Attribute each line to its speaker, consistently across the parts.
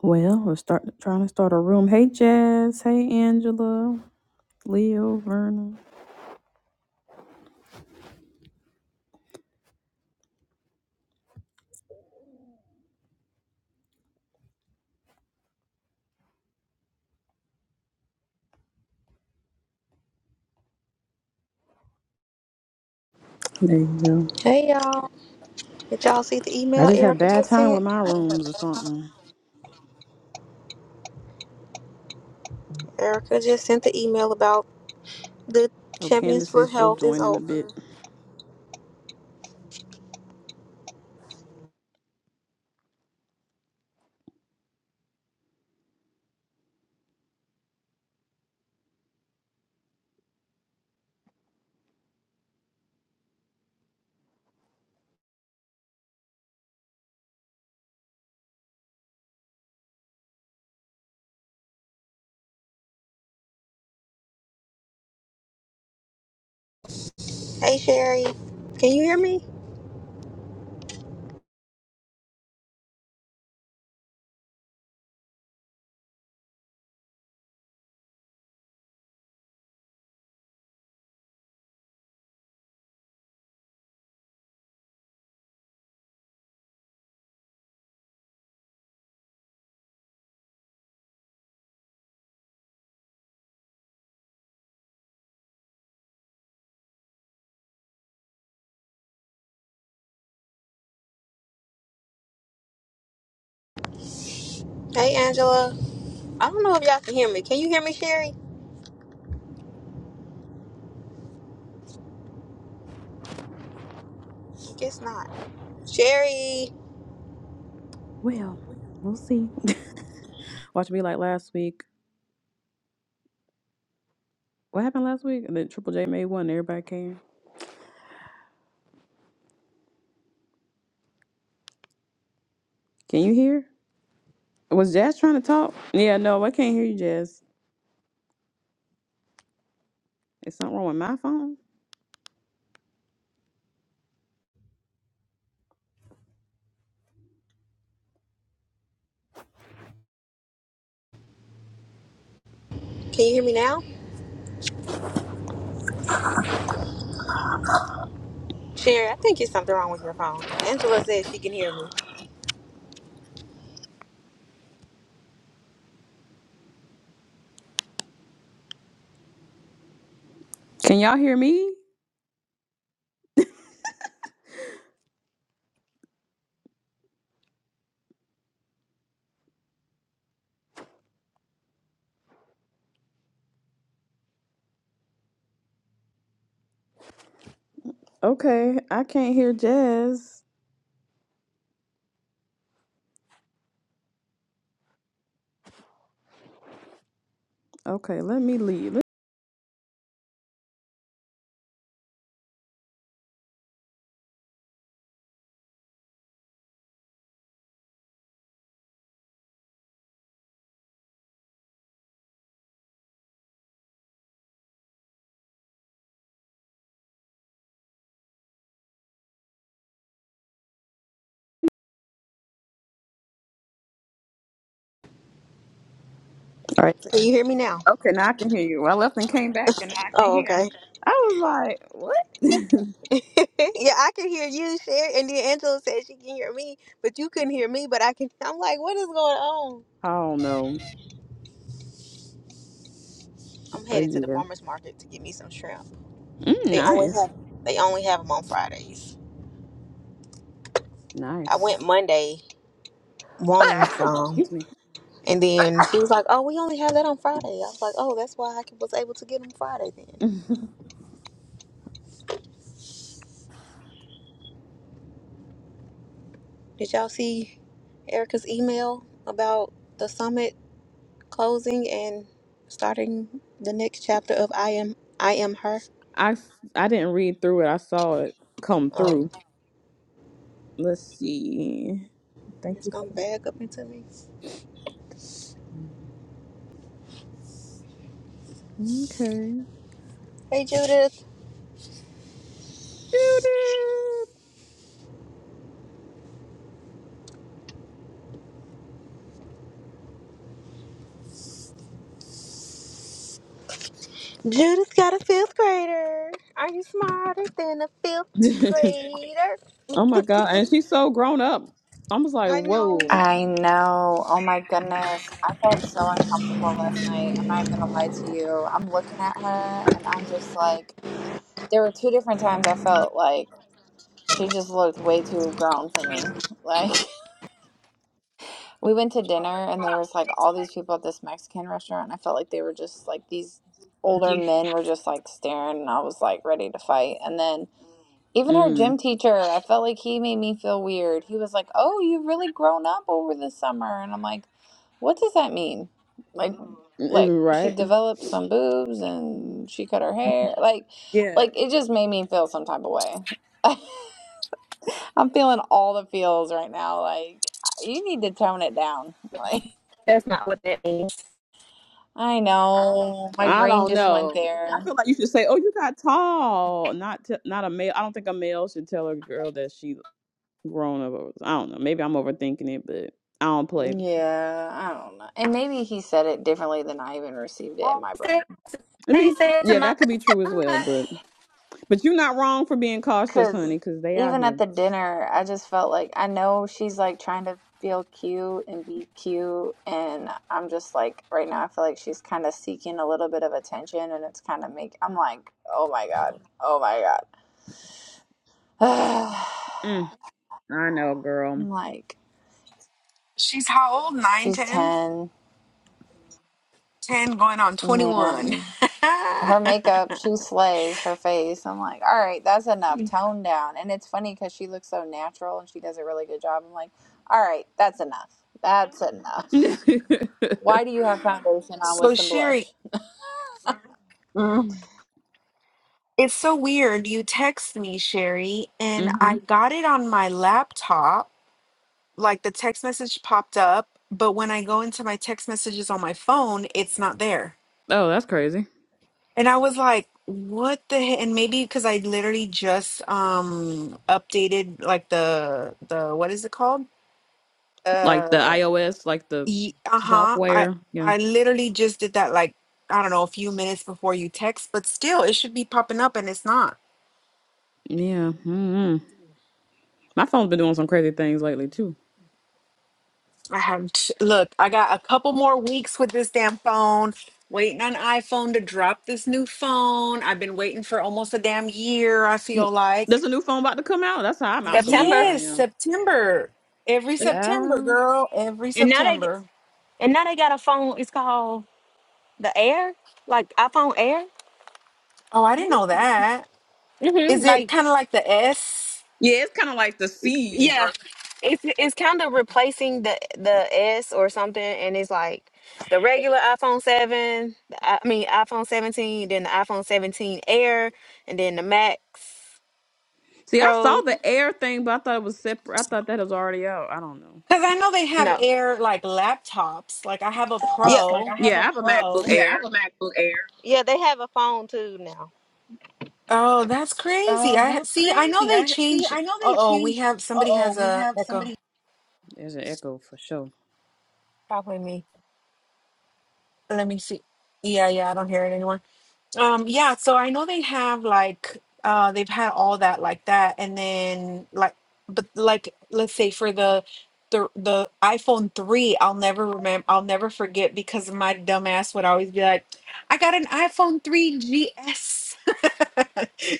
Speaker 1: Well, we're start trying to start a room. Hey, Jazz. Hey, Angela. Leo, Vernon. There you
Speaker 2: Hey y'all, did y'all see the
Speaker 1: go. I
Speaker 2: email
Speaker 1: just had
Speaker 2: Erica
Speaker 1: bad
Speaker 2: just
Speaker 1: time with
Speaker 2: sent?
Speaker 1: my rooms or something.
Speaker 2: Erica just sent the email about the
Speaker 1: Oh,
Speaker 2: Champions
Speaker 1: Candace
Speaker 2: for
Speaker 1: says she'll
Speaker 2: Health is
Speaker 1: join in a
Speaker 2: over.
Speaker 1: bit.
Speaker 2: Hey Sherry, can you hear me? Hey Angela, I don't know if y'all can hear me. Can you hear me, Sherry? Guess not. Sherry,
Speaker 1: Well, we'll see. Watch me like last week. What happened last week? And then Triple J made one. and Everybody came. Can you hear? Was Jazz trying to talk? Yeah, no, I can't hear you, Jazz. It's something wrong with my phone.
Speaker 2: can you hear me now? Sherry, I think it's something wrong with your phone. Angela said she can hear me.
Speaker 1: Can y'all hear me? Okay, I can't hear Jazz. Okay, let me leave. All right.
Speaker 2: Can you hear me now?
Speaker 1: Okay, now I can hear you. Well, I left and came back, and I can
Speaker 2: Oh,
Speaker 1: hear.
Speaker 2: okay.
Speaker 1: I was like, "What?"
Speaker 2: yeah, I can hear you, Sherry, and then Angela said she can hear me, but you couldn't hear me, but I can. I'm like, what is going on?
Speaker 1: I don't know,
Speaker 2: I'm
Speaker 1: but
Speaker 2: headed to the
Speaker 1: yeah,
Speaker 2: farmers market to get me some shrimp.
Speaker 1: mm,
Speaker 2: They only
Speaker 1: nice,
Speaker 2: have they only have them on Fridays. I
Speaker 1: nice.
Speaker 2: went Monday wanting some,
Speaker 1: Excuse me.
Speaker 2: and then she was like, "Oh, we only have that on Friday." I was like, "Oh, that's why I was able to get them Friday." Then did y'all see Erica's email about the summit closing and starting the next chapter of I am I am her?
Speaker 1: I s- I didn't read through it. I saw it come
Speaker 2: Oh,
Speaker 1: through. Let's see. Thank
Speaker 2: it's
Speaker 1: you for
Speaker 2: gonna
Speaker 1: the
Speaker 2: bag up into me.
Speaker 1: Mm, okay.
Speaker 2: Hey, Judith. Judith got a fifth grader. Are you smarter than a fifth
Speaker 1: Cute.
Speaker 2: grader?
Speaker 1: oh my god, and she's so grown up. I was like,
Speaker 2: I know.
Speaker 1: "Whoa."
Speaker 3: I know. Oh my goodness. I felt so uncomfortable last night. I'm not even going to lie to you. I'm looking at her and I'm just like, there were two different times I felt like she just looked way too grown for me. Like, we went to dinner and there was like all these people at this Mexican restaurant. And I felt like they were just like these older men were just like staring and I was like ready to fight. And then even her
Speaker 1: Mm,
Speaker 3: gym teacher, I felt like he made me feel weird. He was like, "Oh, you've really grown up over the summer," and I'm like, "What does that mean?" Like, Mhm. like
Speaker 1: mm,
Speaker 3: she
Speaker 1: right.
Speaker 3: developed some boobs and she cut her
Speaker 1: Mhm.
Speaker 3: hair. Like,
Speaker 1: Yeah.
Speaker 3: like it just made me feel some type of way. I'm feeling all the feels right now. Like, you need to tone it down. Like,
Speaker 2: That's not what that means.
Speaker 3: I know my
Speaker 1: I
Speaker 3: brain
Speaker 1: don't
Speaker 3: just went
Speaker 1: know. I
Speaker 3: there.
Speaker 1: feel like you should say, "Oh, you got tall." Not t- not a male. I don't think a male should tell a girl that she grown up. I don't know. Maybe I'm overthinking it, but I don't play.
Speaker 3: Yeah, I don't know. And maybe he said it differently than I even received it
Speaker 2: Oh,
Speaker 3: in my brain.
Speaker 2: They
Speaker 1: I
Speaker 2: they
Speaker 1: mean,
Speaker 2: said to
Speaker 1: yeah,
Speaker 2: my
Speaker 1: that could be true as
Speaker 2: son
Speaker 1: well. But but you're not wrong for being cautious,
Speaker 3: Because
Speaker 1: honey, because they out
Speaker 3: even at
Speaker 1: here.
Speaker 3: the dinner, I just felt like I know she's like trying to feel cute and be cute. And I'm just like, right now, I feel like she's kind of seeking a little bit of attention. And it's kind of make, I'm like, oh my God. Oh my God.
Speaker 1: Mm, I know, girl.
Speaker 3: I'm like,
Speaker 4: She's how old? Nine,
Speaker 3: she's
Speaker 4: ten,
Speaker 3: 10.
Speaker 4: ten, going on 21.
Speaker 3: Man. Her makeup, she slays her face. I'm like, all right, that's enough. Tone down. And it's funny because she looks so natural and she does a really good job. I'm like, all right, that's enough. That's enough.
Speaker 1: hmm
Speaker 3: Why do you have foundation on with
Speaker 4: so,
Speaker 3: some
Speaker 4: Sherry,
Speaker 3: blush?
Speaker 4: mm, it's so weird. You text me, Sherry, and I got it on my laptop. Like the text message popped up, but when I go into my text messages on my phone, it's not there.
Speaker 1: Oh, that's crazy.
Speaker 4: And I was like, what the heck? And maybe because I literally just um updated like the the what is it called?
Speaker 1: Like the iOS, like the
Speaker 4: Ye- Uh-huh. I
Speaker 1: software. Yeah,
Speaker 4: I literally just did that like I don't know a few minutes before you text, but still it should be popping up and it's not.
Speaker 1: yeah. hmm My phone's been doing some crazy things lately too.
Speaker 4: I haven't look, I got a couple more weeks with this damn phone. Waiting on iPhone to drop this new phone. I've been waiting for almost a damn year, I feel
Speaker 1: There's
Speaker 4: like.
Speaker 1: a new phone about to come out. That's how I'm out the loop.
Speaker 2: September,
Speaker 1: I
Speaker 4: Yes,
Speaker 1: am.
Speaker 4: September. Every
Speaker 2: and
Speaker 4: September,
Speaker 1: Uh,
Speaker 4: girl, every
Speaker 2: and now they get,
Speaker 4: September.
Speaker 2: and now they got a phone. It's called the Air, like iPhone Air.
Speaker 4: Oh, I didn't know that. Is
Speaker 2: hmm
Speaker 4: it
Speaker 2: Like
Speaker 4: kind of like the S?
Speaker 1: yeah, it's kind of like the seas
Speaker 2: yeah,
Speaker 1: or
Speaker 2: it's it's kind of replacing the the S or something, and it's like the regular iPhone seven. the I I mean iPhone seventeen, then the iPhone seventeen Air, and then the Max.
Speaker 1: See, I saw
Speaker 2: Pro?
Speaker 1: the Air thing, but I thought it was separate. I thought that was already out. I don't know.
Speaker 4: Because I know they have
Speaker 2: No.
Speaker 4: air like laptops. Like I have a
Speaker 2: Yeah, Like
Speaker 4: pro.
Speaker 2: I have a
Speaker 1: Yeah, I have a
Speaker 2: oh.
Speaker 1: MacBook
Speaker 2: Yeah, I have
Speaker 1: Air.
Speaker 2: a MacBook Air. yeah, they have a phone too now.
Speaker 4: Oh, that's crazy.
Speaker 2: Oh,
Speaker 4: I ha-
Speaker 2: that's
Speaker 4: see. I know
Speaker 2: crazy.
Speaker 4: they
Speaker 2: I see.
Speaker 4: change.
Speaker 2: I know
Speaker 4: Uh
Speaker 2: they
Speaker 4: oh, we
Speaker 2: changed.
Speaker 4: have
Speaker 2: Uh
Speaker 4: somebody
Speaker 2: oh,
Speaker 4: has
Speaker 2: we
Speaker 4: a
Speaker 2: have
Speaker 4: echo.
Speaker 2: somebody.
Speaker 1: There's an Echo for sure.
Speaker 2: Probably me.
Speaker 4: Let me see. Yeah, yeah, I don't hear it anymore. Um, yeah, so I know they have like uh they've had all that like that and then like but like let's say for the the the iPhone 3, I'll never remember I'll never forget because my dumb ass would always be like, I got an iPhone 3 GS.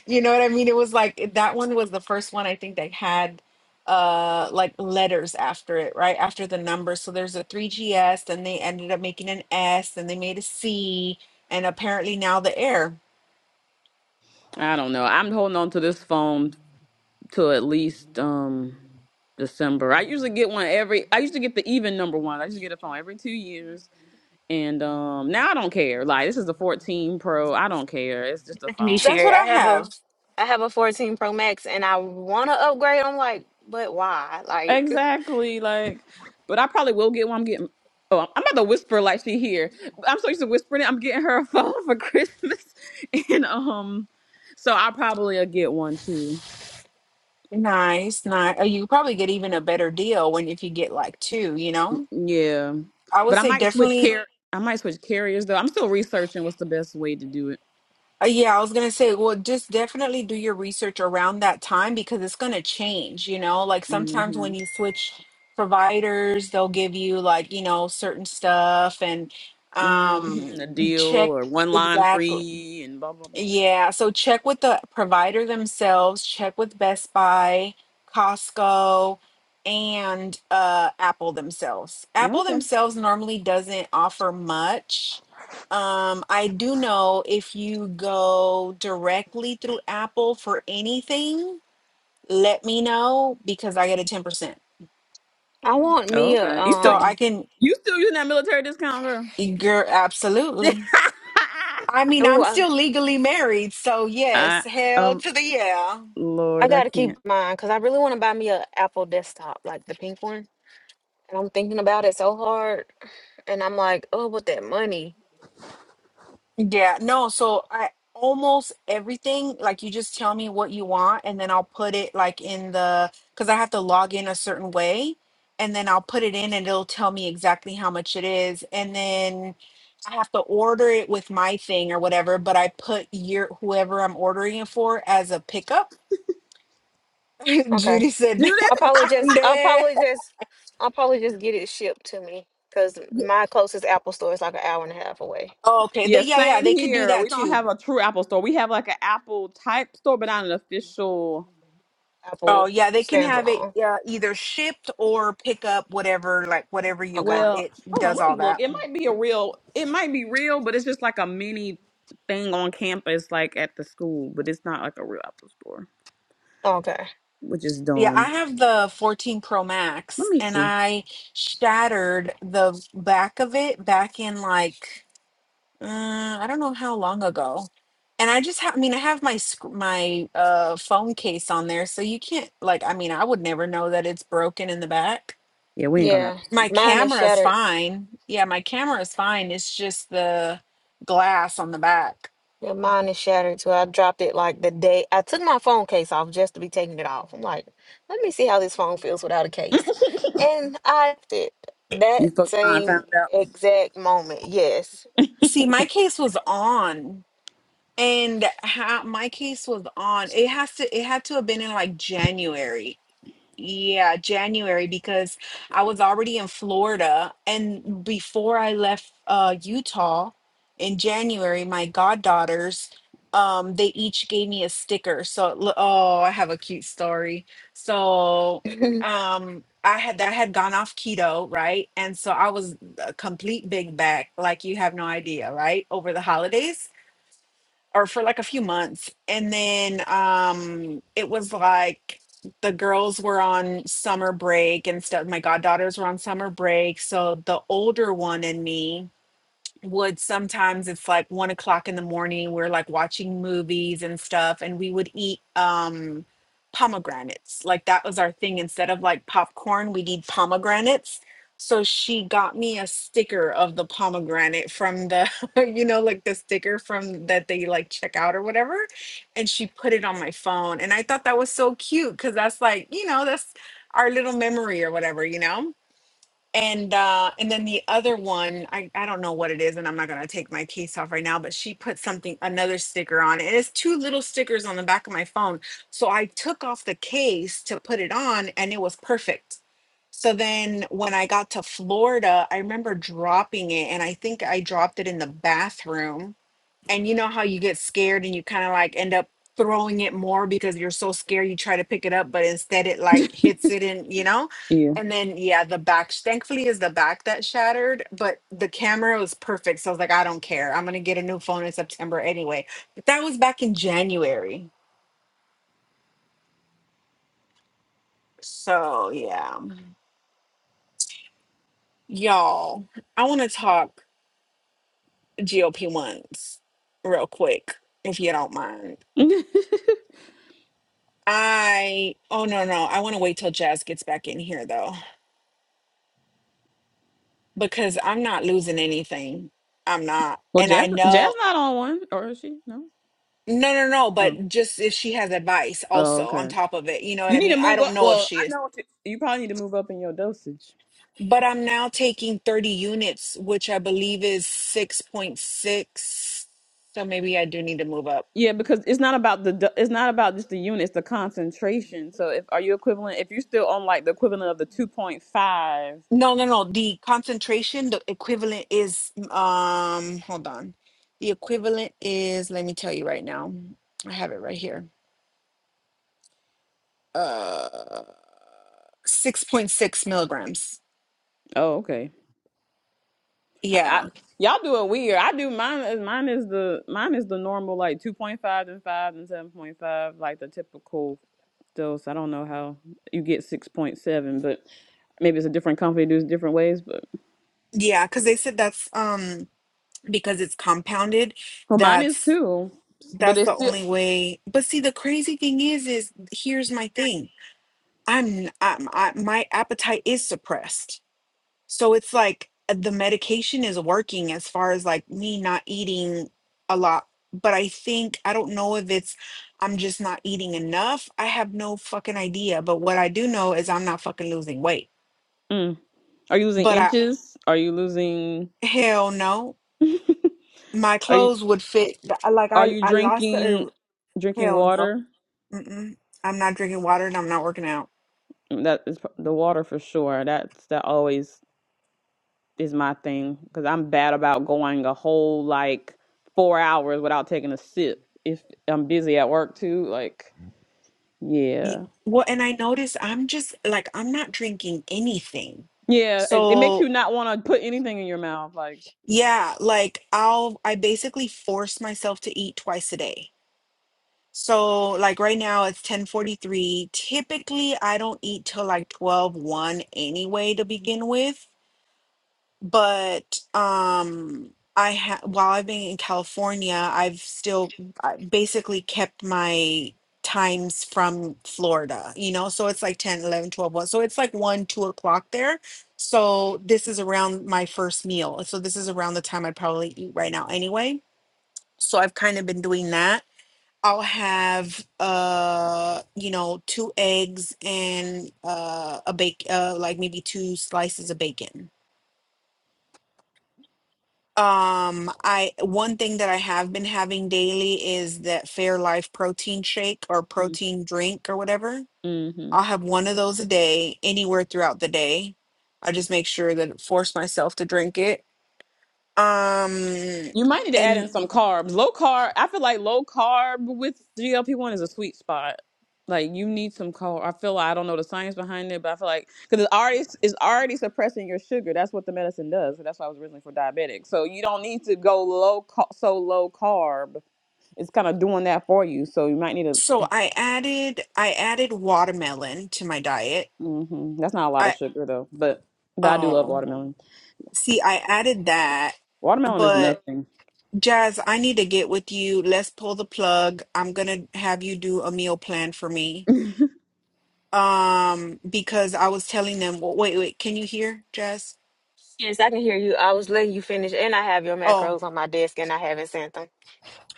Speaker 4: You know what I mean? It was like that one was the first one I think they had uh like letters after it, right? After the number. So there's a 3GS, then they ended up making an S, then they made a C and apparently now the air.
Speaker 1: I don't know. I'm holding on to this phone till at least um December. I usually get one every. I used to get the even number one. I used to get a phone every two years, and um now I don't care. Like this is the 14 Pro. I don't care. It's just a
Speaker 2: It's me,
Speaker 4: So
Speaker 1: phone.
Speaker 4: that's
Speaker 2: Sherry.
Speaker 4: what
Speaker 2: I
Speaker 4: I
Speaker 2: have
Speaker 4: have.
Speaker 2: a I have a 14 Pro Max and I want to upgrade. I'm like, but why? Like,
Speaker 1: Exactly. Like, but I probably will get one. I'm getting. Oh, I'm about to whisper like she here. I'm so used to whispering it. I'm getting her a phone for Christmas, and um, so I probably will get one too.
Speaker 4: Nice, nice. Uh, You probably get even a better deal when if you get like two, you know?
Speaker 1: Yeah,
Speaker 4: I would
Speaker 1: but I
Speaker 4: say
Speaker 1: might switch
Speaker 4: definitely.
Speaker 1: car. I might switch carriers though. I'm still researching what's the best way to do it.
Speaker 4: Uh, yeah, I was gonna say, well, just definitely do your research around that time because it's gonna change, you know? Like sometimes
Speaker 1: Mm-hmm.
Speaker 4: when you switch providers, they'll give you like, you know, certain stuff and um
Speaker 1: Mm-hmm. A deal
Speaker 4: check
Speaker 1: or one line
Speaker 4: exactly
Speaker 1: free and blah blah blah. Yeah.
Speaker 4: Yeah, so check with the provider themselves, check with Best Buy, Costco, and uh, Apple themselves. Apple
Speaker 1: Okay.
Speaker 4: themselves normally doesn't offer much. Um, I do know if you go directly through Apple for anything, let me know because I get a 10%.
Speaker 2: I want me a
Speaker 1: Okay. You
Speaker 4: So
Speaker 1: still
Speaker 4: I
Speaker 2: um.
Speaker 4: can,
Speaker 1: you still using that military discount, girl?
Speaker 4: girl, absolutely. I mean,
Speaker 2: Oh,
Speaker 4: I'm
Speaker 2: I,
Speaker 4: still legally married, so
Speaker 1: I,
Speaker 4: yes, hell
Speaker 1: um.
Speaker 4: to the yeah.
Speaker 2: I
Speaker 1: Lord, I
Speaker 2: gotta keep
Speaker 1: can't.
Speaker 2: mine because I really want to buy me a Apple desktop, like the pink one. And I'm thinking about it so hard, and I'm like, oh, with that money.
Speaker 4: Yeah, no, so I almost everything, like you just tell me what you want and then I'll put it like in the because I have to log in a certain way and then I'll put it in and it'll tell me exactly how much it is. And then I have to order it with my thing or whatever, but I put your whoever I'm ordering it for as a pickup.
Speaker 2: okay.
Speaker 4: Judy said,
Speaker 2: I'll
Speaker 1: Judith?
Speaker 2: probably
Speaker 4: I'm
Speaker 2: just I'll
Speaker 4: dead.
Speaker 2: probably just I'll probably just get it shipped to me because
Speaker 4: Ye-
Speaker 2: my closest Apple store is like an hour and a half away.
Speaker 4: Oh, okay.
Speaker 1: Yeah,
Speaker 4: They, yeah, yeah,
Speaker 1: same
Speaker 4: they could do
Speaker 1: here. We
Speaker 4: that
Speaker 1: don't
Speaker 4: too.
Speaker 1: have a true Apple store. We have like an Apple type store, but not an official.
Speaker 4: Oh
Speaker 2: Apple
Speaker 4: yeah, they can have it
Speaker 2: standalone.
Speaker 4: uh, either shipped or pick up whatever, like whatever you
Speaker 2: Okay.
Speaker 4: want.
Speaker 1: Well,
Speaker 4: It
Speaker 1: hold on,
Speaker 4: does
Speaker 1: let me
Speaker 4: all
Speaker 1: look.
Speaker 4: that.
Speaker 1: It might be a real. It might be real, but it's just like a mini thing on campus, like at the school. But it's not like a real Apple store,
Speaker 2: Okay.
Speaker 1: which is
Speaker 4: Yeah,
Speaker 1: dumb.
Speaker 4: I have the 14 Pro
Speaker 1: Let
Speaker 4: Max
Speaker 1: me
Speaker 4: and
Speaker 1: see.
Speaker 4: I shattered the back of it back in like uh, I don't know how long ago. And I just have, I mean, I have my sc- my uh, phone case on there, so you can't like. I mean, I would never know that it's broken in the back.
Speaker 1: Yeah, we ain't gonna
Speaker 2: Yeah.
Speaker 1: Apple store.
Speaker 4: My
Speaker 2: Mine is
Speaker 4: camera is
Speaker 2: shattered.
Speaker 4: fine. Yeah, my camera is fine. It's just the glass on the back.
Speaker 2: Yeah, mine is shattered. So I dropped it like the day I took my phone case off just to be taking it off. I'm like, let me see how this phone feels without a case. And I did that
Speaker 1: You fucking around and found
Speaker 2: same
Speaker 1: out.
Speaker 2: exact moment. Yes.
Speaker 4: See, my case was on, and how my case was on. It has to. It had to have been in like January. Yeah, January because I was already in Florida and before I left uh Utah in January, my goddaughters um they each gave me a sticker. So l- oh, I have a cute story. So um I had I had gone off keto, right? And so I was a complete big bag, like you have no idea, right? Over the holidays or for like a few months and then um it was like the girls were on summer break and stuff my goddaughters were on summer break so the older one and me would sometimes it's like one o'clock in the morning we're like watching movies and stuff and we would eat um pomegranates like that was our thing instead of like popcorn we'd eat pomegranates so she got me a sticker of the pomegranate from the you know like the sticker from that they like check out or whatever and she put it on my phone and i thought that was so cute because that's like you know that's our little memory or whatever you know and uh and then the other one i i don't know what it is and i'm not going to take my case off right now but she put something another sticker on it it's two little stickers on the back of my phone so i took off the case to put it on and it was perfect so then when i got to florida i remember dropping it and i think i dropped it in the bathroom and you know how you get scared and you kind of like end up throwing it more because you're so scared you try to pick it up but instead it like hits it in you know
Speaker 1: Yeah.
Speaker 4: and then yeah the back sh- thankfully is the back that shattered but the camera was perfect so i was like i don't care i'm gonna get a new phone in september anyway but that was back in january so yeah y'all i want to talk gop ones real quick if you don't mind i oh no no i want to wait till jazz gets back in here though because I'm not losing anything. I'm not.
Speaker 1: well,
Speaker 4: And I
Speaker 1: Jazz, Jazz
Speaker 4: know,
Speaker 1: not on one, or is she? No.
Speaker 4: no, no, no,
Speaker 1: Oh.
Speaker 4: but just if she has advice
Speaker 1: Oh,
Speaker 4: also on
Speaker 1: okay.
Speaker 4: top of it, you know what
Speaker 1: You
Speaker 4: I
Speaker 1: need to
Speaker 4: mean? I
Speaker 1: move
Speaker 4: don't
Speaker 1: up.
Speaker 4: know if
Speaker 1: Well,
Speaker 4: she
Speaker 1: I
Speaker 4: is,
Speaker 1: know what you, you probably need to move up in your dosage.
Speaker 4: but I'm now taking 30 units, which I believe is 6.6. So maybe I do need to move up.
Speaker 1: Yeah, because it's not about the do- it's not about just the unit, it's the concentration. So if are you equivalent if you're still on like the equivalent of the 2.5.
Speaker 4: No, no, no. The concentration, the equivalent is, um, hold on. The equivalent is, let me tell you right now. I have it right here. Uh, 6.6 milligrams.
Speaker 1: Oh, okay.
Speaker 4: Yeah.
Speaker 1: I, y'all do it weird. I do mine is mine is the mine is the normal like 2.5 and 5 and 7.5 like the typical dose. I don't know how you get 6.7, but maybe it's a different company does it different ways, but
Speaker 4: Yeah, because they said that's um because it's compounded,
Speaker 1: well, mine is
Speaker 4: that's
Speaker 1: too. But
Speaker 4: that's
Speaker 1: it's
Speaker 4: the
Speaker 1: still
Speaker 4: only way. But see, the crazy thing is, is here's my thing. I'm, I'm I, my appetite is suppressed, so it's like uh, the medication is working as far as like me not eating a lot. But I think I don't know if it's I'm just not eating enough. I have no fucking idea. But what I do know is I'm not fucking losing weight.
Speaker 1: mm. Are you losing
Speaker 4: But I
Speaker 1: inches? Are you losing?
Speaker 4: hell no. my
Speaker 1: are you
Speaker 4: clothes would fit. I- Like
Speaker 1: are
Speaker 4: I,
Speaker 1: you
Speaker 4: I lost
Speaker 1: drinking
Speaker 4: the
Speaker 1: drinking
Speaker 4: hell no.
Speaker 1: water?
Speaker 4: Mm-mm. I'm not drinking water and I'm not working out.
Speaker 1: That is p- the water for sure. That's that always is my thing because I'm bad about going a whole like four hours without taking a sip if I'm busy at work too. Like yeah,
Speaker 4: Ye- Well, and I noticed I'm just like I'm not drinking anything.
Speaker 1: yeah, it, it makes you
Speaker 4: So
Speaker 1: not want to put anything in your mouth. Like
Speaker 4: yeah, like I'll I basically force myself to eat twice a day. So like right now it's 10:43. Typically I don't eat till like twelve one anyway to begin with. but um I ha while I've been in California, I've still I basically kept my times from Florida, you know, so it's like ten, eleven, twelve, one. So it's like 1, 2 o'clock there. So this is around my first meal. So this is around the time I'd probably eat right now anyway. So I've kind of been doing that. I'll have uh you know two eggs and uh a bake uh like maybe two slices of bacon Um, I one thing that I have been having daily is that Fairlife protein shake or protein drink or whatever.
Speaker 1: mm
Speaker 4: I'll have one of those a day anywhere throughout the day. I just make sure that force myself to drink it. Um,
Speaker 1: You might need to add in
Speaker 4: and
Speaker 1: some carbs. Low carb. I feel like low carb with GLP one is a sweet spot. Like you need some carb. I feel like I don't know the science behind it, but I feel like because it's already it's already suppressing your sugar. That's what the medicine does. So that's why I was originally for diabetic. So you don't need to go low ca- so low carb. It's kind of doing that for you. So you might need to.
Speaker 4: so I added I added watermelon to my diet.
Speaker 1: hmm That's not a lot of
Speaker 4: I
Speaker 1: sugar though, but but I do love
Speaker 4: oh,
Speaker 1: watermelon.
Speaker 4: see, I added that,
Speaker 1: Watermelon is
Speaker 4: but
Speaker 1: nothing.
Speaker 4: Jazz, I need to get with you. Let's pull the plug. I'm gonna have you do a meal plan for me um because I was telling them, well, wait, wait, can you hear, Jess?
Speaker 2: Yes, I can hear you. I was letting you finish, and I have your
Speaker 4: Oh,
Speaker 2: macros on my desk, and I haven't sent them.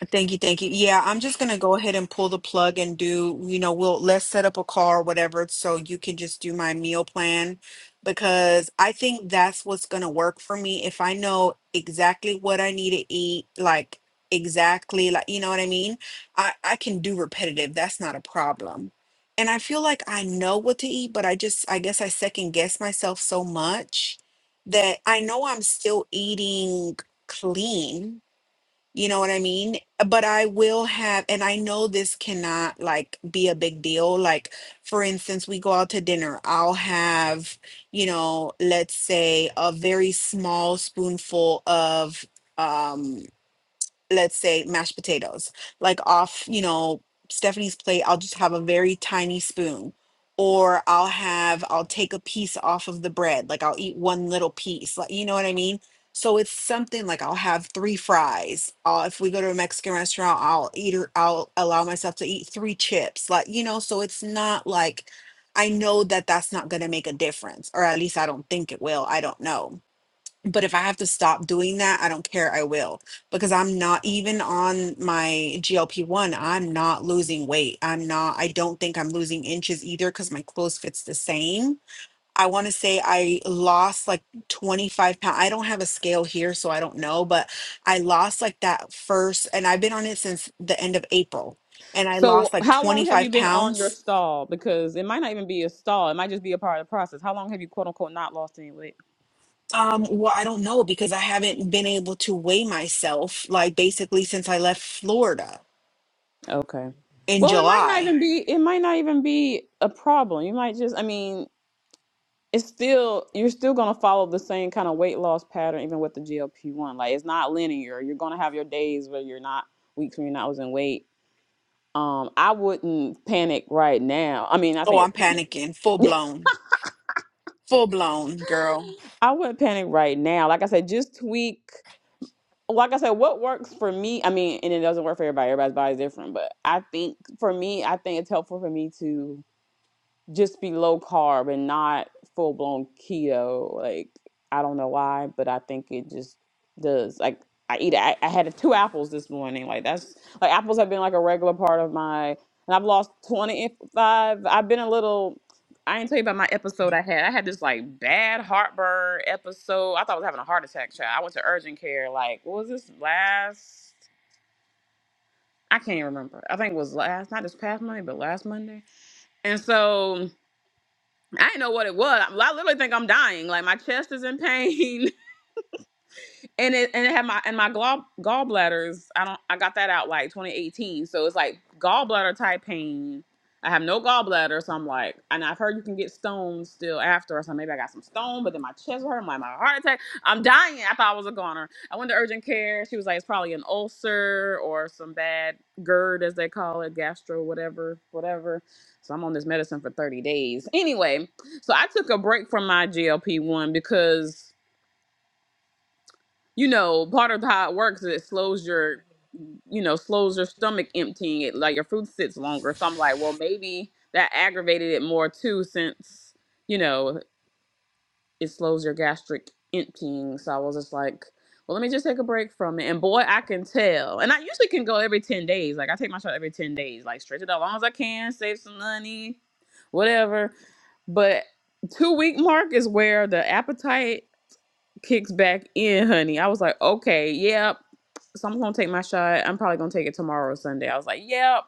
Speaker 4: Thank you, thank you. Yeah, I'm just gonna go ahead and pull the plug and do, you know, we'll let's set up a call or whatever so you can just do my meal plan because I think that's what's gonna work for me if I know exactly what I need to eat, like exactly like you know what I mean? I, I can do repetitive, that's not a problem. And I feel like I know what to eat, but I just I guess I second guess myself so much that I know I'm still eating clean you know what I mean? But I will have, and I know this cannot like be a big deal. Like, for instance, we go out to dinner, I'll have, you know, let's say a very small spoonful of um let's say mashed potatoes like off you know stephanie's plate i'll just have a very tiny spoon or i'll have i'll take a piece off of the bread like i'll eat one little piece like you know what i mean so it's something like i'll have three fries i will if we go to a mexican restaurant i'll eat or i'll allow myself to eat three chips like you know so it's not like i know that that's not going to make a difference or at least i don't think it will i don't know but if I have to stop doing that, I don't care. I will because I'm not even on my GLP one. I'm not losing weight. I'm not. I don't think I'm losing inches either because my clothes fits the same. I want to say I lost like 25 pounds. I don't have a scale here, so I don't know, but I lost like that first, and I've been on it since the end of April, and I lost
Speaker 1: So,
Speaker 4: like
Speaker 1: how long have you
Speaker 4: 25
Speaker 1: been on your
Speaker 4: pounds.
Speaker 1: stall? Because it might not even be a stall; it might just be a part of the process. How long have you, quote unquote, not lost any weight?
Speaker 4: Um, well, I don't know because I haven't been able to weigh myself like basically since I left Florida.
Speaker 1: Okay.
Speaker 4: in
Speaker 1: Well, it might not
Speaker 4: July.
Speaker 1: even be. It might not even be a problem. You might just. I mean, it's still. You're still gonna follow the same kind of weight loss pattern, even with the GLP one. Like it's not linear. You're gonna have your days where you're not weeks when you're not losing weight. Um, I wouldn't panic right now. I mean, not
Speaker 4: Oh,
Speaker 1: saying you're
Speaker 4: I'm
Speaker 1: panicking.
Speaker 4: panicking. Full blown. Full blown, girl.
Speaker 1: I wouldn't panic right now. Like I said, just tweak. like I said, what works for me, I mean, and it doesn't work for everybody, everybody's body's different, but I think for me, I think it's helpful for me to just be low carb and not full blown keto. Like I don't know why, but I think it just does. Like I eat. I, I had two apples this morning. Like that's like apples have been like a regular part of my. And I've lost twenty five. I've been a little. I ain't tell you about my episode I had. I had this like bad heartburn episode. I thought I was having a heart attack, child. I went to urgent care. Like, what was this last? I can't even remember. I think it was last, not this past Monday, but last Monday. And so I didn't know what it was. I I literally think I'm dying. Like my chest is in pain. and it and it had my and my gall gallbladders. I don't. I got that out like 2018. So it's like gallbladder type pain. I have no gallbladder, so I'm like, and I've heard you can get stones still after. So maybe I got some stone, but then my chest hurt. I'm like, my heart attack. I'm dying. I thought I was a goner. I went to urgent care. She was like, it's probably an ulcer or some bad GERD, as they call it, gastro, whatever, whatever. So I'm on this medicine for 30 days. Anyway, so I took a break from my GLP one because you know, part of how it works is it slows your, you know, slows your stomach emptying. It like your food sits longer. So I'm like, well, maybe that aggravated it more too, since you know it slows your gastric emptying. So I was just like, well, let me just take a break from it. And boy, I can tell. And I usually can go every ten days. Like I take my shot every ten days. Like stretch it out as long as I can, save some money, whatever. But two week mark is where the appetite kicks back in, honey. I was like, okay, yep. So I'm gonna take my shot. I'm probably gonna take it tomorrow or Sunday. I was like, yep.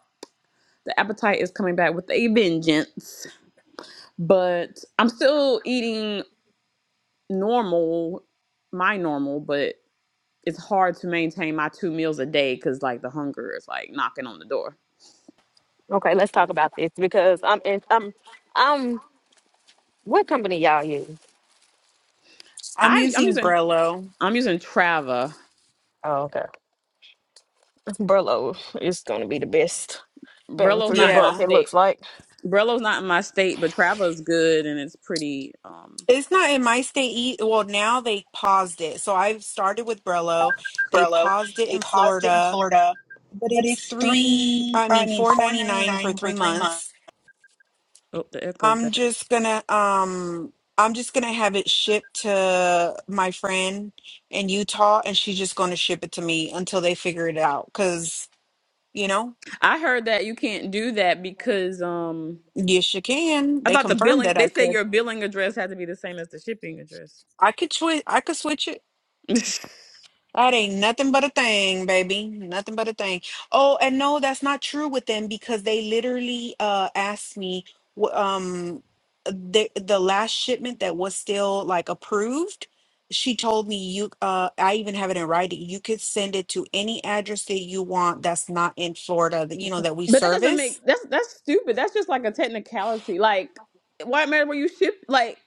Speaker 1: The appetite is coming back with a vengeance. But I'm still eating normal, my normal, but it's hard to maintain my two meals a day because like the hunger is like knocking on the door.
Speaker 2: Okay, let's talk about this because I'm in. I'm. I'm. What company y'all use?
Speaker 4: I'm
Speaker 1: I I'm
Speaker 4: using
Speaker 1: using
Speaker 4: Brello.
Speaker 1: I'm using Trava.
Speaker 2: Oh, okay. Burlow is gonna be the best bang
Speaker 1: Brello's
Speaker 2: for your
Speaker 1: not in my
Speaker 2: buck.
Speaker 4: Yeah.
Speaker 2: It
Speaker 1: state.
Speaker 2: looks like.
Speaker 1: Brello's not in my state, but Trava is good and it's pretty. Um,
Speaker 4: It's not in my state. e- Well, now they paused it. So I've started with Brello. They
Speaker 2: Brello.
Speaker 4: paused it
Speaker 2: They
Speaker 4: in
Speaker 2: paused it in
Speaker 4: Florida,
Speaker 2: Florida,
Speaker 4: but
Speaker 2: but
Speaker 4: it's
Speaker 2: it's
Speaker 4: three,
Speaker 2: three.
Speaker 4: I
Speaker 2: I
Speaker 4: mean,
Speaker 2: mean,
Speaker 4: four
Speaker 2: four
Speaker 4: ninety
Speaker 2: ninety
Speaker 4: nine for
Speaker 2: nine for
Speaker 4: three
Speaker 2: three months.
Speaker 4: months.
Speaker 1: Oh, the echoes
Speaker 4: I'm
Speaker 1: back.
Speaker 4: just gonna, um, I'm just gonna have it shipped to my friend in Utah, and she's just gonna ship it to me until they figure it out. Cause you know
Speaker 1: I heard that you can't do that because um
Speaker 4: Yes, you can.
Speaker 1: I
Speaker 4: They
Speaker 1: thought the
Speaker 4: confirmed
Speaker 1: billing
Speaker 4: that I
Speaker 1: they said
Speaker 4: could.
Speaker 1: your billing address had to be the same as the shipping address.
Speaker 4: I could switch. I could switch it.
Speaker 1: but
Speaker 4: That ain't nothing but a thing, baby. Nothing but a thing. Oh, and no, that's not true with them because they literally uh asked me wh- um the the last shipment that was still like approved. She told me you uh I even have it in writing. You could send it to any address that you want that's not in Florida that you know that we
Speaker 1: that doesn't
Speaker 4: service
Speaker 1: make that's that's stupid. That's just like a technicality. Like why matter where you ship like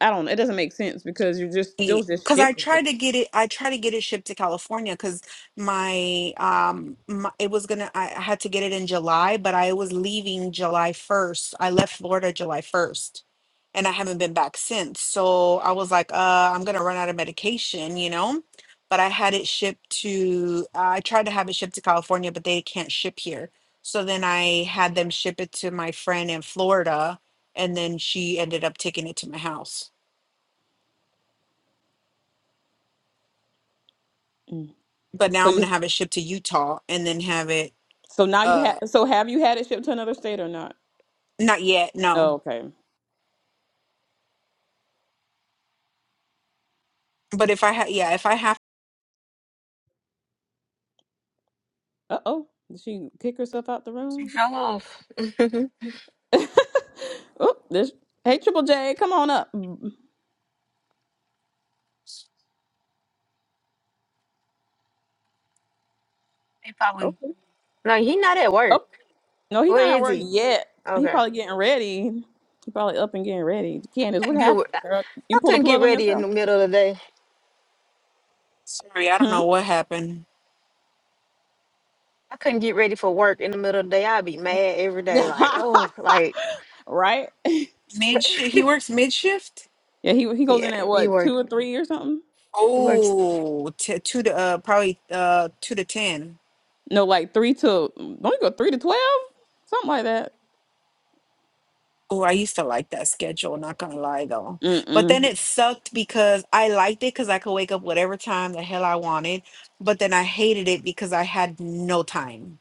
Speaker 1: I don't know. It doesn't make sense because you're just still just
Speaker 4: because I
Speaker 1: shipping it.
Speaker 4: tried to get it. I tried to get it shipped to California because my um my, it was gonna. I I had to get it in July, but I was leaving July first. I left Florida July first, and I haven't been back since. So I was like, uh, I'm gonna run out of medication, you know. But I had it shipped to. I tried to have it shipped to California, but they can't ship here. So then I had them ship it to my friend in Florida, and then she ended up taking it to my house.
Speaker 1: Mm.
Speaker 4: but now
Speaker 1: So
Speaker 4: I'm gonna
Speaker 1: you
Speaker 4: have it shipped to Utah and then have it
Speaker 1: so now you have
Speaker 4: uh
Speaker 1: so have you had it shipped to another state or not?
Speaker 4: not yet,
Speaker 1: Oh,
Speaker 4: no.
Speaker 1: okay.
Speaker 4: But if I have, yeah, if I have
Speaker 1: Uh oh. Did she kick herself out the
Speaker 2: He
Speaker 1: room?
Speaker 2: fell off. he
Speaker 1: oh, this hey Triple J, come on up. Mm,
Speaker 2: probably.
Speaker 1: Okay.
Speaker 2: No, he not at work.
Speaker 1: Oh no, he's
Speaker 2: Where
Speaker 1: not at
Speaker 2: is
Speaker 1: work
Speaker 2: he?
Speaker 1: yet. He
Speaker 2: Okay.
Speaker 1: probably getting ready. He probably up and getting ready. Candace,
Speaker 2: I
Speaker 1: what
Speaker 2: couldn't get. wor-
Speaker 1: happened, girl? You
Speaker 2: I
Speaker 1: pulled a
Speaker 2: couldn't get
Speaker 1: plug on
Speaker 2: ready in
Speaker 1: yourself?
Speaker 2: the middle of the day.
Speaker 4: sorry, I don't
Speaker 1: Hmm.
Speaker 4: know what happened.
Speaker 2: I couldn't get ready for work in the middle of the day. I'd be mad every day. Like, oh, like.
Speaker 1: right?
Speaker 4: Mid shift. he works mid shift?
Speaker 1: Yeah, he he goes
Speaker 2: yeah,
Speaker 1: in at
Speaker 2: he
Speaker 1: what two
Speaker 2: work.
Speaker 1: or three or something.
Speaker 2: He works.
Speaker 4: Oh, t- two to uh probably uh two to ten.
Speaker 1: No, like three to don't you go three to twelve, something like that.
Speaker 4: Oh, I used to like that schedule, not gonna lie though. But then
Speaker 1: Mm-mm.
Speaker 4: it sucked because I liked it because I could wake up whatever time the hell I wanted, but then I hated it because I had no time.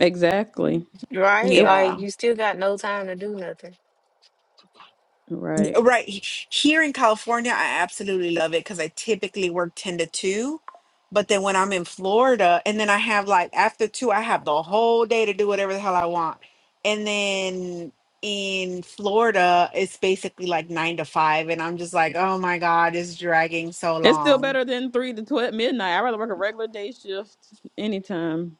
Speaker 1: Exactly.
Speaker 2: Right?
Speaker 1: It
Speaker 4: Yeah.
Speaker 2: Like you still got no time to do nothing.
Speaker 1: right.
Speaker 4: Right. he- Here in California, I absolutely love it because I typically work 10 to 2. But then when I'm in Florida, and then I have like after two, I have the whole day to do whatever the hell I want. And then in Florida, it's basically like nine to five. And I'm just like, oh my God, it's dragging so
Speaker 1: It's still
Speaker 4: long.
Speaker 1: better than three to twelve midnight. I'd rather work a regular day shift anytime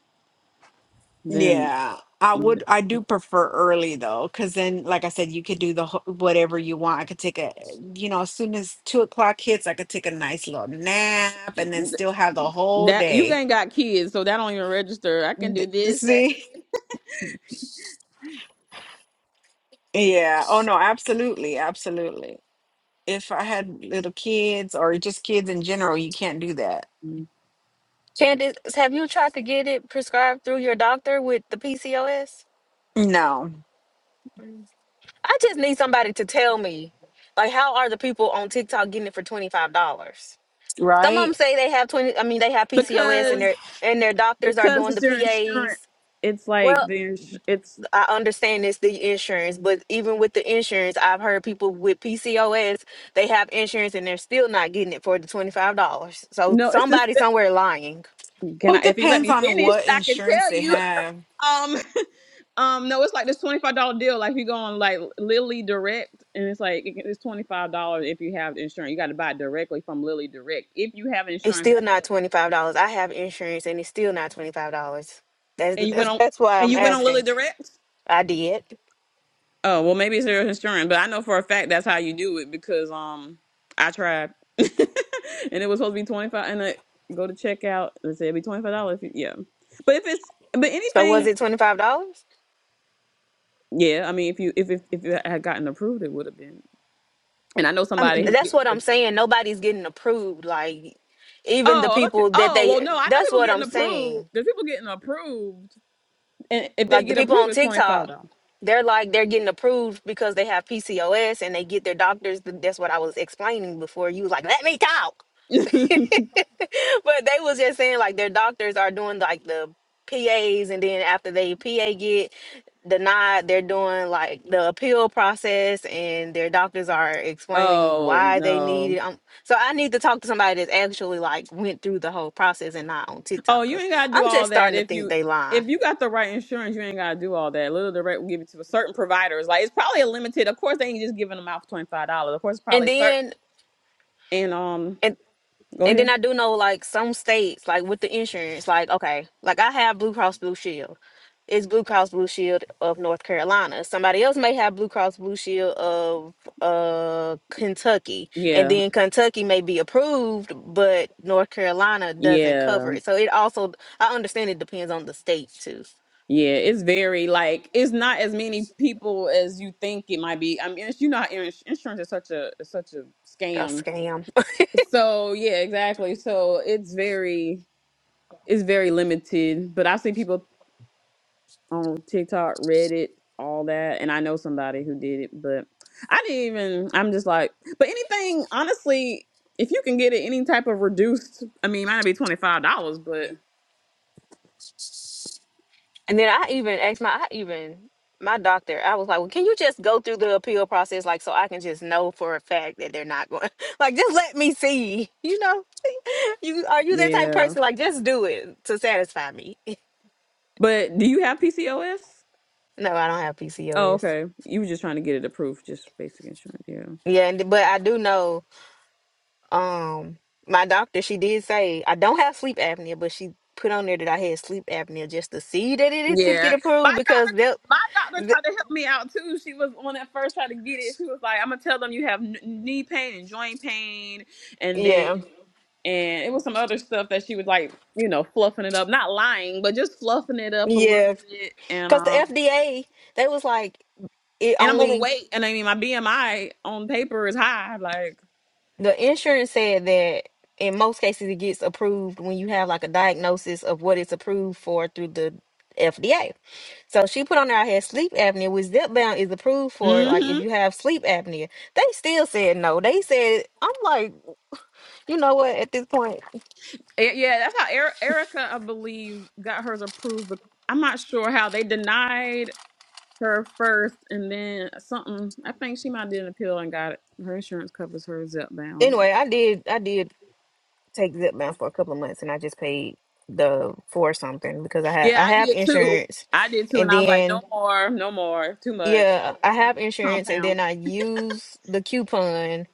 Speaker 1: than
Speaker 4: Yeah, I would. I do prefer early though, because then, like I said, you could do the whole, whatever you want. I could take a, you know, as soon as two o'clock hits, I could take a nice little nap and then still have the whole
Speaker 1: That you
Speaker 4: day.
Speaker 1: ain't got kids, so that don't even register. I can do this that-
Speaker 4: See? Yeah. Oh no, absolutely, absolutely. If I had little kids or just kids in general, you can't do that.
Speaker 2: Candace, have you tried to get it prescribed through your doctor with the PCOS?
Speaker 4: No,
Speaker 2: Mm. I just need somebody to tell me, like, how are the people on TikTok getting it for twenty five dollars? Some of them
Speaker 4: right?
Speaker 2: say they have twenty. I mean, they have PCOS, and
Speaker 1: because
Speaker 2: their and their doctors are
Speaker 1: because
Speaker 2: doing
Speaker 1: it's
Speaker 2: the
Speaker 1: your insurance.
Speaker 2: PAs.
Speaker 1: It's like
Speaker 2: Well,
Speaker 1: the ins- it's
Speaker 2: I understand it's the insurance, but even with the insurance, I've heard people with PCOS they have insurance and they're still not getting it for the twenty five dollars. So
Speaker 1: no, it's just
Speaker 2: somebody somewhere lying.
Speaker 1: can
Speaker 4: Well, it
Speaker 1: I if you let
Speaker 4: depends
Speaker 1: me
Speaker 4: on
Speaker 1: finish,
Speaker 4: what
Speaker 1: I can
Speaker 4: insurance
Speaker 1: tell
Speaker 4: they
Speaker 1: you.
Speaker 4: have.
Speaker 1: Um, um, no, it's like this twenty five dollar deal. Like if you go on like Lilly Direct, and it's like it- it's twenty five dollars if you have insurance. You got to buy it directly from Lilly Direct if you have
Speaker 2: It's
Speaker 1: insurance
Speaker 2: still
Speaker 1: that
Speaker 2: not
Speaker 1: covers.
Speaker 2: twenty five dollars. I have insurance, and it's still not twenty five dollars.
Speaker 1: And
Speaker 2: That's
Speaker 1: you went on
Speaker 2: that's why
Speaker 1: and
Speaker 2: I'm
Speaker 1: you went on Lilly
Speaker 2: asking.
Speaker 1: Direct.
Speaker 2: I did.
Speaker 1: Oh well, maybe it's their insurance, but I know for a fact that's how you do it because um I tried, and it was supposed to be twenty five, and I go to checkout. and say it'd be twenty five dollars. Yeah, but if it's but
Speaker 2: So was
Speaker 1: anything,
Speaker 2: it twenty five dollars?
Speaker 1: yeah, I mean if you if if if it had gotten approved, it would have been. And I know
Speaker 2: Um,
Speaker 1: somebody who's
Speaker 2: that's
Speaker 1: getting.
Speaker 2: what I'm saying. Nobody's getting approved. Like even the
Speaker 1: Oh, I thought you,
Speaker 2: people that
Speaker 1: oh well,
Speaker 2: they.
Speaker 1: no, I know
Speaker 2: That's
Speaker 1: people
Speaker 2: what
Speaker 1: getting
Speaker 2: I'm
Speaker 1: approved.
Speaker 2: saying.
Speaker 1: There's people getting approved, and if they
Speaker 2: Like the
Speaker 1: get
Speaker 2: people
Speaker 1: approved,
Speaker 2: on
Speaker 1: it's twenty five
Speaker 2: TikTok, they're like they're getting approved because they have PCOS and they get their doctors. Th- That's what I was explaining before. You was like, let me talk.
Speaker 1: dollars.
Speaker 2: but they was just saying like their doctors are doing like the PAs and then after they PA get denied, they're doing like the appeal process and their doctors are explaining
Speaker 1: oh
Speaker 2: why they
Speaker 1: no.
Speaker 2: need it. Um, so I need to talk to somebody that's actually like went through the whole process and not on TikTok
Speaker 1: Oh, you
Speaker 2: because
Speaker 1: ain't gotta do
Speaker 2: I'm
Speaker 1: all
Speaker 2: just
Speaker 1: that
Speaker 2: starting to
Speaker 1: if
Speaker 2: think
Speaker 1: you
Speaker 2: they
Speaker 1: if
Speaker 2: lying.
Speaker 1: you got the right insurance, you ain't gotta do all that. Little Direct will give it to a certain providers. Like it's probably a limited. Of course, they ain't just giving them out for twenty five dollars. Of course, it's
Speaker 2: And
Speaker 1: probably certain.
Speaker 2: then
Speaker 1: And um,
Speaker 2: and
Speaker 1: go
Speaker 2: And then
Speaker 1: ahead.
Speaker 2: I do know like some states, like with the insurance, like okay, like I have Blue Cross Blue Shield. It's Blue Cross Blue Shield of North Carolina. Somebody else may have Blue Cross Blue Shield of uh Kentucky. And
Speaker 1: Yeah,
Speaker 2: then Kentucky may be approved, but North Carolina doesn't
Speaker 1: yeah,
Speaker 2: cover it. So it also I understand it depends on the state too.
Speaker 1: yeah. It's very like it's not as many people as you think it might be. I mean, it's- you know, how ins- insurance is such a is such a
Speaker 2: A
Speaker 1: scam.
Speaker 2: scam.
Speaker 1: So yeah, exactly. So it's very it's very limited. But I've seen people on TikTok, Reddit, all that. And I know somebody who did it, but I didn't even, I'm just like, but anything, honestly, if you can get it any type of reduced, I mean, it might not be $25, but
Speaker 2: And then I even asked my I even my doctor, I was like, Well, can you just go through the appeal process like so I can just know for a fact that they're not going like just let me see, you know? you are you that type of
Speaker 1: yeah.
Speaker 2: person? Like just do it to satisfy me.
Speaker 1: But do you have PCOS?
Speaker 2: No, I don't have
Speaker 1: Oh,
Speaker 2: PCOS.
Speaker 1: okay. You were just trying to get it approved, just basic insurance. Yeah.
Speaker 2: Yeah, and, but I do know um my doctor, she did say I don't have sleep apnea, but she put on there that I had sleep apnea just to see that it if it get
Speaker 1: Yeah. My
Speaker 2: approved because
Speaker 1: doctor
Speaker 2: they'll
Speaker 1: my doctor
Speaker 2: th-
Speaker 1: tried to help me out too. She was on that first trying to get it. She was like, I'm gonna tell them you have kn- knee pain and joint pain and then
Speaker 2: yeah.
Speaker 1: and it was some other stuff that she was like, you know, fluffing it up. Not lying, but just fluffing it up a little
Speaker 2: Yeah.
Speaker 1: bit and
Speaker 2: Cause the
Speaker 1: um
Speaker 2: FDA, they was like it
Speaker 1: and I'm
Speaker 2: only
Speaker 1: overweight and I mean my BMI on paper is high, like
Speaker 2: the insurance said that in most cases it gets approved when you have like a diagnosis of what it's approved for through the FDA. So she put on there I had sleep apnea, which Zepbound is approved for like if
Speaker 1: Mm-hmm.
Speaker 2: you have sleep apnea. They still said no. They said I'm like, you know what, at this point
Speaker 1: Yeah, yeah, that's how Eri- Erica, I believe, got hers approved. But I'm not sure how they denied. her first, and then something. I think she might did an appeal and got it. Her insurance covers hers up down.
Speaker 2: anyway, I did I did take Zepbound for a couple of months and I just paid the four something because I had
Speaker 1: Yeah,
Speaker 2: I
Speaker 1: I
Speaker 2: have
Speaker 1: did too.
Speaker 2: insurance
Speaker 1: I did too, and
Speaker 2: and
Speaker 1: I was like,
Speaker 2: then
Speaker 1: no more, no more, too much. I
Speaker 2: Yeah,
Speaker 1: went
Speaker 2: I
Speaker 1: to my
Speaker 2: have insurance and
Speaker 1: compound.
Speaker 2: then I use the coupon.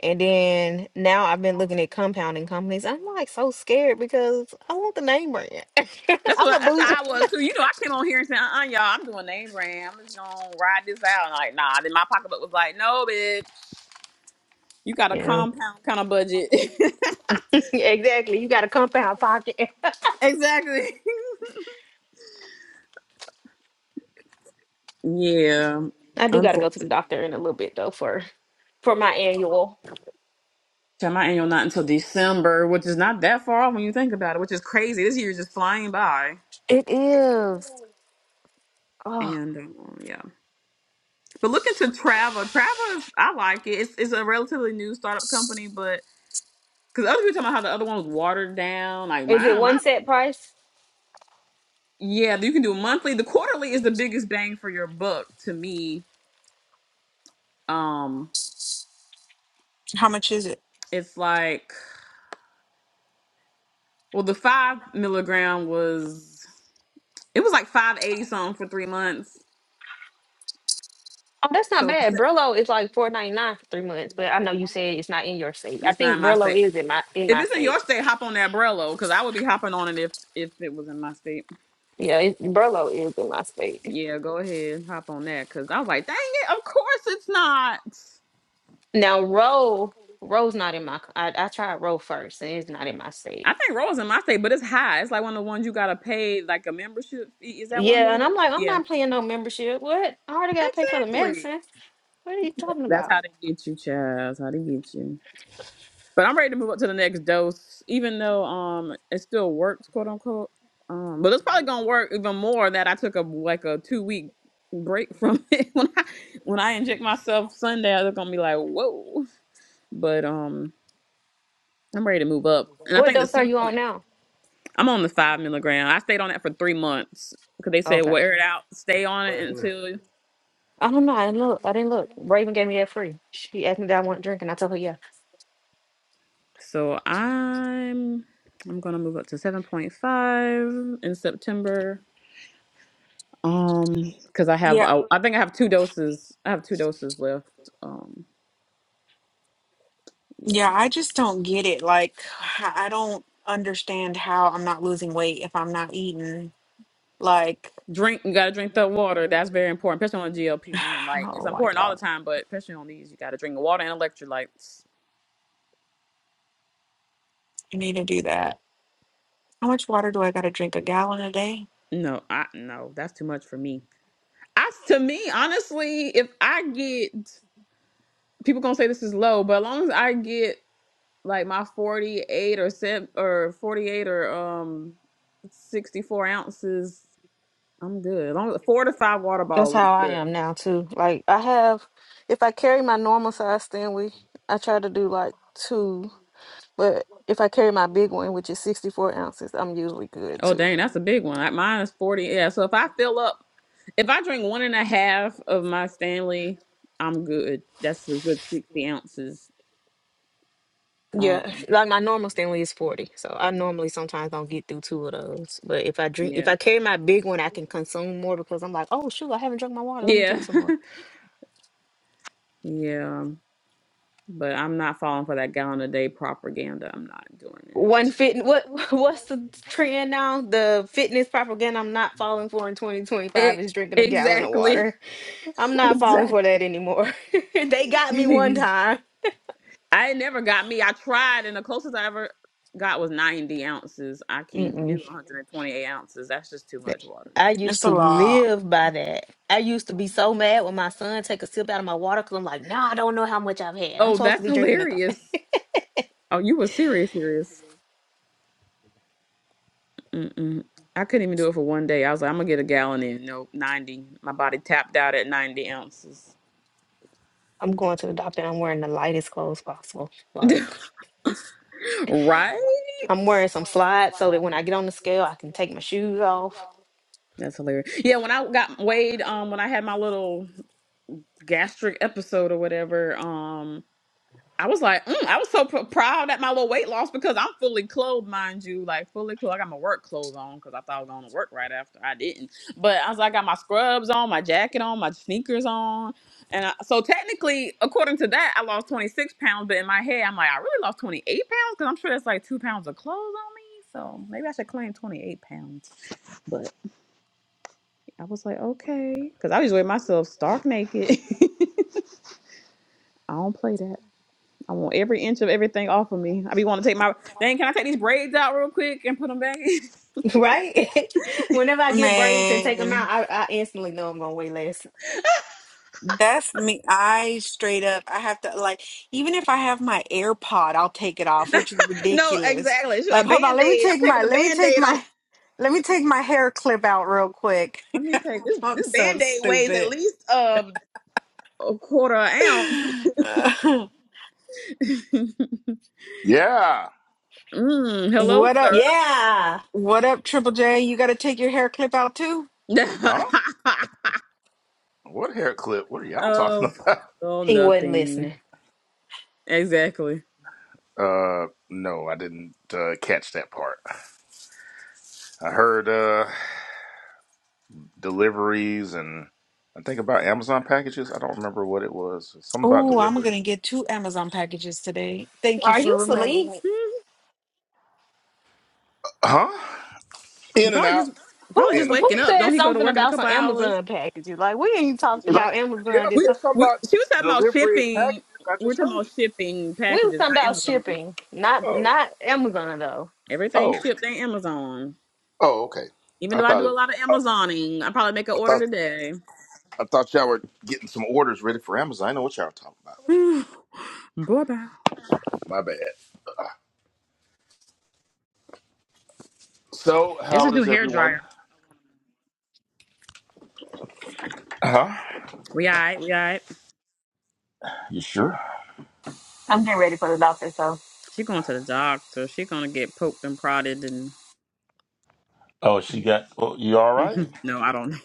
Speaker 2: And then now I've been looking at compounding companies. I'm like so scared because I want the name brand.
Speaker 1: That's
Speaker 2: I'm
Speaker 1: what. I,
Speaker 2: a
Speaker 1: That's
Speaker 2: boozer.
Speaker 1: how I was too. You know, I came on here and said, uh, uh y'all, I'm doing name brand. I'm just gonna ride this out. And like, nah. Then my pocketbook was like, no, bitch, you got a
Speaker 2: Yeah.
Speaker 1: compound kind of budget.
Speaker 2: Exactly. You got a compound pocket.
Speaker 1: exactly. Yeah,
Speaker 2: I do got to go to the
Speaker 1: unfortunately.
Speaker 2: doctor in a little bit though for for my annual.
Speaker 1: So my annual not until December, which is not that far off when you think about it, which is crazy. This year is just flying by.
Speaker 2: It is. Oh,
Speaker 1: And um, yeah, but looking to travel, travel is I like it. It's it's a relatively new startup company, but because other people talking about how the other one was watered down, like
Speaker 2: is it
Speaker 1: mine,
Speaker 2: one
Speaker 1: my
Speaker 2: set price?
Speaker 1: yeah, you can do monthly. The quarterly is the biggest bang for your buck to me. Um,
Speaker 4: How much is it?
Speaker 1: it's like well, the five milligram was it was like five eighty something for three months.
Speaker 2: Oh, that's not
Speaker 1: So the
Speaker 2: bad.
Speaker 1: se-
Speaker 2: Brillo is like four ninety nine for three months, but I know you said it's not in your state. I
Speaker 1: it's not
Speaker 2: think
Speaker 1: my say.
Speaker 2: Brillo is in my in
Speaker 1: If
Speaker 2: my
Speaker 1: it's in
Speaker 2: state.
Speaker 1: your state, hop on that Brello, because I would be hopping on it if if it was in my state.
Speaker 2: Yeah, it, Brillo is in my state.
Speaker 1: Yeah, go ahead, hop on that, because I was like, dang it, of course it's not.
Speaker 2: Now Roe, Roe's not in my. c- I, I tried Roe first, and it's not in my state.
Speaker 1: I think Roll's in my state, but it's high. It's like one of the ones you gotta pay like a membership fee. Is that one of the
Speaker 2: Yeah, and
Speaker 1: ones?
Speaker 2: I'm like, I'm
Speaker 1: Yeah,
Speaker 2: not paying no membership. What? I already got to pay for the
Speaker 1: exactly.
Speaker 2: medicine. What are you talking
Speaker 1: That's
Speaker 2: about?
Speaker 1: how they get you, child. That's how they get you. But I'm ready to move up to the next dose, even though um it still works, quote unquote. Um, but it's probably gonna work even more that I took a like a two week break from it when I when I inject myself Sunday. I was gonna be like, whoa. But um, I'm ready to move up, and I
Speaker 2: What
Speaker 1: think the
Speaker 2: dose are
Speaker 1: center
Speaker 2: you on
Speaker 1: point.
Speaker 2: now?
Speaker 1: I'm on the five milligram. I stayed on that for three months because they said
Speaker 2: Okay,
Speaker 1: wear it out, stay on it until.
Speaker 2: I don't know. I didn't look. I didn't look. Raven gave me that free. She asked me that I want to drink, and I told her yeah.
Speaker 1: So I'm I'm gonna move up to seven point five in September Um, because I have,
Speaker 4: Yeah.
Speaker 1: I, I think I have two doses. I have two doses left. Um, yeah.
Speaker 4: Yeah, I just don't get it. Like, I I don't understand how I'm not losing weight if I'm not eating. Like,
Speaker 1: Drink. You gotta drink the water. That's very important, especially on GLP one. Like it's
Speaker 4: oh my
Speaker 1: important all the
Speaker 4: God,
Speaker 1: time, but especially on these, you gotta drink water and electrolytes.
Speaker 4: I need to do that. How much water do I got to drink? A gallon a day?
Speaker 1: No, I no, that's too much for me. I to me, honestly, if I get people gonna say this is low, but as long as I get like my forty eight or seven or forty eight or um sixty four ounces, I'm good. As long as four to five water
Speaker 2: That's
Speaker 1: bottles is
Speaker 2: how I
Speaker 1: good.
Speaker 2: am now too. Like I have, if I carry my normal size Stanley, I try to do like two, but. If I carry my big one, which is 64 ounces, I'm usually good
Speaker 1: Oh,
Speaker 2: too.
Speaker 1: dang, that's a big one. Like, Mine is 40. Yeah, so if I fill up, if I drink one and a half of my Stanley, I'm good. That's a good 60 ounces.
Speaker 2: Yeah,
Speaker 1: Um,
Speaker 2: like my normal Stanley is 40. So I normally sometimes don't get through two of those. But if I drink, if
Speaker 1: yeah.
Speaker 2: I carry my big one, I can consume more because I'm like, oh, shoot, I haven't drunk my water. Let me
Speaker 1: Yeah.
Speaker 2: drink some more.
Speaker 1: yeah. But I'm not falling for that gallon a day propaganda. I'm not doing
Speaker 2: One
Speaker 1: it.
Speaker 2: fit, what, what's the trend now? The fitness propaganda I'm not falling for in 2025
Speaker 1: E-
Speaker 2: is drinking a gallon of
Speaker 1: exactly.
Speaker 2: water. I'm not falling for
Speaker 1: Exactly.
Speaker 2: that anymore. They got me one
Speaker 1: Ex-
Speaker 2: time.
Speaker 1: I it never got me. I tried, and the closest I ever got was 90 ounces. I can't do 128 ounces. That's just too
Speaker 2: That-
Speaker 1: much water.
Speaker 2: I
Speaker 4: It's
Speaker 2: used
Speaker 4: a
Speaker 2: to
Speaker 4: lot.
Speaker 2: live by that. I used to be so mad when my son take a sip out of my water because I'm like, no, I don't know how much I've had. I'm
Speaker 1: Oh,
Speaker 2: supposed to
Speaker 1: that's
Speaker 2: be drinking i
Speaker 1: hilarious. Oh, you were serious, serious. Mm-mm. I couldn't even do it for one day. I was like, I'm gonna get a gallon in. No, ninety. My body tapped out at ninety ounces.
Speaker 2: I'm going to the doctor and I'm wearing the lightest clothes possible. Like,
Speaker 1: right?
Speaker 2: I'm wearing some slides so that when I get on the scale, I can take my shoes off.
Speaker 1: That's hilarious. Yeah, when I got weighed, um, when I had my little gastric episode or whatever, um, I was like, mm, I was so pr- proud at my little weight loss because I'm fully clothed, mind you, like fully clothed. I got my work clothes on because I thought I was going to work right after. I didn't, but I was like, I got my scrubs on, my jacket on, my sneakers on, and I, so technically, according to that, I lost 26 pounds. But in my head, I'm like, I really lost 28 pounds because I'm sure that's like two pounds of clothes on me. So maybe I should claim 28 pounds. But I was like, okay, because I usually wear myself stark naked. I don't play that. I want every inch of everything off of me. I be want to take my dang. Can I take these braids out real quick and put them back? in?
Speaker 2: Right? Whenever I get braids and take them out,
Speaker 4: Man,
Speaker 2: I, I instantly know I'm going to weigh less.
Speaker 4: that's me. I straight up, I have to, like, even if I have my AirPod, I'll take it off, which is
Speaker 1: No,
Speaker 4: ridiculous.
Speaker 1: exactly. It's a
Speaker 4: Like, hold on,
Speaker 1: band
Speaker 4: let me
Speaker 1: aid. I'm
Speaker 4: take
Speaker 1: taking
Speaker 4: my,
Speaker 1: the
Speaker 4: let me
Speaker 1: band
Speaker 4: take
Speaker 1: aid off.
Speaker 4: my, let me take my hair clip out real quick.
Speaker 1: Let me take This
Speaker 4: I'm
Speaker 1: this
Speaker 4: so
Speaker 1: band aid weighs at
Speaker 4: stupid.
Speaker 1: least um a quarter ounce.
Speaker 5: Yeah.
Speaker 1: mm, hello,
Speaker 4: What up?
Speaker 1: sir.
Speaker 2: Yeah.
Speaker 4: What up, Triple J? You got to take your hair clip out too?
Speaker 5: Huh? What hair clip? What are y'all
Speaker 1: oh,
Speaker 5: talking about?
Speaker 1: oh,
Speaker 2: He wasn't
Speaker 1: nothing.
Speaker 2: listening.
Speaker 1: Exactly.
Speaker 5: Uh, no, I didn't uh, catch that part. I heard uh, deliveries and I think about Amazon packages. I don't remember what it was. Something about
Speaker 4: Oh, I'm
Speaker 5: delivery.
Speaker 4: going to get two Amazon packages today. Thank you
Speaker 2: Are
Speaker 4: for
Speaker 2: you
Speaker 4: reminding
Speaker 2: asleep?
Speaker 4: me.
Speaker 5: Huh?
Speaker 1: He
Speaker 5: In and
Speaker 1: probably just
Speaker 5: out.
Speaker 2: Who
Speaker 1: probably
Speaker 5: In
Speaker 1: just
Speaker 5: and
Speaker 2: who
Speaker 1: waking up.
Speaker 5: out.
Speaker 2: said
Speaker 1: Don't he go to
Speaker 2: something
Speaker 1: work in a
Speaker 2: about some
Speaker 1: couple hours?
Speaker 2: Amazon packages? Like we ain't talked about Amazon
Speaker 5: Y'all
Speaker 2: this
Speaker 1: We,
Speaker 5: said something
Speaker 1: we
Speaker 5: about
Speaker 1: she was talking about
Speaker 5: delivery and
Speaker 1: shipping.
Speaker 5: packages. I
Speaker 1: We're
Speaker 5: just
Speaker 1: talking
Speaker 5: heard
Speaker 1: about
Speaker 5: you.
Speaker 1: shipping
Speaker 2: We was
Speaker 1: packages,
Speaker 2: talking
Speaker 1: not
Speaker 2: about
Speaker 1: Amazon.
Speaker 2: shipping, not
Speaker 5: Oh.
Speaker 2: not Amazon though.
Speaker 1: Everything
Speaker 5: Oh.
Speaker 1: shipped ain't Amazon.
Speaker 5: Oh, okay.
Speaker 1: Even
Speaker 5: I
Speaker 1: though I
Speaker 5: thought
Speaker 1: do a
Speaker 5: it
Speaker 1: lot of
Speaker 5: I thought
Speaker 1: Amazoning, I probably make an
Speaker 5: I
Speaker 1: order
Speaker 5: thought
Speaker 1: today.
Speaker 5: I thought y'all were getting some orders ready for Amazon. I know what y'all were talking about.
Speaker 1: Whew. Boy, bye.
Speaker 5: My bad. So,
Speaker 1: This
Speaker 5: how
Speaker 1: is new
Speaker 5: is
Speaker 1: hair dryer.
Speaker 5: everyone? Huh?
Speaker 1: We all right. We all right.
Speaker 5: You sure?
Speaker 2: I'm getting ready for the doctor, so
Speaker 1: She going to the doctor. She gonna get poked and prodded and
Speaker 5: Oh, she got. Oh, you all right?
Speaker 1: no, I don't know.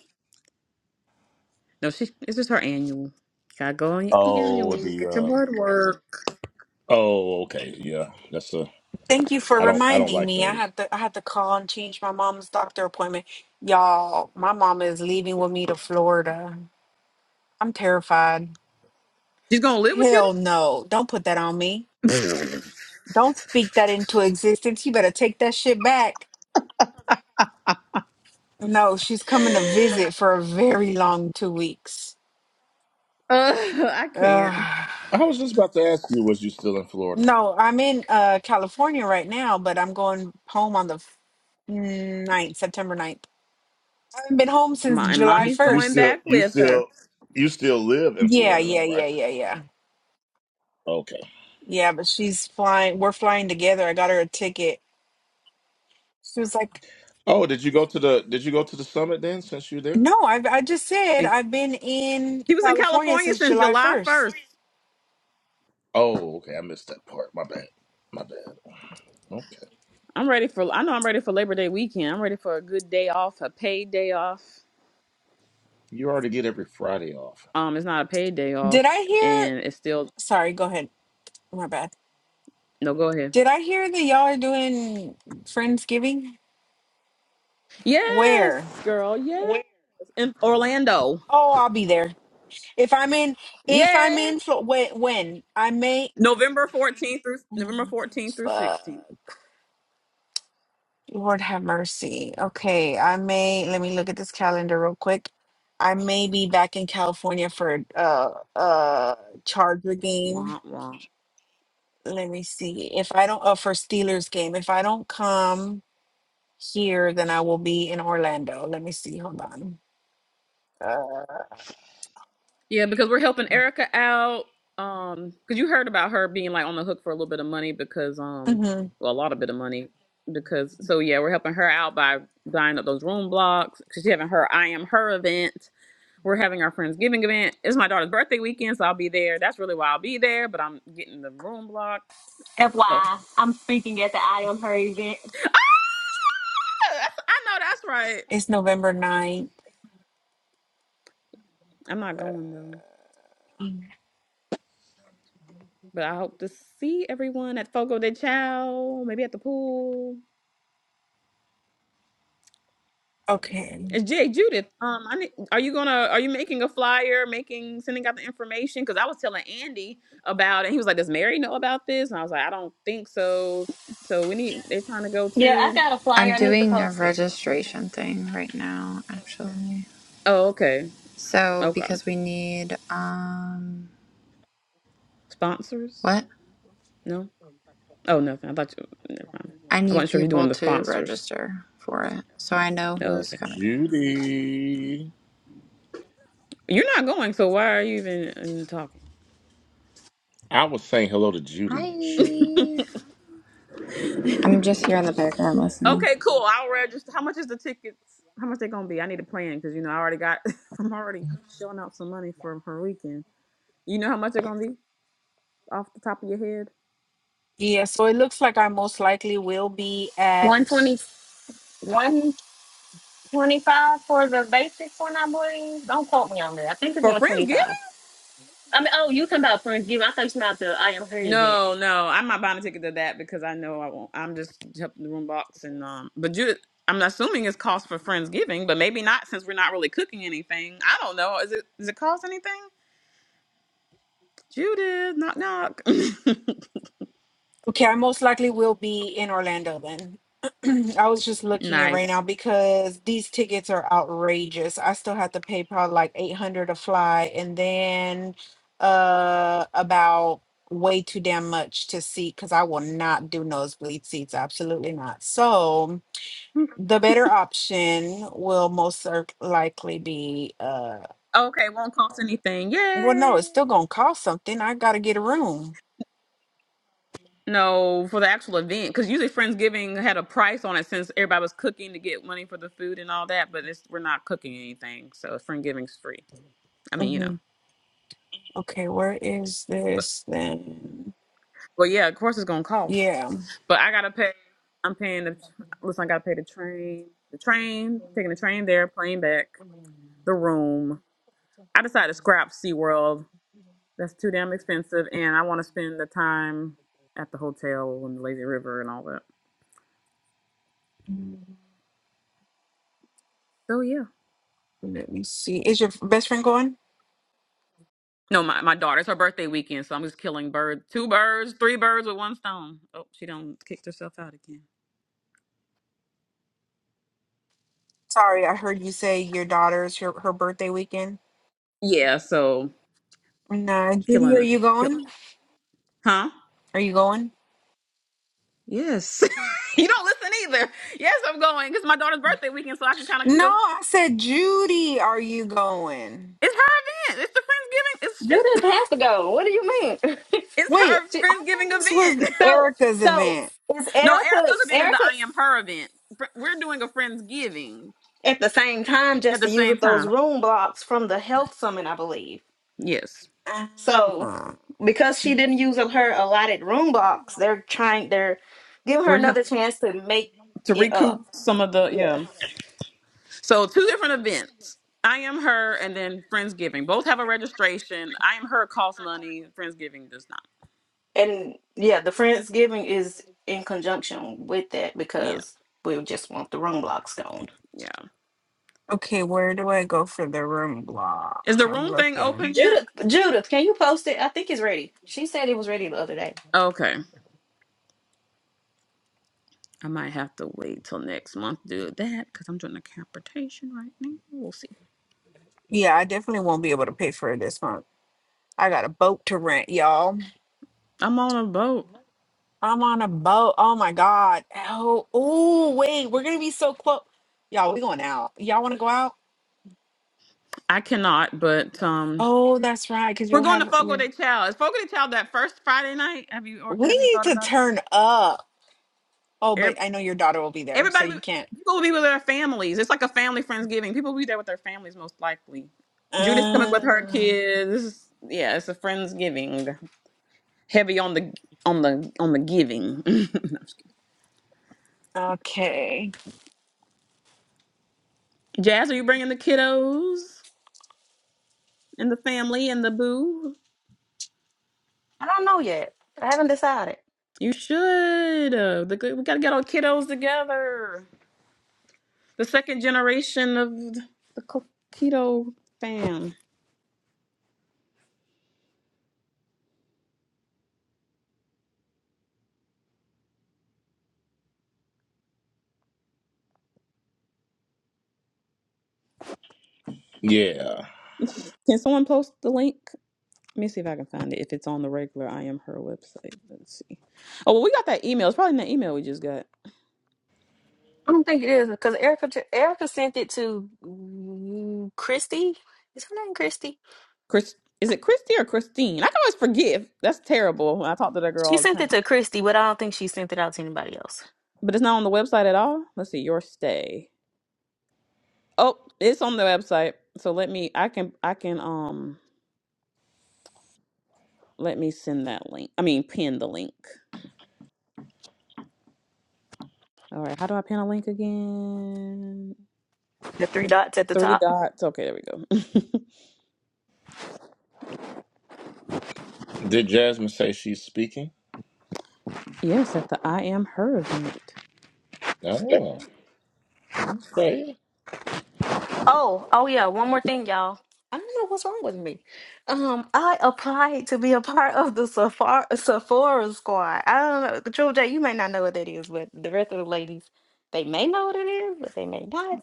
Speaker 1: No, she it's just her annual. Gotta go on your
Speaker 5: Oh,
Speaker 1: annual.
Speaker 5: the.
Speaker 1: Get your
Speaker 5: uh
Speaker 1: blood work.
Speaker 5: Oh, okay. Yeah, that's a.
Speaker 4: Thank you for
Speaker 5: I don't. I don't
Speaker 4: reminding
Speaker 5: like
Speaker 4: me. I
Speaker 5: those.
Speaker 4: had to I had to call and change my mom's doctor appointment. Y'all, my mom is leaving with me to Florida. I'm terrified.
Speaker 1: She's gonna live with you.
Speaker 4: Hell no. Don't put that on me. Don't speak that into existence. You better take that shit back. No, she's coming to visit for a very long 2 weeks.
Speaker 1: Uh, I can't.
Speaker 4: Ugh.
Speaker 5: I was just about to ask you, was you still in Florida?
Speaker 4: No, I'm in uh California right now, but I'm going home on the ninth, September ninth. I haven't been home since
Speaker 1: My and
Speaker 4: July
Speaker 5: You
Speaker 1: mommy's
Speaker 5: you
Speaker 1: going
Speaker 4: 1st.
Speaker 5: still,
Speaker 1: back
Speaker 5: you
Speaker 1: with her.
Speaker 5: still, you still live in
Speaker 4: Yeah,
Speaker 5: Florida, though,
Speaker 4: yeah,
Speaker 5: right?
Speaker 4: yeah, yeah, yeah.
Speaker 5: Okay.
Speaker 4: Yeah, but she's flying. We're flying together. I got her a ticket. She was like,
Speaker 5: Oh, did you go to the? Did you go to the summit then? Since you're there?
Speaker 4: "No, I I just said
Speaker 1: And
Speaker 4: I've been in
Speaker 1: she was in
Speaker 4: California
Speaker 1: California
Speaker 4: since
Speaker 1: since
Speaker 4: July
Speaker 1: July first.
Speaker 4: first."
Speaker 5: Oh, okay. I missed that part. My bad. My bad. Okay.
Speaker 1: I'm ready for. I know I'm ready for Labor Day weekend. I'm ready for a good day off, a paid day off.
Speaker 5: You already get every Friday off.
Speaker 1: Um, it's not a paid day off,
Speaker 4: Did I hear?
Speaker 1: and it's still
Speaker 4: Sorry, go ahead. My bad.
Speaker 1: no. Go ahead.
Speaker 4: Did I hear that y'all are doing Friendsgiving?
Speaker 1: Yes,
Speaker 4: Where?
Speaker 1: girl. Yes, in Orlando.
Speaker 4: Oh, I'll be there. If I'm in, if I'm
Speaker 1: Yes,
Speaker 4: in, Flo- when, when I may,
Speaker 1: November 14th through November 14th through
Speaker 4: fuck,
Speaker 1: 16th.
Speaker 4: Lord have mercy. Okay, I may. Let me look at this calendar real quick. I may be back in California for uh uh Charger game.
Speaker 1: Wah, wah.
Speaker 4: Let me see. If I don't, uh, for Steelers game. If I don't come here, then I will be in Orlando. Let me see. Hold on.
Speaker 1: Yeah, because we're helping Erica out. Um, because you heard about her being like on the hook for a little bit of money because um,
Speaker 4: hmm
Speaker 1: well, a lot of bit of money because so yeah, we're helping her out by buying up those room blocks. She's having her I am her event. We're having our Friendsgiving event. It's my daughter's birthday weekend, so I'll be there. That's really why I'll be there, but I'm getting the room block. So
Speaker 2: FYI, I'm speaking at the I Am Her event.
Speaker 1: Ah, I know that's right.
Speaker 4: It's November ninth.
Speaker 1: I'm not going though. But I hope to see everyone at Fogo de Chao, maybe at the pool.
Speaker 4: Okay.
Speaker 1: It's Jay Judith. Um, I need, are you gonna are you making a flyer, making sending out the information? Because I was telling Andy about it. He was like, "Does Mary know about this?" And I was like, "I don't think so." So we need. They're trying to go
Speaker 2: Yeah, I
Speaker 1: to.
Speaker 2: got a
Speaker 3: I'm
Speaker 2: flyer. I need to
Speaker 3: doing a
Speaker 2: post it.
Speaker 3: registration thing right now, actually.
Speaker 1: Oh, okay,
Speaker 3: So
Speaker 1: okay.
Speaker 3: because we need um
Speaker 1: Sponsors?
Speaker 3: what?
Speaker 1: No. Oh, nothing. I thought you. Never mind.
Speaker 3: I
Speaker 1: I
Speaker 3: need
Speaker 1: wasn't sure you're
Speaker 3: people
Speaker 1: doing the
Speaker 3: to
Speaker 1: sponsors.
Speaker 3: register for it. So I know
Speaker 1: Oh,
Speaker 3: who's
Speaker 1: okay.
Speaker 3: coming.
Speaker 5: Judy.
Speaker 1: You're not going, so why are you even uh,
Speaker 5: I was saying hello to Judy, Sherry.
Speaker 3: Hi.
Speaker 1: talking?
Speaker 3: I'm just here in the background listening.
Speaker 1: Okay, cool. I'll register. How much is the tickets? How much they gonna be? I need a plan because you know I already got. I'm already shelling out some money for her weekend. You know how much they're gonna be off the top of your head
Speaker 4: Yeah. So it looks like I most likely will be
Speaker 2: One
Speaker 4: at.
Speaker 2: twenty, one twenty-five for the basic one, I believe. Don't quote me on that. I think it's
Speaker 1: for Friendsgiving?
Speaker 2: 125. I mean, oh, you talking about Friendsgiving. I thought you talking about the I Am Her event.
Speaker 1: No, no, I'm not buying a ticket to that because I know I won't. I'm just helping the room box and um. But you, I'm assuming it's cost for Friendsgiving, but maybe not since we're not really cooking anything. I don't know. Is it? Does it cost anything? Judith, knock knock.
Speaker 4: Okay, I most likely will be in Orlando then. I was just looking at right
Speaker 1: nice.
Speaker 4: now because these tickets are outrageous. I still have to pay probably like 800 to fly and then uh about way too damn much to see because I will not do nosebleed seats. Absolutely not. So the better option will most cer- likely be uh
Speaker 1: Okay, won't cost anything.
Speaker 4: well no, it's
Speaker 1: Yay!
Speaker 4: still gonna cost something. I gotta get a room.
Speaker 1: No, for the actual event, because usually Friendsgiving had a price on it since everybody was cooking to get money for the food and all that. But it's, we're not cooking anything, so Friendsgiving's free. I mean, you know,
Speaker 4: Mhm. Okay, where is
Speaker 1: but
Speaker 4: this then?
Speaker 1: but yeah, of course it's gonna cost.
Speaker 4: Yeah.
Speaker 1: But I gotta pay. I'm paying the listen. I gotta pay the train, the train, taking the train there, plane back, the room. I decided to scrap SeaWorld. That's too damn expensive, and I want to spend the time at the hotel and the lazy river and all that. So yeah.
Speaker 4: Let me see. Is your best friend going?
Speaker 1: No, my, my daughter's her birthday weekend, so I'm just killing birds. Two birds, three birds with one stone. Oh, she done kicked herself out again.
Speaker 4: Sorry, I heard you say your daughter's her, her birthday weekend.
Speaker 1: Yeah, so
Speaker 4: Nah, Judy,
Speaker 1: killing
Speaker 4: are you
Speaker 1: killing.
Speaker 4: going?
Speaker 1: Huh?
Speaker 4: Are you going?
Speaker 1: Yes. you don't listen either. Yes, I'm going. It's my daughter's birthday weekend, so I can kind of
Speaker 4: No,
Speaker 1: feel
Speaker 4: I said Judy, are you going?
Speaker 1: it's her event. It's the Friendsgiving. It's
Speaker 2: Judith
Speaker 1: she's
Speaker 2: has to go. What do you mean?
Speaker 1: it's
Speaker 4: Wait,
Speaker 1: her
Speaker 2: She-
Speaker 4: I
Speaker 1: Friendsgiving
Speaker 4: thought this was
Speaker 1: event.
Speaker 2: so,
Speaker 4: Erica's
Speaker 2: so
Speaker 4: event.
Speaker 2: is
Speaker 1: no,
Speaker 2: Erica,
Speaker 1: Erica's event is the
Speaker 2: Erica
Speaker 1: I am her event. Fr- We're doing a Friendsgiving
Speaker 2: at the same time
Speaker 1: at
Speaker 2: just
Speaker 1: the
Speaker 2: to use
Speaker 1: same
Speaker 2: up those
Speaker 1: time.
Speaker 2: room blocks from the health summit, I believe.
Speaker 1: Yes.
Speaker 4: Ah.
Speaker 2: So because she didn't use up her allotted room box, they're trying they're giving her
Speaker 1: We're here
Speaker 2: another chance to make
Speaker 1: to
Speaker 2: it up.
Speaker 1: recoup some of the
Speaker 2: Yeah.
Speaker 1: yeah. So two different events. I am her and then Friendsgiving. Both have a registration. I am her costs money. Friendsgiving does not.
Speaker 2: And yeah, the Friendsgiving is in conjunction with that
Speaker 1: Yeah.
Speaker 2: because we just want the room blocks gone.
Speaker 1: Yeah.
Speaker 4: Okay, where do I go for the room block?
Speaker 1: Is the
Speaker 4: I'm
Speaker 1: room thing
Speaker 4: looking.
Speaker 1: open yet?
Speaker 2: Judith Judith, can you post it? I think it's ready. She said it was ready the other day.
Speaker 1: Okay. I might have to wait till next month to do that because I'm doing a capitation right now. We'll see.
Speaker 4: Yeah, I definitely won't be able to pay for it this month. I got a boat to rent, y'all.
Speaker 1: I'm on a boat.
Speaker 4: I'm on a boat. Oh my god. Oh, oh, wait. We're gonna be so close. Y'all, we going out. Y'all want to go out?
Speaker 1: I cannot, but um
Speaker 4: Oh, that's right. Cause
Speaker 1: we're
Speaker 4: you'll
Speaker 1: going to
Speaker 4: have
Speaker 1: Fogo
Speaker 4: we're,
Speaker 1: de Chao. Is Fogo de Chao that first Friday night? Have you or have you
Speaker 4: we
Speaker 1: thought
Speaker 4: need to
Speaker 1: about
Speaker 4: turn up. Oh,
Speaker 1: it?
Speaker 4: but I know your daughter will be there, so
Speaker 1: Everybody, be-
Speaker 4: you can't.
Speaker 1: people will be with their families. It's like a family Friendsgiving. People will be there with their families most likely. Judith's coming
Speaker 4: Uh,
Speaker 1: with her kids. Yeah, it's a Friendsgiving. Heavy on the on the on the giving. No, I'm just kidding.
Speaker 4: okay.
Speaker 1: Jazz, are you bringing the kiddos and the family and the boo?
Speaker 2: I don't know yet. I haven't decided.
Speaker 1: You should. Uh, the, good- we gotta get our kiddos together. The second generation of the co- keto fam.
Speaker 5: Yeah.
Speaker 1: Can someone post the link? Let me see if I can find it. If it's on the regular I am her website. Let's see. Oh well we got that email. It's probably in that email we just got.
Speaker 2: I don't think it is because Erica Erica sent it to mm, Christy. Is her name Christy?
Speaker 1: Chris is it Christy or Christine? I can always forget. That's terrible. I talk to that girl
Speaker 2: She
Speaker 1: all the
Speaker 2: sent
Speaker 1: time.
Speaker 2: it to Christy, but I don't think she sent it out to anybody else.
Speaker 1: But it's not on the website at all. Let's see, your stay. Oh, it's on the website. So let me I can I can um let me send that link. I mean pin the link. All right, how do I pin a link again?
Speaker 2: The three dots at the
Speaker 1: Three
Speaker 2: top.
Speaker 1: dots. Okay, there we go.
Speaker 5: Did Jasmine say she's speaking?
Speaker 1: yes, at the I am her event.
Speaker 5: Oh, okay.
Speaker 2: Oh, oh yeah, one more thing, y'all. I don't know what's wrong with me. Um, I applied to be a part of the Sephora, Sephora squad. I don't know, Jewel J, you may not know what that is, but the rest of the ladies, they may know what it is, but they may not.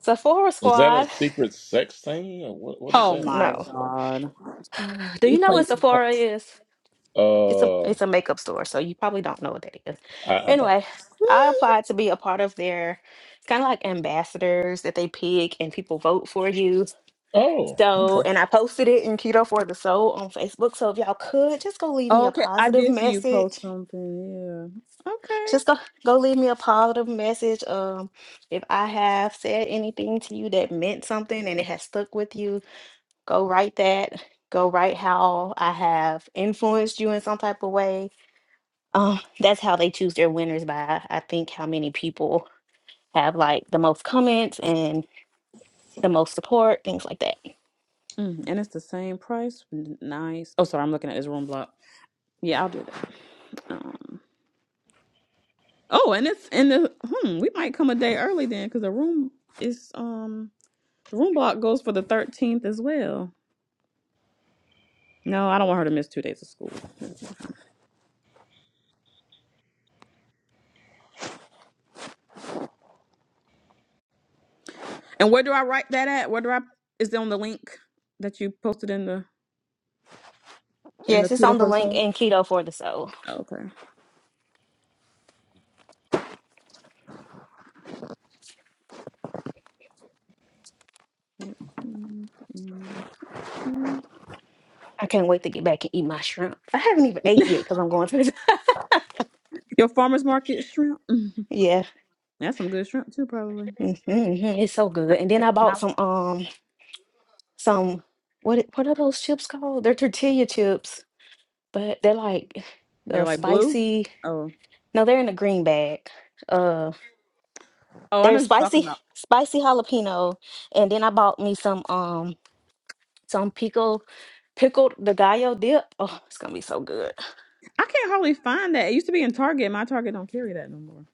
Speaker 2: Sephora
Speaker 5: Is that a
Speaker 2: squad,
Speaker 5: secret sex thing? Or what, what is
Speaker 1: Oh
Speaker 5: that?
Speaker 1: my
Speaker 2: no.
Speaker 1: god.
Speaker 2: Do
Speaker 1: You
Speaker 2: you know
Speaker 1: play
Speaker 2: what
Speaker 1: too much.
Speaker 2: Sephora is? It's a
Speaker 5: Uh,
Speaker 2: it's a makeup store, so you probably don't know what that is.
Speaker 5: I, I don't.
Speaker 2: Anyway, I applied to be a part of their. It's kind of like ambassadors that they pick and people vote for you
Speaker 5: Oh,
Speaker 2: So,
Speaker 5: okay.
Speaker 2: and I posted it in Keto for the Soul on Facebook. So if y'all could just go leave me a
Speaker 1: Okay, I
Speaker 2: positive
Speaker 1: did see you
Speaker 2: message.
Speaker 1: post something. Yeah. Okay.
Speaker 2: Just go go leave me a positive message. Um, if I have said anything to you that meant something and it has stuck with you, go write that. Go write how I have influenced you in some type of way. Um, that's how they choose their winners by I think how many people have like the most comments and the most support, things like that.
Speaker 1: Mm, and it's the same price. N- Nice. Oh, sorry, I'm looking at this room block. Yeah, I'll do that. Um. Oh, and it's in the. Hmm. We might come a day early then, because the room is um the room block goes for the 13th as well. No, I don't want her to miss two days of school. And where do I write that at? Where do I? Is it on the link that you posted in the in the
Speaker 2: Yes, it's
Speaker 1: Twitter
Speaker 2: on the
Speaker 1: for the
Speaker 2: link
Speaker 1: show?
Speaker 2: in keto for the soul.
Speaker 1: Okay.
Speaker 2: I can't wait to get back and eat my shrimp. I haven't even ate yet because I'm going to.
Speaker 1: Your farmer's market shrimp. Mhm.
Speaker 2: yeah,
Speaker 1: That's some good shrimp too, probably.
Speaker 2: Mhm, it's so good.
Speaker 1: Not,
Speaker 2: And then I bought
Speaker 1: not
Speaker 2: some um some what it- what are those chips called? They're tortilla chips, but they're like
Speaker 1: they're
Speaker 2: the
Speaker 1: like blue.
Speaker 2: spicy.
Speaker 1: Oh,
Speaker 2: No, they're in a green bag. uh,
Speaker 1: oh, I know
Speaker 2: There's
Speaker 1: what you're talking
Speaker 2: spicy
Speaker 1: about.
Speaker 2: spicy jalapeno, and then I bought me some um some pickle, pickled the gallo dip. Oh, it's gonna be so good.
Speaker 1: I can't hardly find that. It used to be in Target. My Target don't carry that no more.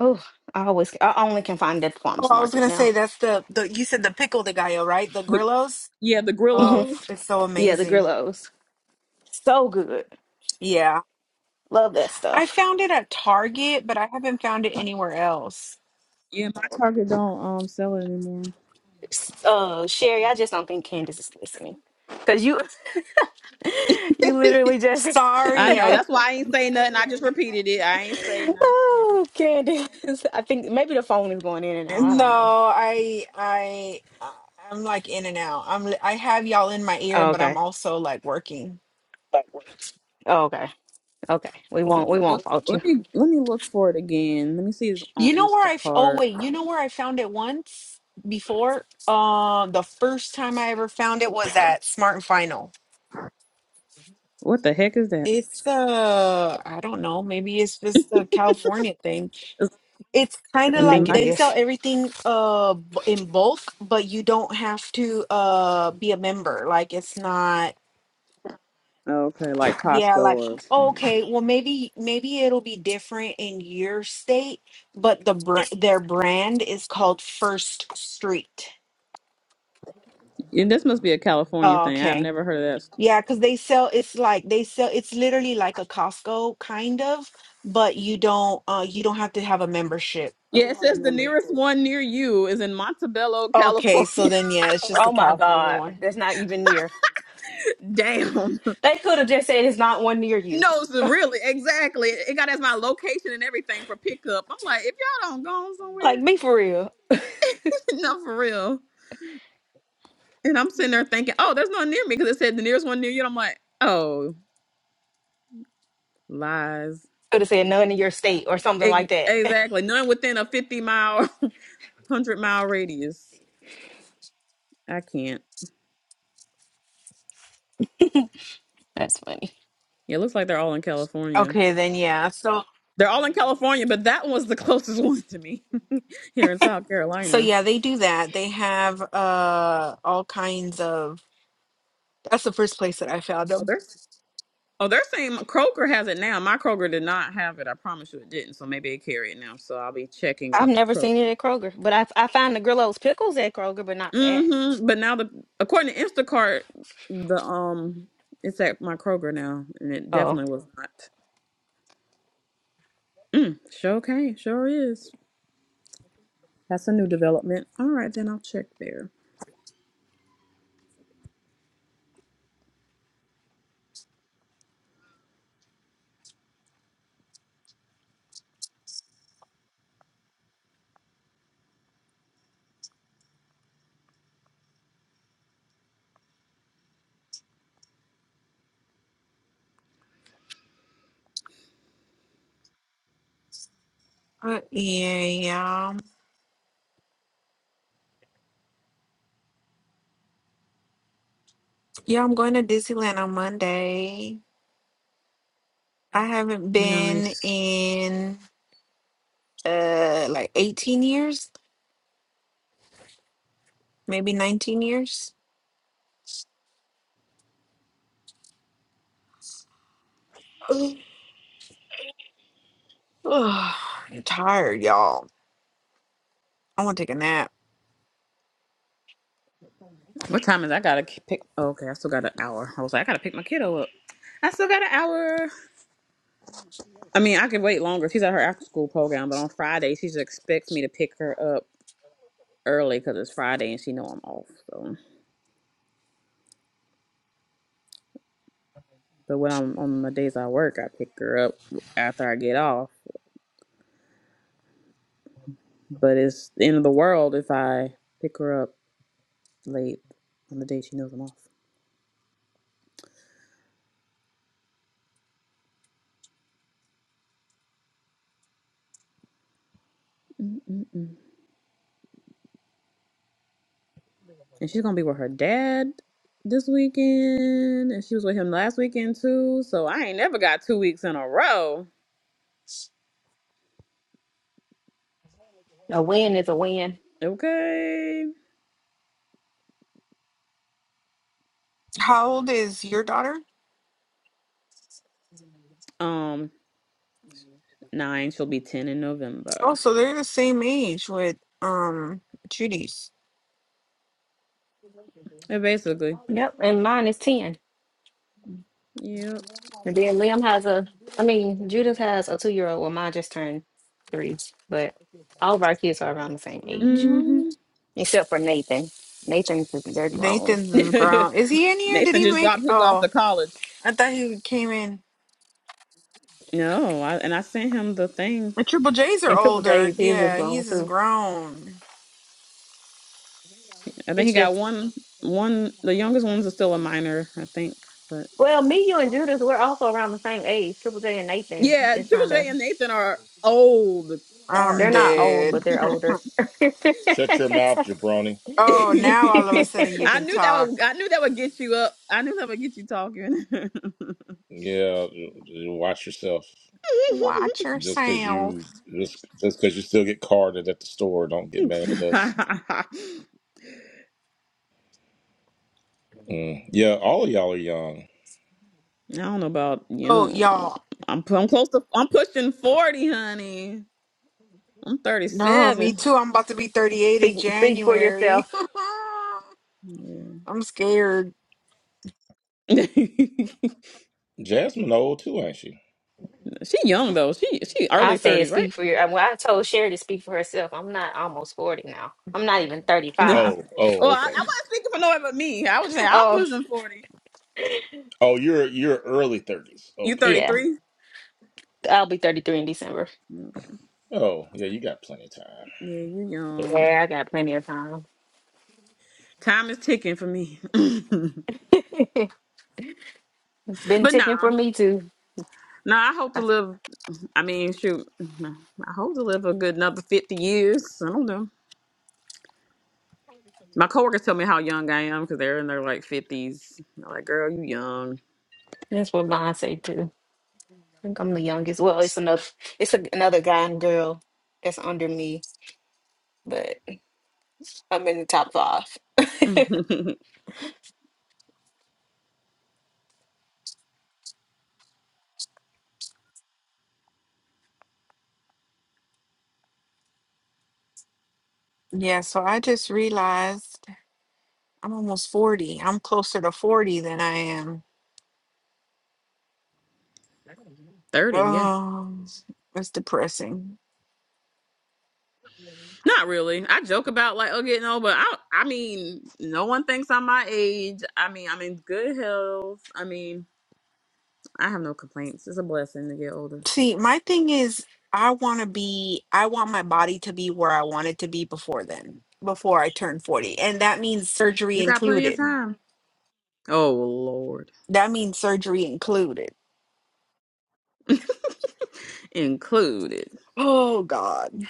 Speaker 2: Oh, I always I only can find it at the
Speaker 4: Oh,
Speaker 2: farmers
Speaker 4: I was
Speaker 2: market
Speaker 4: gonna say
Speaker 2: now.
Speaker 4: that's the the you said the pickle de gallo, right? The
Speaker 1: The
Speaker 4: grillos.
Speaker 1: yeah, the
Speaker 4: Oh,
Speaker 2: Mhm.
Speaker 1: Grillos.
Speaker 4: it's so
Speaker 2: yeah, the
Speaker 4: amazing.
Speaker 2: grillos, so good.
Speaker 4: Yeah.
Speaker 2: Love that
Speaker 4: I
Speaker 2: stuff.
Speaker 4: found it at Target, but I haven't found it anywhere else.
Speaker 1: Yeah, my Target don't um sell it anymore.
Speaker 2: S- Uh, Sherry, I just don't think Candace is listening because you you literally just
Speaker 1: I
Speaker 4: Sorry,
Speaker 1: know.
Speaker 4: I
Speaker 1: That's why I ain't say nothing. I just repeated it. I ain't say nothing.
Speaker 2: oh Candace. I think maybe the phone is going in and out. I
Speaker 4: no,
Speaker 2: don't know.
Speaker 4: I I I- I'm like in and out. I'm li- I have y'all in my ear,
Speaker 2: Oh,
Speaker 4: but I'm
Speaker 2: okay.
Speaker 4: also like working.
Speaker 2: Oh, okay. Okay, we won't
Speaker 1: Let me
Speaker 2: we won't
Speaker 1: look.
Speaker 2: fault
Speaker 1: Let
Speaker 2: you.
Speaker 1: me let me look for it again. Let me see. It's on
Speaker 4: You know where I f- oh
Speaker 1: Instacart.
Speaker 4: wait, you know where I found it once before? Uh, the first time I ever found it was at Smart and Final.
Speaker 1: What the heck is that?
Speaker 4: It's uh I don't know, maybe it's just a California thing.
Speaker 1: It's-
Speaker 4: it's kind
Speaker 1: it
Speaker 4: of
Speaker 2: I
Speaker 4: like
Speaker 2: think it
Speaker 1: might-
Speaker 4: they sell
Speaker 2: is.
Speaker 4: everything uh b- in bulk but you don't have to uh be a member like it's not
Speaker 1: okay, like
Speaker 4: yeah
Speaker 1: Costco
Speaker 4: like
Speaker 1: or.
Speaker 4: okay well maybe maybe it'll be different in your state but the brand their brand is called First Street
Speaker 1: And this must be a California
Speaker 4: Oh
Speaker 1: thing. I've
Speaker 4: okay
Speaker 1: never heard of this.
Speaker 4: yeah because they sell it's like they sell it's literally like a Costco kind of but you don't uh you don't have to have a membership
Speaker 1: Yeah, it says the nearest one near you is in Montebello,
Speaker 4: okay so
Speaker 1: California.
Speaker 4: then yeah it's just the
Speaker 2: Oh my
Speaker 4: California
Speaker 2: God,
Speaker 4: one
Speaker 2: that's not even near.
Speaker 1: Damn.
Speaker 2: They could have just said it's not one near you.
Speaker 1: No, it's really, exactly. It got as my location and everything for pickup. I'm like, if y'all don't go somewhere,
Speaker 2: Like be for real.
Speaker 1: no, for real. And I'm sitting there thinking, oh, there's none near me because it said the nearest one near you. And I'm like, oh, lies.
Speaker 2: Could have said none in your state or something
Speaker 1: Ex-
Speaker 2: like that.
Speaker 1: exactly. None within a 50 mile, 100 mile radius. I can't.
Speaker 2: That's
Speaker 1: Yeah, it looks like they're all in California.
Speaker 4: okay then yeah so
Speaker 1: They're all in California, but that one was the closest one to me here in South
Speaker 4: So
Speaker 1: Carolina.
Speaker 4: yeah, they do that. They have uh all kinds of. That's the first place that I found
Speaker 1: Oh,
Speaker 4: them.
Speaker 1: they're oh they're saying Kroger has it now. My Kroger did not have it. I promise you, it didn't. So maybe they carry it now. So I'll be checking
Speaker 2: I've
Speaker 1: out the
Speaker 2: never seen it
Speaker 1: Kroger.
Speaker 2: at Kroger, but I I find the Grillo's pickles at Kroger, but not that.
Speaker 1: Mm-hmm. But now the according to Instacart, the um it's at my Kroger now, and it
Speaker 2: Oh,
Speaker 1: definitely was not. Mm, sure, okay, sure is. That's a new development. All right, then I'll check there.
Speaker 4: Uh, yeah, yeah, yeah. I'm going to Disneyland on Monday. I haven't been
Speaker 1: Nice.
Speaker 4: in uh like 18 years, maybe 19 years. Ugh, ugh, I'm tired, y'all. I want to take a nap.
Speaker 1: What time is? it? I gotta k- pick. oh, okay, I still got an hour. I was like, I gotta pick my kiddo up. I still got an hour. I mean, I could wait longer. She's at her after school program, but on Friday she expects me to pick her up early because it's Friday and she know I'm off. So, but when I'm on the days I work, I pick her up after I get off. But it's the end of the world if I pick her up late on the day she knows I'm off. and she's gonna be with her dad this weekend, and she was with him last weekend too. So I ain't never got two weeks in a row.
Speaker 2: a win is a win.
Speaker 1: Okay.
Speaker 4: How old is your daughter?
Speaker 1: Um, nine. She'll be ten in November.
Speaker 4: Oh, so they're the same age with um Judy's.
Speaker 1: And basically,
Speaker 2: Yep, and mine is ten.
Speaker 1: yep.
Speaker 2: And then Liam has a, I mean Judith has a two year old. Well, mine just turned three, but all of our kids are around the same age,
Speaker 1: Mhm.
Speaker 2: except for Nathan. Nathan they're grown.
Speaker 4: Nathan's is grown. Is he in here? Did
Speaker 1: Nathan
Speaker 4: he
Speaker 1: just
Speaker 4: make?
Speaker 1: dropped his off
Speaker 4: Oh,
Speaker 1: to college.
Speaker 4: I thought he came in.
Speaker 1: No, I, and I sent him the thing.
Speaker 4: The Triple J's are
Speaker 2: In triple couple
Speaker 4: older.
Speaker 2: days, he's just
Speaker 4: Yeah,
Speaker 2: gone
Speaker 4: he's is
Speaker 2: too.
Speaker 4: grown.
Speaker 1: I think he
Speaker 2: It's
Speaker 1: got
Speaker 2: just
Speaker 1: one. One. The youngest ones are still a minor, I think. But
Speaker 2: well, me, you, and Judas, we're also around the same age. Triple J and Nathan.
Speaker 1: yeah,
Speaker 2: is
Speaker 1: Jules
Speaker 2: kind
Speaker 1: J
Speaker 2: of
Speaker 1: and Nathan are old
Speaker 4: I'm
Speaker 2: they're
Speaker 1: farts.
Speaker 2: not old,
Speaker 4: dead.
Speaker 2: but they're older.
Speaker 5: Shut your mouth, jabroni.
Speaker 4: Oh, now all of a sudden you
Speaker 1: I
Speaker 4: can
Speaker 1: knew that would
Speaker 4: talk.
Speaker 1: I knew that would get you up. I knew that would get you talking.
Speaker 5: Yeah, watch yourself.
Speaker 4: Watch
Speaker 5: Just because
Speaker 4: yourself.
Speaker 5: you just just because you still get carded at the store, don't get mad at us.
Speaker 1: I
Speaker 5: Mm. Yeah, all of y'all are young.
Speaker 1: don't know about
Speaker 4: Oh,
Speaker 1: you.
Speaker 4: y'all.
Speaker 1: I'm pu- I'm close to I'm pushing 40, honey. I'm
Speaker 4: No, me
Speaker 1: 37.
Speaker 4: too. I'm about to be 38 in
Speaker 2: Speak speak for
Speaker 4: January.
Speaker 2: yourself.
Speaker 1: Yeah.
Speaker 4: I'm scared.
Speaker 5: Jasmine old too, ain't she?
Speaker 1: she young though. She she
Speaker 2: I
Speaker 1: early
Speaker 2: said
Speaker 1: 30s, right?
Speaker 2: speak for your. Well, I told Sherry to speak for herself. I'm not almost forty now. I'm not even thirty
Speaker 1: well,
Speaker 2: five.
Speaker 5: Oh, oh,
Speaker 1: I, I
Speaker 5: okay.
Speaker 1: wasn't speaking for no one but me. I was saying I'm
Speaker 2: Oh
Speaker 1: pushing 40.
Speaker 5: Oh, you're you're early thirties.
Speaker 1: You
Speaker 5: Okay.
Speaker 2: yeah,
Speaker 1: 33?
Speaker 2: I'll be thirty three in December.
Speaker 1: Okay.
Speaker 5: Oh, yeah, you got plenty of time.
Speaker 1: Yeah, you young.
Speaker 2: Yeah, I got plenty of time.
Speaker 1: Time is ticking for me.
Speaker 2: it's been
Speaker 1: but
Speaker 2: ticking
Speaker 1: nah.
Speaker 2: for me too.
Speaker 1: No, I hope to
Speaker 2: That's
Speaker 1: live. I mean, shoot, I hope to live a good another fifty years. I don't know. My coworkers tell me how young I am because they're in their like fifties. They're like, "Girl, you young."
Speaker 2: that's what mine say too. I think I'm the youngest. Well, it's another it's a, another guy and girl that's under me. but. I'm in the top five.
Speaker 4: Yeah, so I just realized I'm almost 40. I'm closer to 40 than I am.
Speaker 1: Thirty, yeah.
Speaker 4: Oh, it's depressing.
Speaker 1: Not really. I joke about like, oh, getting old, but I, I mean, no one thinks I'm my age. I mean, I'm in good health. I mean, I have no complaints. It's a blessing to get older.
Speaker 4: See, my thing is, I want to be, I want my body to be where I want it to be before then, before I turn 40. And that means surgery
Speaker 1: You got plenty of
Speaker 4: included.
Speaker 1: time. Oh Lord,
Speaker 4: That means surgery included.
Speaker 1: included.
Speaker 4: Oh, God.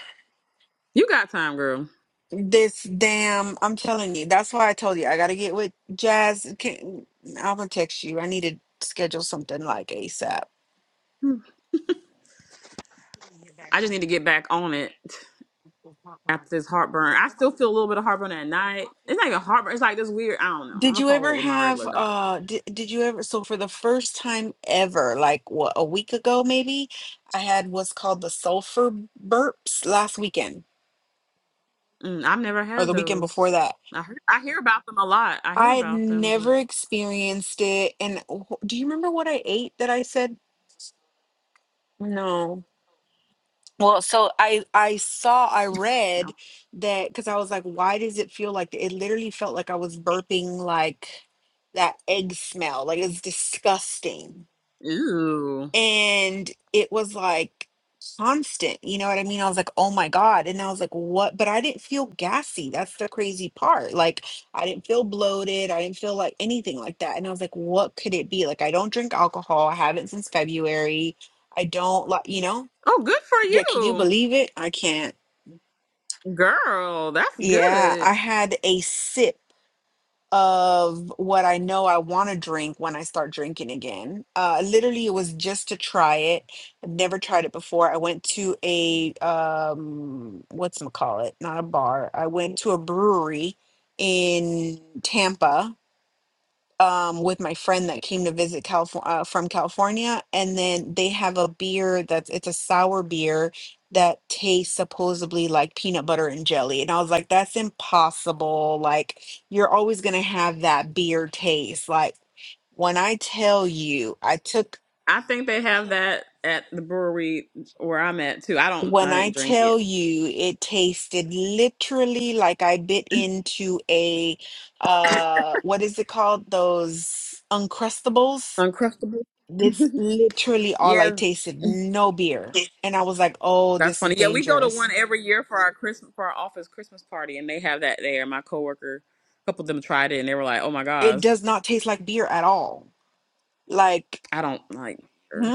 Speaker 1: You got time, girl.
Speaker 4: This damn, I'm telling you. That's why I told you I got to get with Jazz. Can, I'm going to text you. I need to schedule something like ASAP.
Speaker 1: I just need to get back on it. after this heartburn. I still feel a little bit of heartburn at night. It's not even heartburn. It's like this weird. I don't know. I'm
Speaker 4: Did
Speaker 1: gonna
Speaker 4: you
Speaker 1: follow
Speaker 4: ever
Speaker 1: up with my
Speaker 4: have
Speaker 1: regular doctor.
Speaker 4: uh did, did you ever so for the first time ever like what a week ago maybe I had what's called the sulfur burps last weekend
Speaker 1: Mm, I've never
Speaker 4: or
Speaker 1: had
Speaker 4: the weekend
Speaker 1: those.
Speaker 4: before that.
Speaker 1: I hear, I hear about them a lot. I hear
Speaker 4: I had
Speaker 1: about them,
Speaker 4: never
Speaker 1: but
Speaker 4: experienced it and wh- do you remember what I ate that I said no. Well, so I I saw I
Speaker 1: no.
Speaker 4: read that because I was like why does it feel like th-" it literally felt like I was burping like that egg smell like it's disgusting
Speaker 1: Ew.
Speaker 4: and it was like constant you know what i mean i was like oh my god and i was like what but i didn't feel gassy that's the crazy part like i didn't feel bloated i didn't feel like anything like that and i was like what could it be like i don't drink alcohol i haven't since february i don't like you know
Speaker 1: Oh, good for
Speaker 4: yeah can you
Speaker 1: you,
Speaker 4: believe it i can't
Speaker 1: girl. That's
Speaker 4: yeah i
Speaker 1: good.
Speaker 4: had a sip of what I know I want to drink when I start drinking again. Uh, literally, it was just to try it. I've never tried it before. I went to a um, what's call it? Not a bar. I went to a brewery in Tampa um, with my friend that came to visit Calif- uh, from California, and then they have a beer that's it's a sour beer that tastes supposedly like peanut butter and jelly, and I was like, that's impossible. Like you're always gonna have that beer taste. Like when I tell you, I took.
Speaker 1: I think they have that at the brewery where I'm at too. I don't. I
Speaker 4: When I
Speaker 1: didn't drink it.
Speaker 4: tell you it tasted literally like I bit into a uh what is it called? Those uncrustables
Speaker 1: Uncrustable.
Speaker 4: That's literally all I
Speaker 1: yeah,
Speaker 4: tasted. No beer. And I was like, oh,
Speaker 1: That's
Speaker 4: this is
Speaker 1: funny. Yeah, we go to one
Speaker 4: dangerous.
Speaker 1: every year for our Christmas for our office Christmas party, and they have that there. My coworker, a couple of them tried it, and they were like, "Oh my
Speaker 4: It
Speaker 1: gosh,
Speaker 4: does not taste like beer at all. Like,
Speaker 1: I don't like, beer.
Speaker 4: hmm?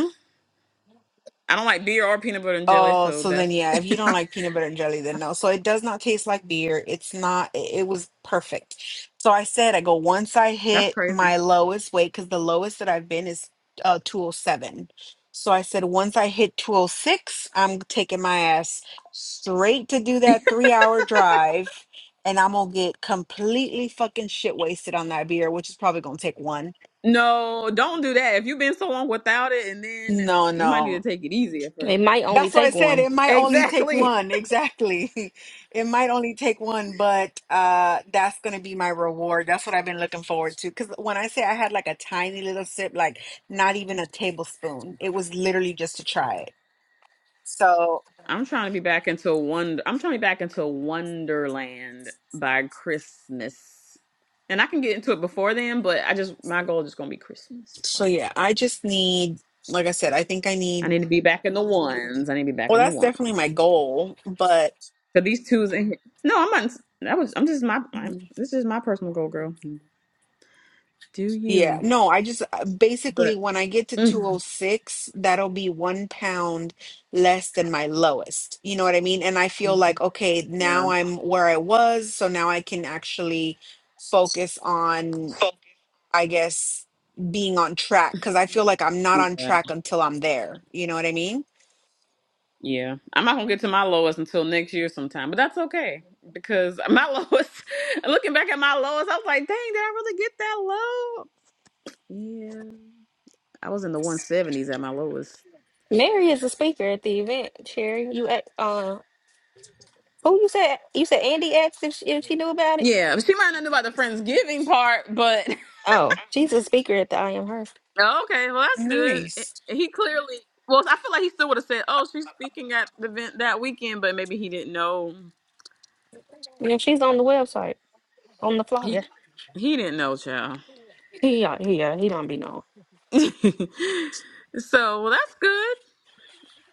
Speaker 1: I don't like beer or peanut butter and jelly."
Speaker 4: Oh,
Speaker 1: So
Speaker 4: so then
Speaker 1: that's
Speaker 4: yeah, if you don't like peanut butter and jelly, then no. So it does not taste like beer. It's not, it, it was perfect. So I said, I go once I
Speaker 1: that's
Speaker 4: hit
Speaker 1: crazy.
Speaker 4: my lowest weight, because the lowest that I've been is uh, 207. So I said, once I hit 206, I'm taking my ass straight to do that three hour drive and I'm gonna get completely fucking shit wasted on that beer, which is probably gonna take one.
Speaker 1: No, don't do that. If you've been so long without it, and then
Speaker 4: No,
Speaker 1: you might
Speaker 4: no.
Speaker 1: need to take it easy at first.
Speaker 2: It might only
Speaker 4: That's why I
Speaker 2: take
Speaker 4: said
Speaker 2: one.
Speaker 4: it might only take
Speaker 1: Exactly.
Speaker 4: one. Exactly. It might only take one, but uh that's gonna be my reward. That's what I've been looking forward to. Cause when I say I had like a tiny little sip, like not even a tablespoon. It was literally just to try it. So
Speaker 1: I'm trying to be back into wonder. I'm trying to be back into Wonderland by Christmas, and I can get into it before then. But I just my goal is just gonna be Christmas.
Speaker 4: so yeah, I just need like I said, I think I
Speaker 1: I
Speaker 4: need
Speaker 1: need to be back in the ones. I need to be back
Speaker 4: well
Speaker 1: in the
Speaker 4: that's definitely my
Speaker 1: ones.
Speaker 4: goal, but
Speaker 1: Cause these twos in here. No, I'm not. That was. I'm just my. I'm, this is my personal goal, girl. Do
Speaker 4: Yeah,
Speaker 1: you?
Speaker 4: no, I just uh, basically
Speaker 1: But
Speaker 4: when I get to
Speaker 1: mm,
Speaker 4: 206, that'll be one pound less than my lowest. You know what I mean? And I feel
Speaker 1: mhm.
Speaker 4: like, okay,
Speaker 1: yeah,
Speaker 4: now I'm where I was. So now I can actually focus on, I guess, being on track because I feel like I'm not on
Speaker 1: yeah,
Speaker 4: track until I'm there. You know what I mean?
Speaker 1: yeah. I'm not gonna get to my lowest until next year sometime. But that's okay because my lowest. looking back at my lowest, I was like, dang, did I really get that low? Yeah, I was in the 170s at my lowest.
Speaker 2: Mary is a speaker at the event. Sherry, you at uh, who you said you said Andy asked if she, if she knew about it.
Speaker 1: Yeah, she might not know about the Friendsgiving part, but
Speaker 2: Oh, she's a speaker at the I Am Her.
Speaker 1: Oh, Okay, well that's good. Eh,
Speaker 4: Nice.
Speaker 1: He clearly, well, I feel like he still would have said, "Oh, she's speaking at the event that weekend," but maybe he didn't know.
Speaker 2: Yeah, she's on the website on the
Speaker 1: He
Speaker 2: flyer.
Speaker 1: he didn't know, child.
Speaker 2: Yeah, yeah, he don't be known.
Speaker 1: so well, that's good.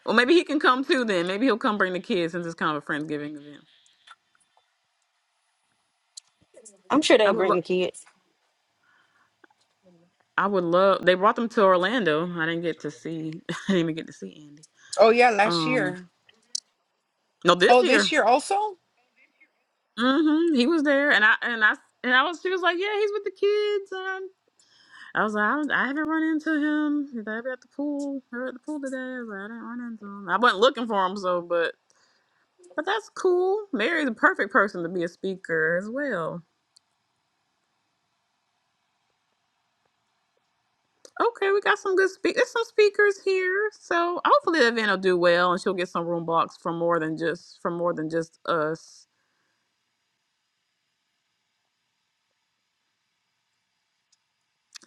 Speaker 1: Well, maybe he can come too. Then maybe he'll come bring the kids since it's kind of a friendsgiving event.
Speaker 2: I'm sure
Speaker 1: I
Speaker 2: they'll
Speaker 1: would
Speaker 2: bring
Speaker 1: love.
Speaker 2: the kids.
Speaker 1: I would love. They brought them to Orlando. I didn't get to see. I didn't even get to see Andy.
Speaker 4: Oh, yeah, last
Speaker 1: Um,
Speaker 4: year.
Speaker 1: no, this
Speaker 4: Oh, this
Speaker 1: year.
Speaker 4: year also?
Speaker 1: hmm He was there, and I and I and I was. She was like, "Yeah, he's with the kids." I was like, I, don't- I haven't run into him. He's like, "I be at the pool. We were at the pool today. I was like, I didn't run into him. I wasn't looking for him, so but but that's cool. Mary's the perfect person to be a speaker as well. Okay, we got some good speak. There's some speakers here, so hopefully the event will do well, and she'll get some room blocks from more than just from more than just us.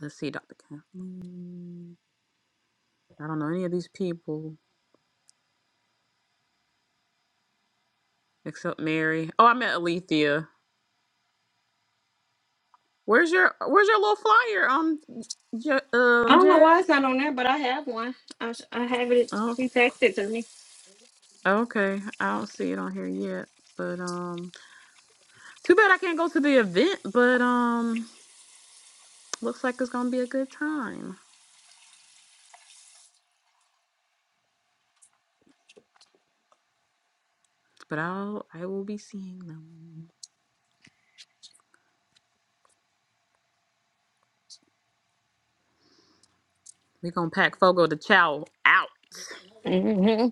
Speaker 1: Let's see, Dr. Kathleen. I don't know any of these people except Mary. Oh, I met Alethea. Where's your Where's your little flyer, um, J-
Speaker 2: I
Speaker 1: um,
Speaker 2: don't know why it's
Speaker 1: Jazz?
Speaker 2: not on there, but I have one. I, s- I have it.
Speaker 1: Oh,
Speaker 2: She texted it to me.
Speaker 1: Okay, I don't see it on here yet, but um, too bad I can't go to the event. But um, looks like it's gonna be a good time. But I'll I will be seeing them. We gonna pack Fogo the Chow out.
Speaker 2: hmm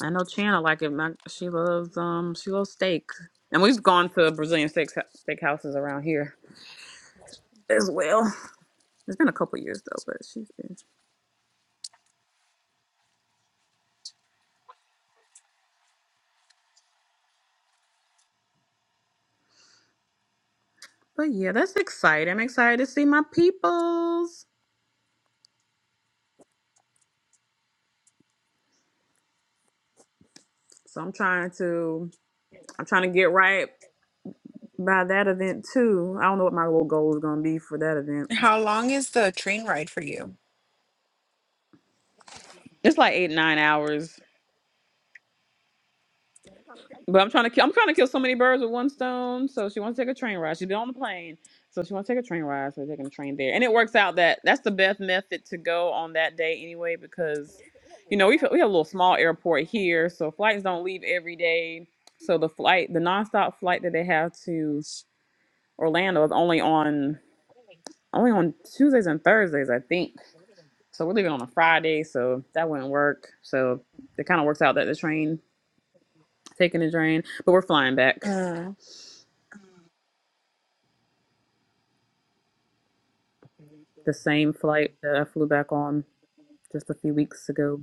Speaker 1: I know Chana like it. My, she loves um she loves steak, and we've gone to Brazilian steak steak houses around here as well. It's been a couple years though, but she's been. But yeah, that's exciting. I'm excited to see my peoples. So I'm trying to I'm trying to get right. by that event too. I don't know what my little goal is gonna be for that event.
Speaker 4: How long is the train ride for you?
Speaker 1: It's like eight nine hours, but I'm trying to kill. I'm trying to kill so many birds with one stone. So she wants to take a train ride. She's been on the plane, so she wants to take a train ride. So we're taking a train there, and it works out that that's the best method to go on that day anyway because, you know, we we have a little small airport here, so flights don't leave every day. So the flight, the nonstop flight that they have to Orlando is only on only on Tuesdays and Thursdays, I think. So we're leaving on a Friday, so that wouldn't work. So it kind of works out that the train taking the train, but we're flying back the same flight that I flew back on just a few weeks ago.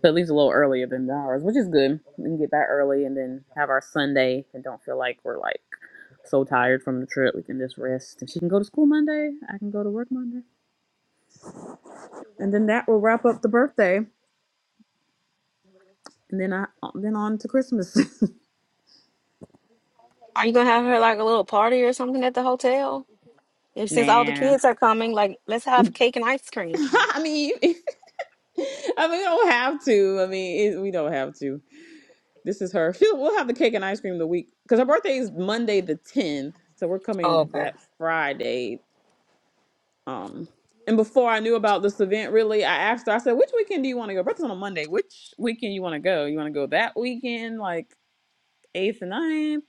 Speaker 1: But it leaves a little earlier than ours, which is good. We can get back early and then have our Sunday and don't feel like we're like so tired from the trip. We can just rest. If she can go to school Monday, I can go to work Monday, and then that will wrap up the birthday, and then I then on to Christmas.
Speaker 2: Are you gonna have her like a little party or something at the hotel? If since all the
Speaker 1: nah.
Speaker 2: kids are coming, like let's have cake and ice cream.
Speaker 1: I mean, I mean, we don't have to. I mean, it, we don't have to. This is her. She'll- We'll have the cake and ice cream the week because her birthday is Monday the tenth, so we're coming that Friday. Um, and before I knew about this event, really, I asked her. I said, "Which weekend do you want to go? Birthday's on a Monday. Which weekend you want to go? You want to go that weekend, like eighth and ninth,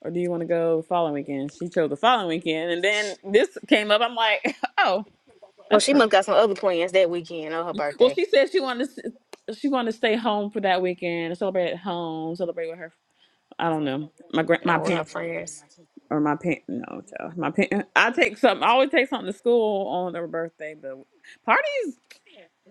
Speaker 1: or do you want to go the following weekend?" She chose the following weekend, and then this came up. I'm like, "Oh,
Speaker 2: Well,
Speaker 1: that's
Speaker 2: she
Speaker 1: perfect."
Speaker 2: must got some other plans that weekend on her
Speaker 1: Well,
Speaker 2: birthday.
Speaker 1: she said she wanted to s- she wanted to stay home for that weekend, and celebrate at home, celebrate with her. I don't know my grand my
Speaker 2: Out with her
Speaker 1: parents
Speaker 2: friends.
Speaker 1: or my parents. No, child, my parents. I take something. I always take something to school on their birthday, but parties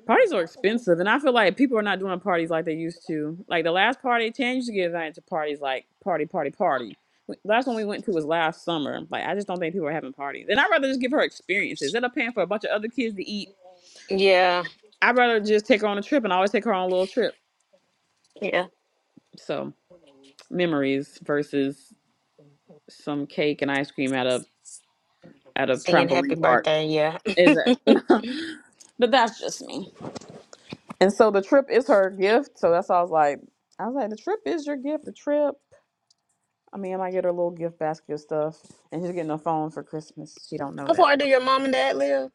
Speaker 1: parties are expensive, and I feel like people are not doing parties like they used to. Like the last party, Chan used to get invited to parties like party, party, party. The Last one we went to was last summer. Like I just don't think people are having parties, and I'd rather just give her experiences. Instead of paying for a bunch of other kids to eat
Speaker 2: Yeah,
Speaker 1: I'd rather just take her on a trip and I always take her on a little trip.
Speaker 2: yeah.
Speaker 1: So memories versus some cake and ice cream at a at a
Speaker 2: Singing happy
Speaker 1: trampoline park.
Speaker 2: birthday, yeah.
Speaker 1: is it? but that's just me. And so the trip is her gift. So that's why I was like, I was like, the trip is your gift. The trip. I mean, I might get her a little gift basket of stuff, and she's getting a phone for Christmas. She don't know
Speaker 2: How
Speaker 1: that.
Speaker 2: far do your mom and dad live?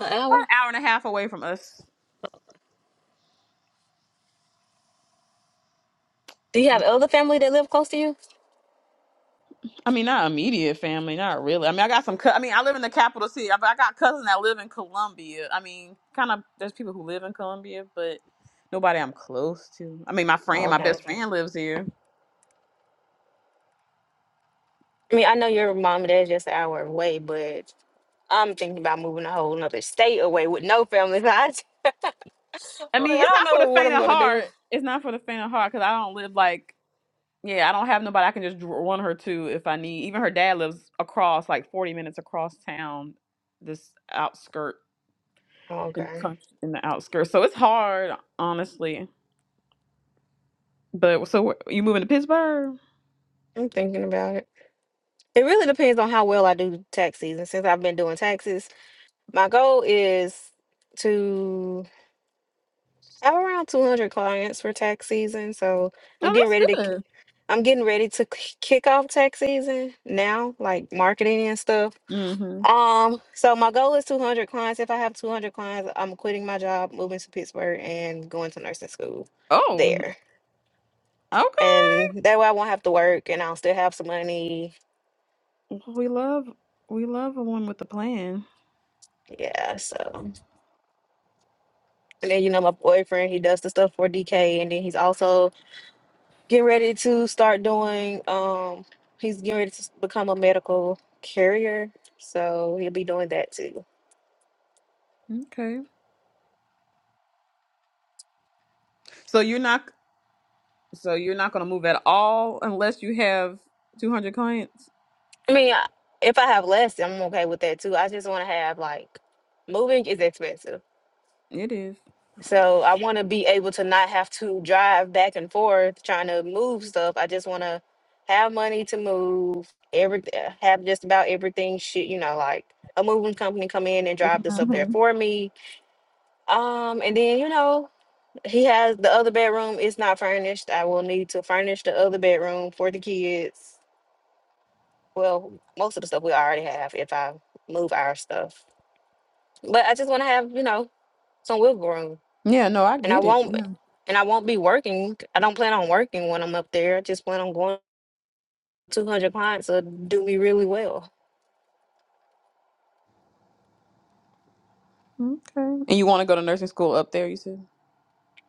Speaker 2: An
Speaker 1: About
Speaker 2: hour?
Speaker 1: an hour and a half away from us,
Speaker 2: Do you have other family that live close to you?
Speaker 1: I mean, not immediate family, not really. I mean, I got some. cou- I mean, I live in the capital city. I, I got cousins that live in Columbia. I mean, kind of. There's people who live in Columbia, but nobody I'm close to. I mean, my friend, my Oh,
Speaker 2: Okay.
Speaker 1: best okay. friend lives here.
Speaker 2: I mean, I know your mom and dad's just an hour away, but I'm thinking about moving a whole nother state away with no family. So I,
Speaker 1: I
Speaker 2: like,
Speaker 1: mean,
Speaker 2: I
Speaker 1: it's
Speaker 2: don't
Speaker 1: not for
Speaker 2: know
Speaker 1: the
Speaker 2: what
Speaker 1: faint
Speaker 2: I'm
Speaker 1: of
Speaker 2: gonna do.
Speaker 1: heart. It's not for the faint of heart because I don't live like. Yeah, I don't have nobody I can just dr- run her to if I need. Even her dad lives across, like 40 minutes across town, this outskirt in the
Speaker 2: Okay.
Speaker 1: country, in the outskirts. So it's hard, honestly. But so wh- you moving to Pittsburgh?
Speaker 2: I'm thinking about it. It really depends on how well I do tax season. Since I've been doing taxes, my goal is to I have around 200 clients for tax season, so I'm
Speaker 1: Oh,
Speaker 2: getting
Speaker 1: that's
Speaker 2: ready to k-
Speaker 1: good.
Speaker 2: I'm getting ready to k- kick off tax season now, like marketing and stuff.
Speaker 1: Mm-hmm.
Speaker 2: Um, so my goal is 200 clients. If I have 200 clients, I'm quitting my job, moving to Pittsburgh, and going to nursing school
Speaker 1: Oh,
Speaker 2: there.
Speaker 1: okay.
Speaker 2: And that way I won't have to work and I'll still have some money.
Speaker 1: Well, We love we love a one with a plan.
Speaker 2: Yeah, so and then you know my boyfriend, he does the stuff for DK and then he's also getting ready to start doing um he's getting ready to s- become a medical carrier so he'll be doing that too
Speaker 1: Okay. So you're not so you're not gonna move at all unless you have two hundred clients.
Speaker 2: i mean I- if i have less i'm okay with that too i just want to have like moving is expensive
Speaker 1: It is.
Speaker 2: so i want to be able to not have to drive back and forth trying to move stuff i just want to have money to move every have just about everything shit you know like a moving company come in and drive this up there
Speaker 1: Mm-hmm.
Speaker 2: for me um and then you know He has the other bedroom. It's not furnished. I will need to furnish the other bedroom for the kids. Well, most of the stuff we already have if I move our stuff. But I just want to have, you know, some wiggle room.
Speaker 1: Yeah. No, I
Speaker 2: And I
Speaker 1: get it.
Speaker 2: won't
Speaker 1: Yeah.
Speaker 2: and I won't be working. I don't plan on working when I'm up there. I just plan on going 200 clients will do me really well.
Speaker 1: Okay. And you want to go to nursing school up there? You said.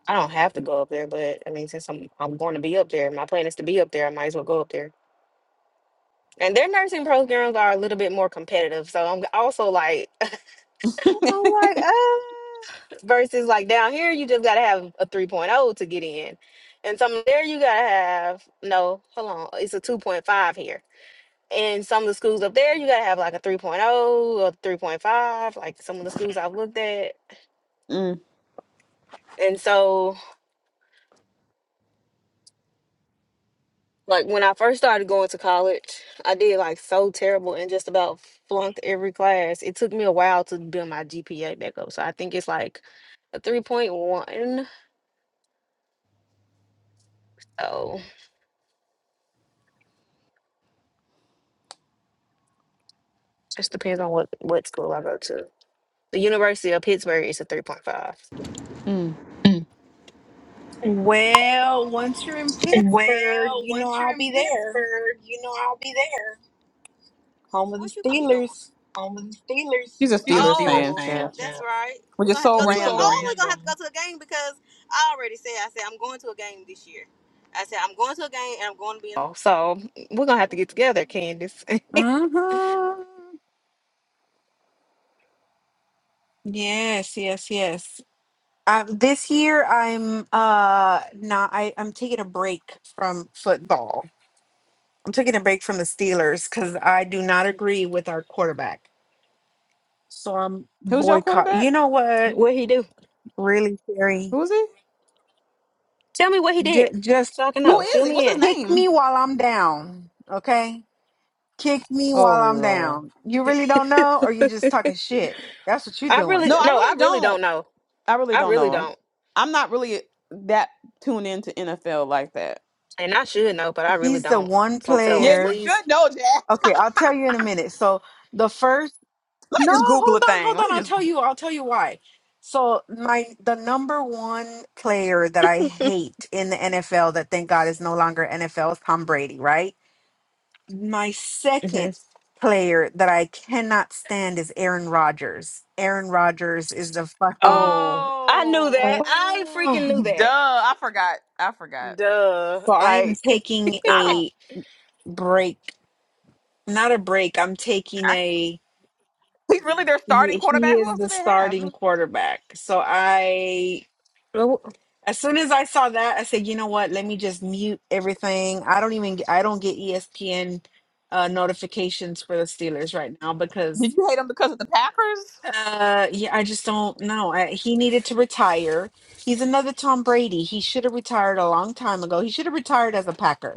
Speaker 2: I don't have to go up there, but I mean, since I'm I'm going to be up there, my plan is to be up there. I might as well go up there. And their nursing programs are a little bit more competitive, so I'm also like, I'm like, "Oh, versus like down here you just gotta have a 3.0 to get in and some there you gotta have no hold on it's a 2.5 here and some of the schools up there you gotta have like a 3.0 or 3.5 like some of the schools i've looked at
Speaker 1: mm,
Speaker 2: and so like when i first started going to college i did like so terrible and just about flunked every class it took me a while to build my gpa back up so i think it's like a 3.1 so just depends on what what school i go to The University of Pittsburgh is a 3.5.
Speaker 1: mm.
Speaker 4: Well, once you're in
Speaker 2: Well,
Speaker 4: Pittsburgh, you know
Speaker 2: once you're
Speaker 4: I'll
Speaker 2: in
Speaker 4: be there.
Speaker 2: Pittsburgh, you know I'll be there.
Speaker 4: Home of the
Speaker 2: What you gonna be doing?
Speaker 4: Steelers.
Speaker 2: On with the
Speaker 1: He's
Speaker 2: Steelers.
Speaker 1: a
Speaker 2: She's a
Speaker 1: Steelers
Speaker 2: Steelers
Speaker 1: fan,
Speaker 2: Oh, fan,
Speaker 1: chat.
Speaker 2: that's child. right.
Speaker 1: Which
Speaker 2: We're
Speaker 1: is
Speaker 2: gonna have to
Speaker 1: so
Speaker 2: go i to a, so oh,
Speaker 1: random.
Speaker 2: we're gonna have to random. go to a game because I already said I said I'm going to a game this year. I said I'm going to a game and I'm going to be. In- Oh, so we're gonna have to get together, Candace.
Speaker 4: Mm-hmm. Yes, yes, yes. Um, this year I'm uh not I, I'm taking a break from football. I'm taking a break from the Steelers because I do not agree with our quarterback. So I'm
Speaker 1: Who's your
Speaker 4: boycott. You
Speaker 1: quarterback?
Speaker 4: know what?
Speaker 2: what he do?
Speaker 4: Really, Sherry?
Speaker 1: Who is he?
Speaker 2: Tell me what he did,
Speaker 4: J- just
Speaker 2: so I can
Speaker 1: Who
Speaker 4: shoot-
Speaker 2: know. Fill
Speaker 1: is he? What's
Speaker 2: me
Speaker 1: his
Speaker 2: in.
Speaker 4: kick
Speaker 1: name?
Speaker 4: me while I'm down. Okay. Kick me
Speaker 1: Oh
Speaker 4: while I'm
Speaker 1: Lord.
Speaker 4: down. You really don't know, or you just talking shit. That's what you're
Speaker 2: I
Speaker 4: doing.
Speaker 2: really
Speaker 1: No, I
Speaker 2: no, I
Speaker 1: really
Speaker 2: really
Speaker 1: don't.
Speaker 2: don't know.
Speaker 1: I really
Speaker 2: I
Speaker 1: don't
Speaker 2: really
Speaker 1: know.
Speaker 2: don't.
Speaker 1: I'm not really that tuned into NFL like that.
Speaker 2: And I should know, but I really
Speaker 4: He's the
Speaker 2: don't.
Speaker 4: one
Speaker 2: So tell
Speaker 1: Yeah,
Speaker 2: us,
Speaker 1: you
Speaker 4: player.
Speaker 2: please.
Speaker 1: should know, Jack.
Speaker 4: Okay, I'll tell you in a minute. So the first,
Speaker 1: Let me
Speaker 4: no,
Speaker 1: just Google
Speaker 4: hold
Speaker 1: a
Speaker 4: on,
Speaker 1: thing.
Speaker 4: hold
Speaker 1: Let
Speaker 4: on.
Speaker 1: me
Speaker 4: I'll
Speaker 1: just.
Speaker 4: tell you. I'll tell you why. So my the number one player that I hate in the NFL that thank God is no longer NFL is Tom Brady, right? My
Speaker 2: hmm
Speaker 4: second player that I cannot stand is Aaron Rodgers. Aaron Rodgers is the fucking
Speaker 2: Oh, I knew
Speaker 1: Oh,
Speaker 2: that. I
Speaker 4: oh.
Speaker 2: freaking knew
Speaker 1: mm, duh!
Speaker 2: that.
Speaker 1: I forgot. I forgot.
Speaker 2: Duh.
Speaker 4: So I am
Speaker 2: Like,
Speaker 4: taking
Speaker 1: I don't.
Speaker 4: a break, not a break. I'm taking
Speaker 1: I,
Speaker 4: a.
Speaker 1: he's really their starting
Speaker 4: He, he
Speaker 1: quarterback. Who
Speaker 4: is
Speaker 1: else do
Speaker 4: the
Speaker 1: they have?
Speaker 4: starting quarterback. So I,
Speaker 2: Oh,
Speaker 4: as soon as I saw that, I said, you know what? Let me just mute everything. I don't even. I don't get ESPN uh, notifications for the Steelers right now
Speaker 1: Did
Speaker 4: because,
Speaker 1: you hate him because of the Packers?
Speaker 4: uh, yeah, I just don't know. I, he needed to retire. He's another Tom Brady. He should have retired a long time ago. He should have retired as a Packer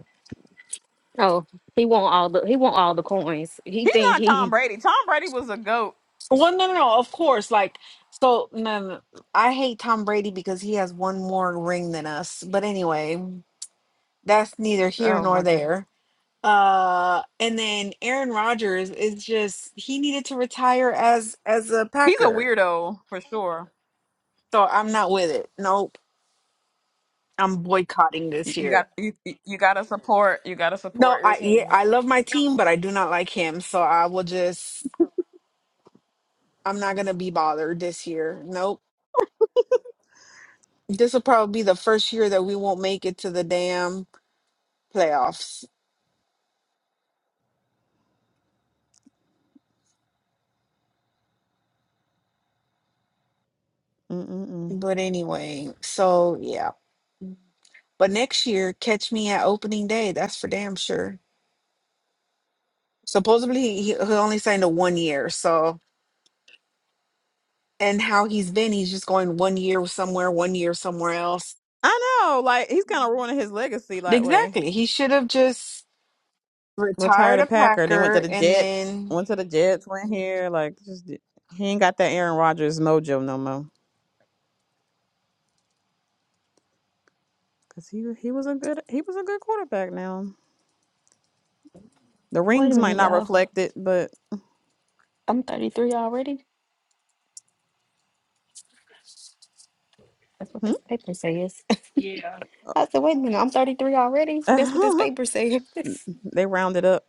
Speaker 2: oh, he want all the he want all the coins. He
Speaker 1: He's
Speaker 2: think
Speaker 1: not Tom
Speaker 2: he.
Speaker 1: Brady. Tom Brady was a goat.
Speaker 4: Well, no, no, no. Of course, like so. No, no, no. I hate Tom Brady because he has one more ring than us. But anyway, that's neither here
Speaker 1: Oh
Speaker 4: nor
Speaker 1: my goodness.
Speaker 4: there. Uh, and then Aaron Rodgers is just he needed to retire as as a
Speaker 1: He's a
Speaker 4: Packer.
Speaker 1: weirdo for sure.
Speaker 4: So I'm not with it. Nope, I'm boycotting
Speaker 1: You,
Speaker 4: this
Speaker 1: you
Speaker 4: year.
Speaker 1: got you, you got to support. You got to
Speaker 4: No,
Speaker 1: support your
Speaker 4: I yeah,
Speaker 1: team.
Speaker 4: I love my team, but I do not like him. So I will just I'm not gonna be bothered this year. Nope. This will probably be the first year that we won't make it to the damn playoffs.
Speaker 1: Mm-mm-mm.
Speaker 4: But anyway, so yeah. But next year, catch me at opening day. That's for damn sure. Supposedly, he, he only signed a one year. So, and how he's been, he's just going one year somewhere, one year somewhere else.
Speaker 1: I know, like he's kind of ruining his legacy that way.
Speaker 4: Exactly. He should have just
Speaker 1: Retired
Speaker 4: retired
Speaker 1: a
Speaker 4: a
Speaker 1: Packer, then went to
Speaker 4: Packer
Speaker 1: the
Speaker 4: and
Speaker 1: Jets.
Speaker 4: then,
Speaker 1: Went to the Jets, went here. Like just he ain't got that Aaron Rodgers mojo no more. Cause he he was a good he was a good quarterback. Now the
Speaker 2: Wait a
Speaker 1: rings might
Speaker 2: minute,
Speaker 1: not
Speaker 2: y'all.
Speaker 1: reflect it, but
Speaker 2: I'm 33 already. That's what
Speaker 1: hmm?
Speaker 2: this paper says. yeah. I said, wait a minute, I'm 33 already. That's what this paper says.
Speaker 1: they rounded up.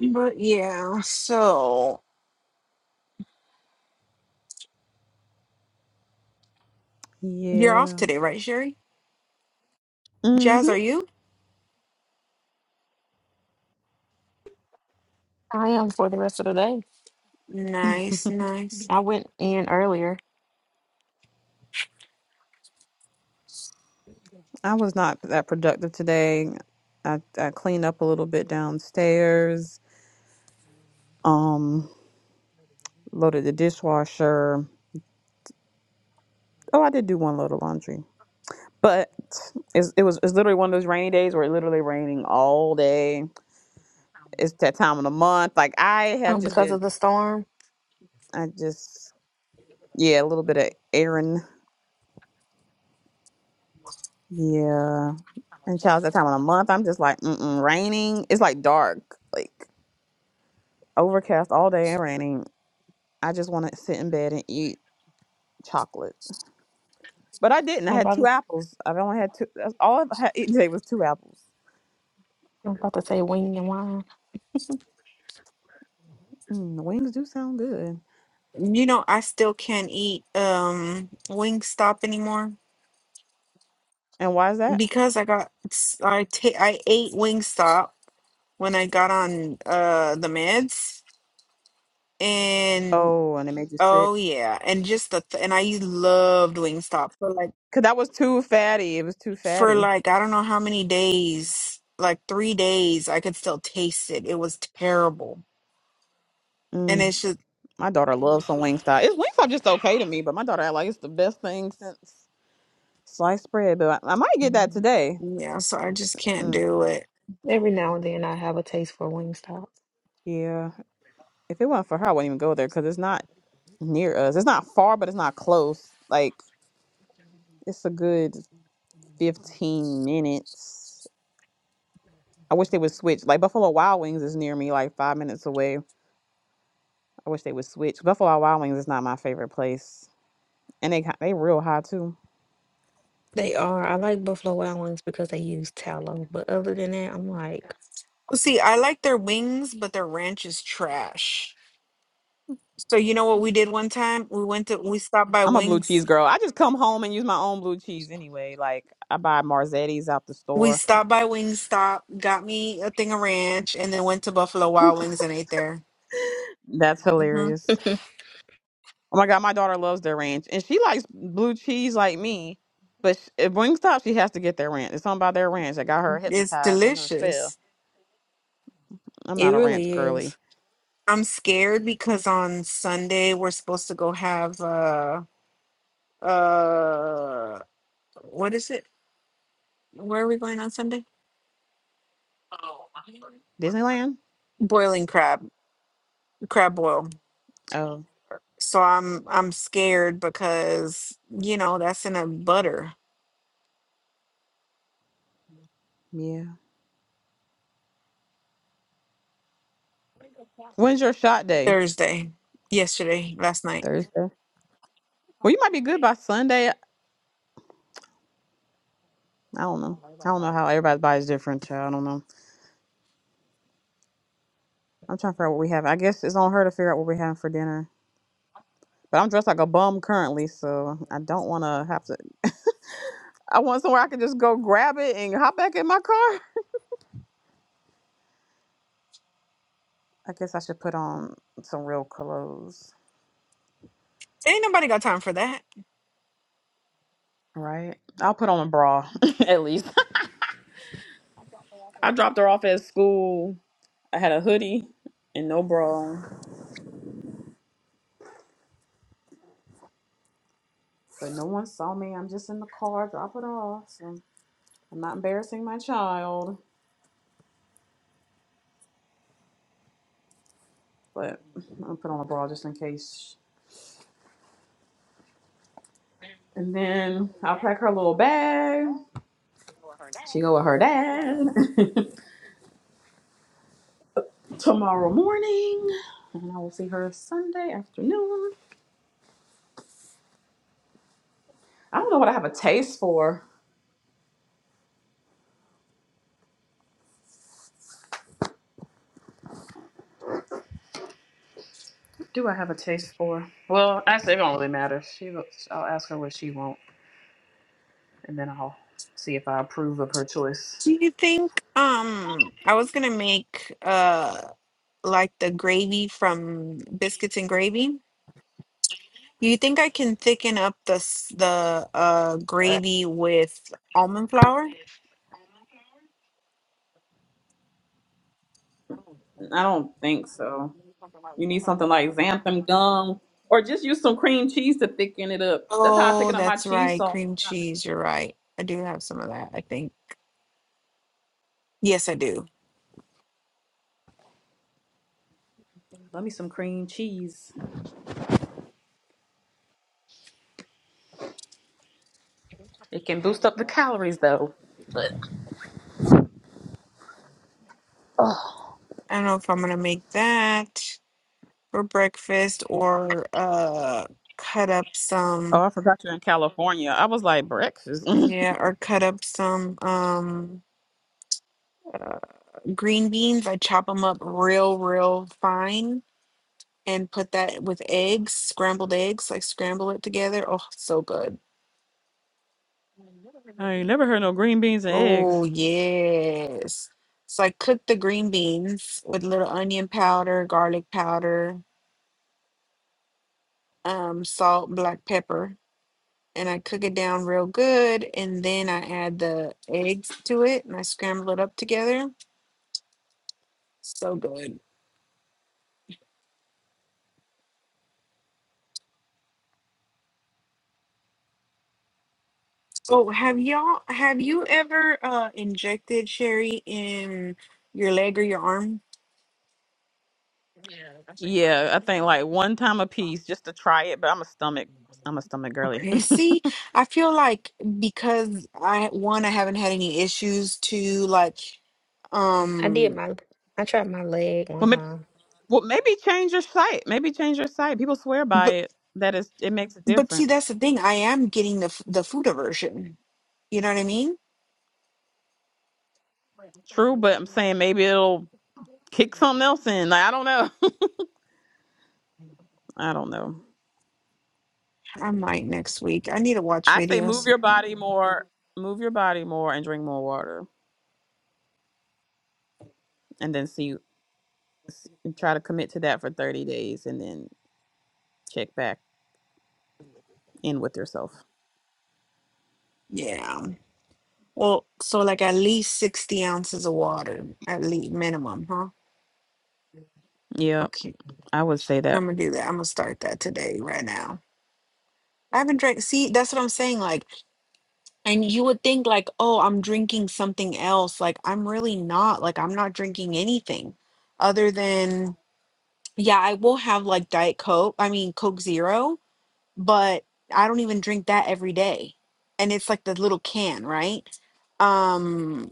Speaker 4: but yeah. So you're off
Speaker 1: Yeah.
Speaker 4: today, right, Sherry?
Speaker 1: hmm
Speaker 4: Jazz, are you?
Speaker 2: I am for the rest of the day.
Speaker 4: Nice, nice.
Speaker 2: I went in earlier
Speaker 1: I was not that productive today. I I cleaned up a little bit downstairs. Um, loaded the dishwasher. Oh, I did do one load of laundry, but it's, it was it's literally one of those rainy days where it literally raining all day. It's that time of the month. Like I have
Speaker 2: um,
Speaker 1: just
Speaker 2: because
Speaker 1: been,
Speaker 2: of the storm.
Speaker 1: I just yeah, a little bit of errand, yeah. And child, it's that time of the month, I'm just like, mm-mm, raining. It's like dark, like overcast all day and raining. I just want to sit in bed and eat chocolate, but I didn't. I
Speaker 2: I'm
Speaker 1: had two
Speaker 2: about, to,
Speaker 1: apples. I've only had two. That's all I've had eaten today was two apples.
Speaker 2: I'm about to say wing and wine.
Speaker 1: Mm, wings do sound good.
Speaker 4: You know, I still can't eat um Wingstop anymore.
Speaker 1: And why is that?
Speaker 4: because I got I ta- I ate Wingstop when I got on uh the meds and
Speaker 1: Oh, and it made you sick.
Speaker 4: oh yeah and just the th- and I loved Wingstop for like
Speaker 1: Cause that was too fatty. It was too
Speaker 4: for
Speaker 1: fatty.
Speaker 4: like I don't know how many days like 3 days I could still taste it it was terrible and
Speaker 1: Mm,
Speaker 4: it's just
Speaker 1: my daughter loves some Wingstop. It's Wingstop just okay to me, but my daughter act like it's the best thing since sliced bread. But I, I might get that
Speaker 4: mm,
Speaker 1: today.
Speaker 4: yeah so I just can't
Speaker 1: Mm.
Speaker 4: do it
Speaker 2: Every now and then I have a taste for Wingstop.
Speaker 1: Yeah, if it wasn't for her, I wouldn't even go there because it's not near us. It's not far, but it's not close. Like it's a good fifteen minutes. I wish they would switch. Like Buffalo Wild Wings is near me, like five minutes away. I wish they would switch. Buffalo Wild Wings is not my favorite place, and they ki- they real high too.
Speaker 2: They are. I like Buffalo Wild Wings because they use tallow. But other than that, I'm like,
Speaker 4: see I like their wings but their ranch is trash so you know what we did one time we went to we stopped by
Speaker 1: I'm a blue
Speaker 4: Wings
Speaker 1: cheese girl. I just come home and use my own blue cheese anyway. Like I buy Marzetti's out the
Speaker 4: We
Speaker 1: store.
Speaker 4: stopped by Wingstop, got me a thing of ranch, and then went to Buffalo Wild Wings and ate there.
Speaker 1: That's
Speaker 4: hmm
Speaker 1: hilarious.
Speaker 2: it
Speaker 1: Oh my god, my daughter loves their ranch, and she likes blue cheese like me. But sh- at Wingstop, she has to get their ranch. It's something about their ranch that got her
Speaker 4: It's
Speaker 1: hypnotized under a spell.
Speaker 4: delicious.
Speaker 1: I'm not a ranch
Speaker 2: really
Speaker 1: girly.
Speaker 2: is.
Speaker 4: I'm scared because on Sunday we're supposed to go have uh uh what is it? Where are we going on Sunday?
Speaker 1: Disneyland?
Speaker 4: Boiling crab, crab boil.
Speaker 1: Oh
Speaker 4: So I'm I'm scared because you know that's in a butter
Speaker 1: yeah. When's your shot day?
Speaker 4: Thursday, yesterday, last night.
Speaker 1: Thursday. Well, you might be good by Sunday. I don't know. I don't know how everybody's body's different. Child. I don't know. I'm trying to figure out what we have. I guess it's on her to figure out what we're having for dinner. But I'm dressed like a bum currently, so I don't want to have to. I want somewhere I can just go grab it and hop back in my car. I guess I should put on some real clothes,
Speaker 4: Ain't nobody got time for that.
Speaker 1: right? I'll put on a bra at least. I dropped her off at school. I had a hoodie and no bra, but no one saw me. I'm just in the car Drop it off. So I'm not embarrassing my child, but I'm gonna put on a bra just in case. And then I'll pack her little bag. She go with her dad. tomorrow morning, and I will see her Sunday afternoon. I don't know what I have a taste for. What Do I have a taste for? Well, actually, it don't really matter. She, looks- I'll ask her what she wants, and then I'll see if I approve of her choice.
Speaker 4: Do you think um I was gonna make uh like the gravy from biscuits and gravy? You think I can thicken up the s- the uh gravy with almond flour?
Speaker 1: I don't think so. You need something like xanthan gum, or just use some cream cheese to thicken it up. That's how I
Speaker 4: Oh,
Speaker 1: thicken up my
Speaker 4: that's
Speaker 1: cheese
Speaker 4: right,
Speaker 1: sauce.
Speaker 4: cream cheese. You're right. I do have some of that, I think. Yes, I do.
Speaker 1: Let me some cream cheese. It can boost up the calories though. But oh,
Speaker 4: I don't know if I'm gonna make that for breakfast or uh cut up some
Speaker 1: I forgot you're in California. I was like breakfast.
Speaker 4: yeah, or cut up some um green beans, I chop them up real, real fine and put that with eggs, scrambled eggs, like scramble it together. Oh, so good.
Speaker 1: I ain't never heard no green beans and eggs.
Speaker 4: Oh, yes. So I cook the green beans with little onion powder, garlic powder, um, salt, black pepper, and I cook it down real good. And then I add the eggs to it and I scramble it up together. So good. So have y'all have you ever uh injected sherry in your leg or your arm?
Speaker 1: Yeah, I think like one time a piece just to try it, but I'm a stomach I'm a stomach girly.
Speaker 4: Okay, see, I feel like because I one, I haven't had any issues to like
Speaker 2: I did
Speaker 4: um
Speaker 2: my, I tried my leg
Speaker 1: well,
Speaker 2: one
Speaker 1: maybe,
Speaker 2: time.
Speaker 1: well maybe change your site. Maybe change your site. People swear by
Speaker 4: but
Speaker 1: it that it's it makes a
Speaker 4: but see
Speaker 1: difference.
Speaker 4: that's the thing. I am getting the f- the food aversion. You know what I mean?
Speaker 1: True, but I'm saying maybe it'll kick something else in. Like I don't know. I don't know.
Speaker 4: I might next week. I need to watch
Speaker 1: I say move
Speaker 4: videos.
Speaker 1: your body more, move your body more and drink more water and then see s- try to commit to that for 30 days and then check back in with yourself.
Speaker 4: Yeah. Well, so like at least 60 ounces of water, at least minimum, huh?
Speaker 1: Yeah,
Speaker 4: Okay.
Speaker 1: I would say that.
Speaker 4: I'm gonna do that. I'm gonna start that today, right now. I haven't drank. See, that's what I'm saying. Like, and you would think, like, oh, I'm drinking something else. Like, I'm really not. Like, I'm not drinking anything other than, yeah, I will have like Diet Coke. I mean, Coke Zero, but I don't even drink that every day. And it's like the little can, right? Um,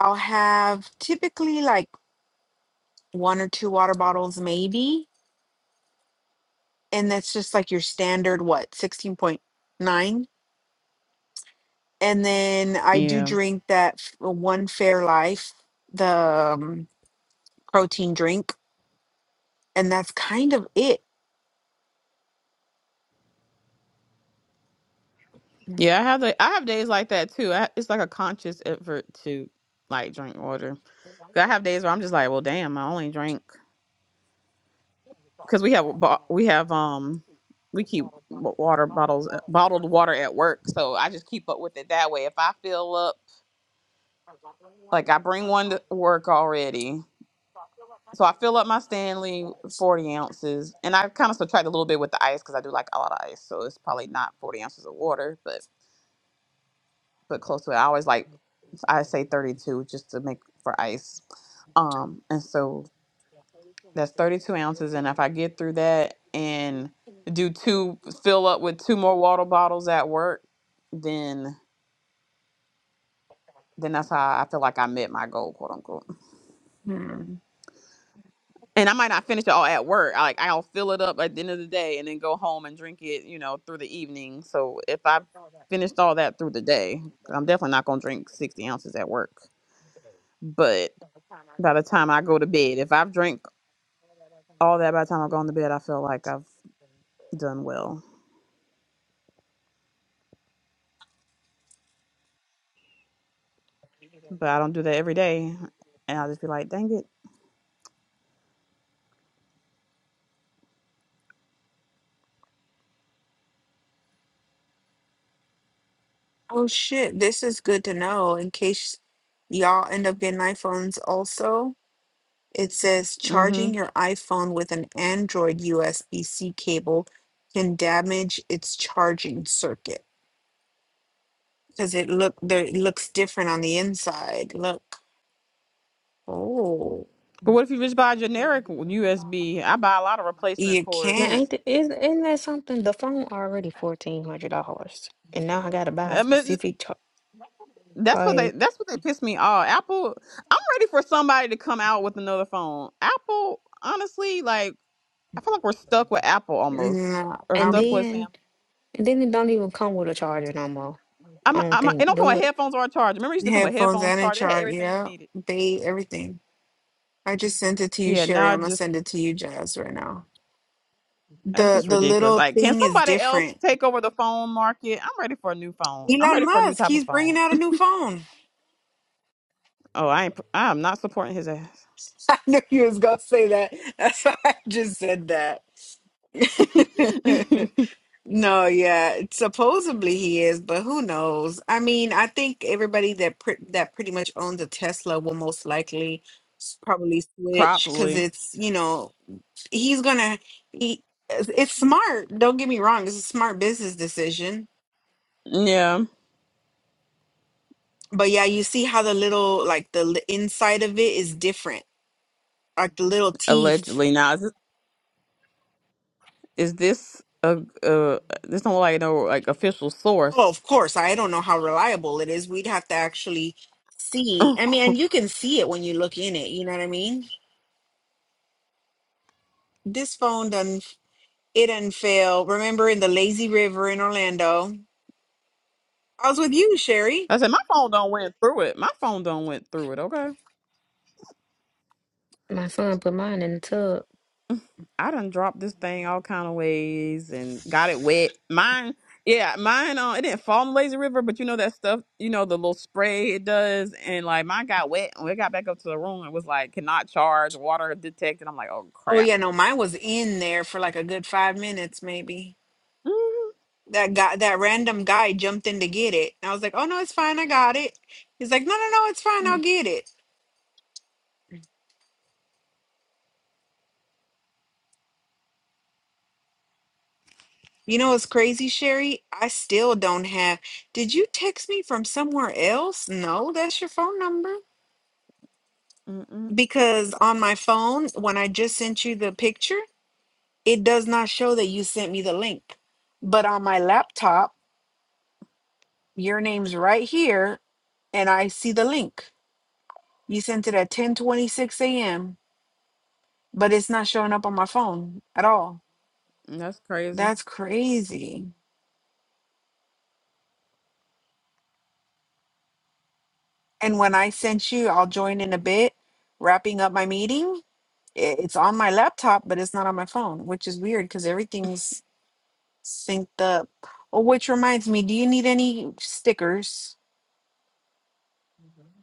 Speaker 4: I'll have typically like one or two water bottles, maybe. And that's just like your standard, what, 16.9? and then I do
Speaker 1: Yeah.
Speaker 4: drink that f- uh, one Fair Life, the um, protein drink, and that's kind of it.
Speaker 1: Yeah, I have the I have days like that too. I, it's like a conscious effort to like drink water. 'Cause I have days where I'm just like, well, damn, I only drink because we have a bo- we have um we keep b- water bottles uh, bottled water at work, so I just keep up with it that way. If I fill up, like I bring one to work already, so I fill up my Stanley forty ounces, and I kind of subtract a little bit with the ice because I do like a lot of ice, so it's probably not forty ounces of water, but but close to it. I always like. I say 32 just to make for ice. Um, and so that's 32 ounces. And if I get through that and do two, fill up with two more water bottles at work, then then that's how I feel like I met my goal, quote unquote.
Speaker 4: Hmm.
Speaker 1: And I might not finish it all at work. I like I'll fill it up at the end of the day and then go home and drink it, you know, through the evening. So if I finished all that through the day, I'm definitely not gonna drink 60 ounces at work. But by the time I go to bed, if I've drank all that by the time I go on to bed, I feel like I've done well. But I don't do that every day. And I'll just be like, dang it.
Speaker 4: Oh shit, this is good to know in case y'all end up getting iPhones also. It says
Speaker 1: hmm
Speaker 4: charging your iPhone with an Android USB-C cable can damage its charging circuit because it look there it looks different on the inside. Look. Oh,
Speaker 1: But what if you just buy a generic USB? I buy a lot of replacement
Speaker 4: you
Speaker 2: Now,
Speaker 4: can't.
Speaker 1: cords.
Speaker 2: ain't the, is, isn't that something? The phone already fourteen hundred dollars, and now I gotta buy a
Speaker 1: I mean,
Speaker 2: specific char-
Speaker 1: that's what they
Speaker 2: like,
Speaker 1: that's what they piss me off. Apple, I'm ready for somebody to come out with another phone. Apple, honestly, like I feel like we're stuck with Apple almost,
Speaker 4: No,
Speaker 1: or
Speaker 2: and
Speaker 1: stuck with
Speaker 2: then
Speaker 1: Sam.
Speaker 2: and then it don't even come with a charger no more.
Speaker 1: I'm,
Speaker 2: I don't
Speaker 1: I'm. It
Speaker 2: think
Speaker 1: don't come
Speaker 2: do
Speaker 1: with
Speaker 2: it.
Speaker 1: headphones or a charger. Remember, it used to come with
Speaker 4: Headphones
Speaker 1: headphones,
Speaker 4: and a
Speaker 1: charger. It had
Speaker 4: chart,
Speaker 1: everything you
Speaker 4: yeah.
Speaker 1: needed.
Speaker 4: They everything. I just sent it to you,
Speaker 1: Yeah,
Speaker 4: Sherry.
Speaker 1: now
Speaker 4: I'm
Speaker 1: it
Speaker 4: gonna
Speaker 1: just
Speaker 4: send it to you, Jazz, right now.
Speaker 1: that's
Speaker 4: The
Speaker 1: just
Speaker 4: the
Speaker 1: ridiculous.
Speaker 4: little
Speaker 1: Like, can
Speaker 4: thing is
Speaker 1: somebody else
Speaker 4: different.
Speaker 1: take over the phone market? I'm ready for a new phone. I'm
Speaker 4: Elon
Speaker 1: ready for a new
Speaker 4: Musk,
Speaker 1: type of
Speaker 4: he's bringing
Speaker 1: phone.
Speaker 4: out a new phone.
Speaker 1: Oh, I ain't. I am not supporting his ass.
Speaker 4: I knew you was gonna say that. That's why I just said that. no, yeah, supposedly he is, but who knows? I mean, I think everybody that pre- that pretty much owns a Tesla will most likely s- probably switch because
Speaker 1: Probably.
Speaker 4: it's you know he's gonna he, it's smart don't get me wrong it's a smart business decision
Speaker 1: Yeah.
Speaker 4: but yeah you see how the little like the li- inside of it is different like the little teeth
Speaker 1: Allegedly. Now, is this, is this a, a this don't look like no like official
Speaker 4: oh
Speaker 1: source?
Speaker 4: of course i don't know how reliable it is we'd have to actually see
Speaker 1: I
Speaker 4: i mean and you can see it when you look in it you know what i mean this phone done it done fail remember in the lazy river in orlando i was with you sherry
Speaker 1: said my phone don't went through it. My phone don't went through it. Okay.
Speaker 2: My son put mine in the tub.
Speaker 1: I done dropped this thing all kind of ways and got it wet. Mine, yeah, mine. Uh, it didn't fall in the lazy river, but you know that stuff. You know the little spray it does, and like mine got wet, and we got back up to the room and was like, cannot charge, water detected. I'm like, oh
Speaker 4: oh
Speaker 1: crap.
Speaker 4: yeah no mine was in there for like a good five minutes maybe
Speaker 1: Mm-hmm.
Speaker 4: that guy that random guy jumped in to get it. And I was like, "Oh no, it's fine. I got it." He's like, "No, no, no, it's fine. I'll get it." You know what's crazy, Sherry? I still don't have. Did you text me from somewhere else? No, that's your phone number.
Speaker 1: Mm-mm.
Speaker 4: Because on my phone, when I just sent you the picture, it does not show that you sent me the link. But on my laptop, your name's right here and I see the link. You sent it at 10:26 a.m., but it's not showing up on my phone at all.
Speaker 1: That's crazy.
Speaker 4: That's crazy. And when I sent you, I'll join in a bit, wrapping up my meeting. i- It's on my laptop, but it's not on my phone, which is weird because everything's synced up. Oh, which reminds me, do you need any stickers?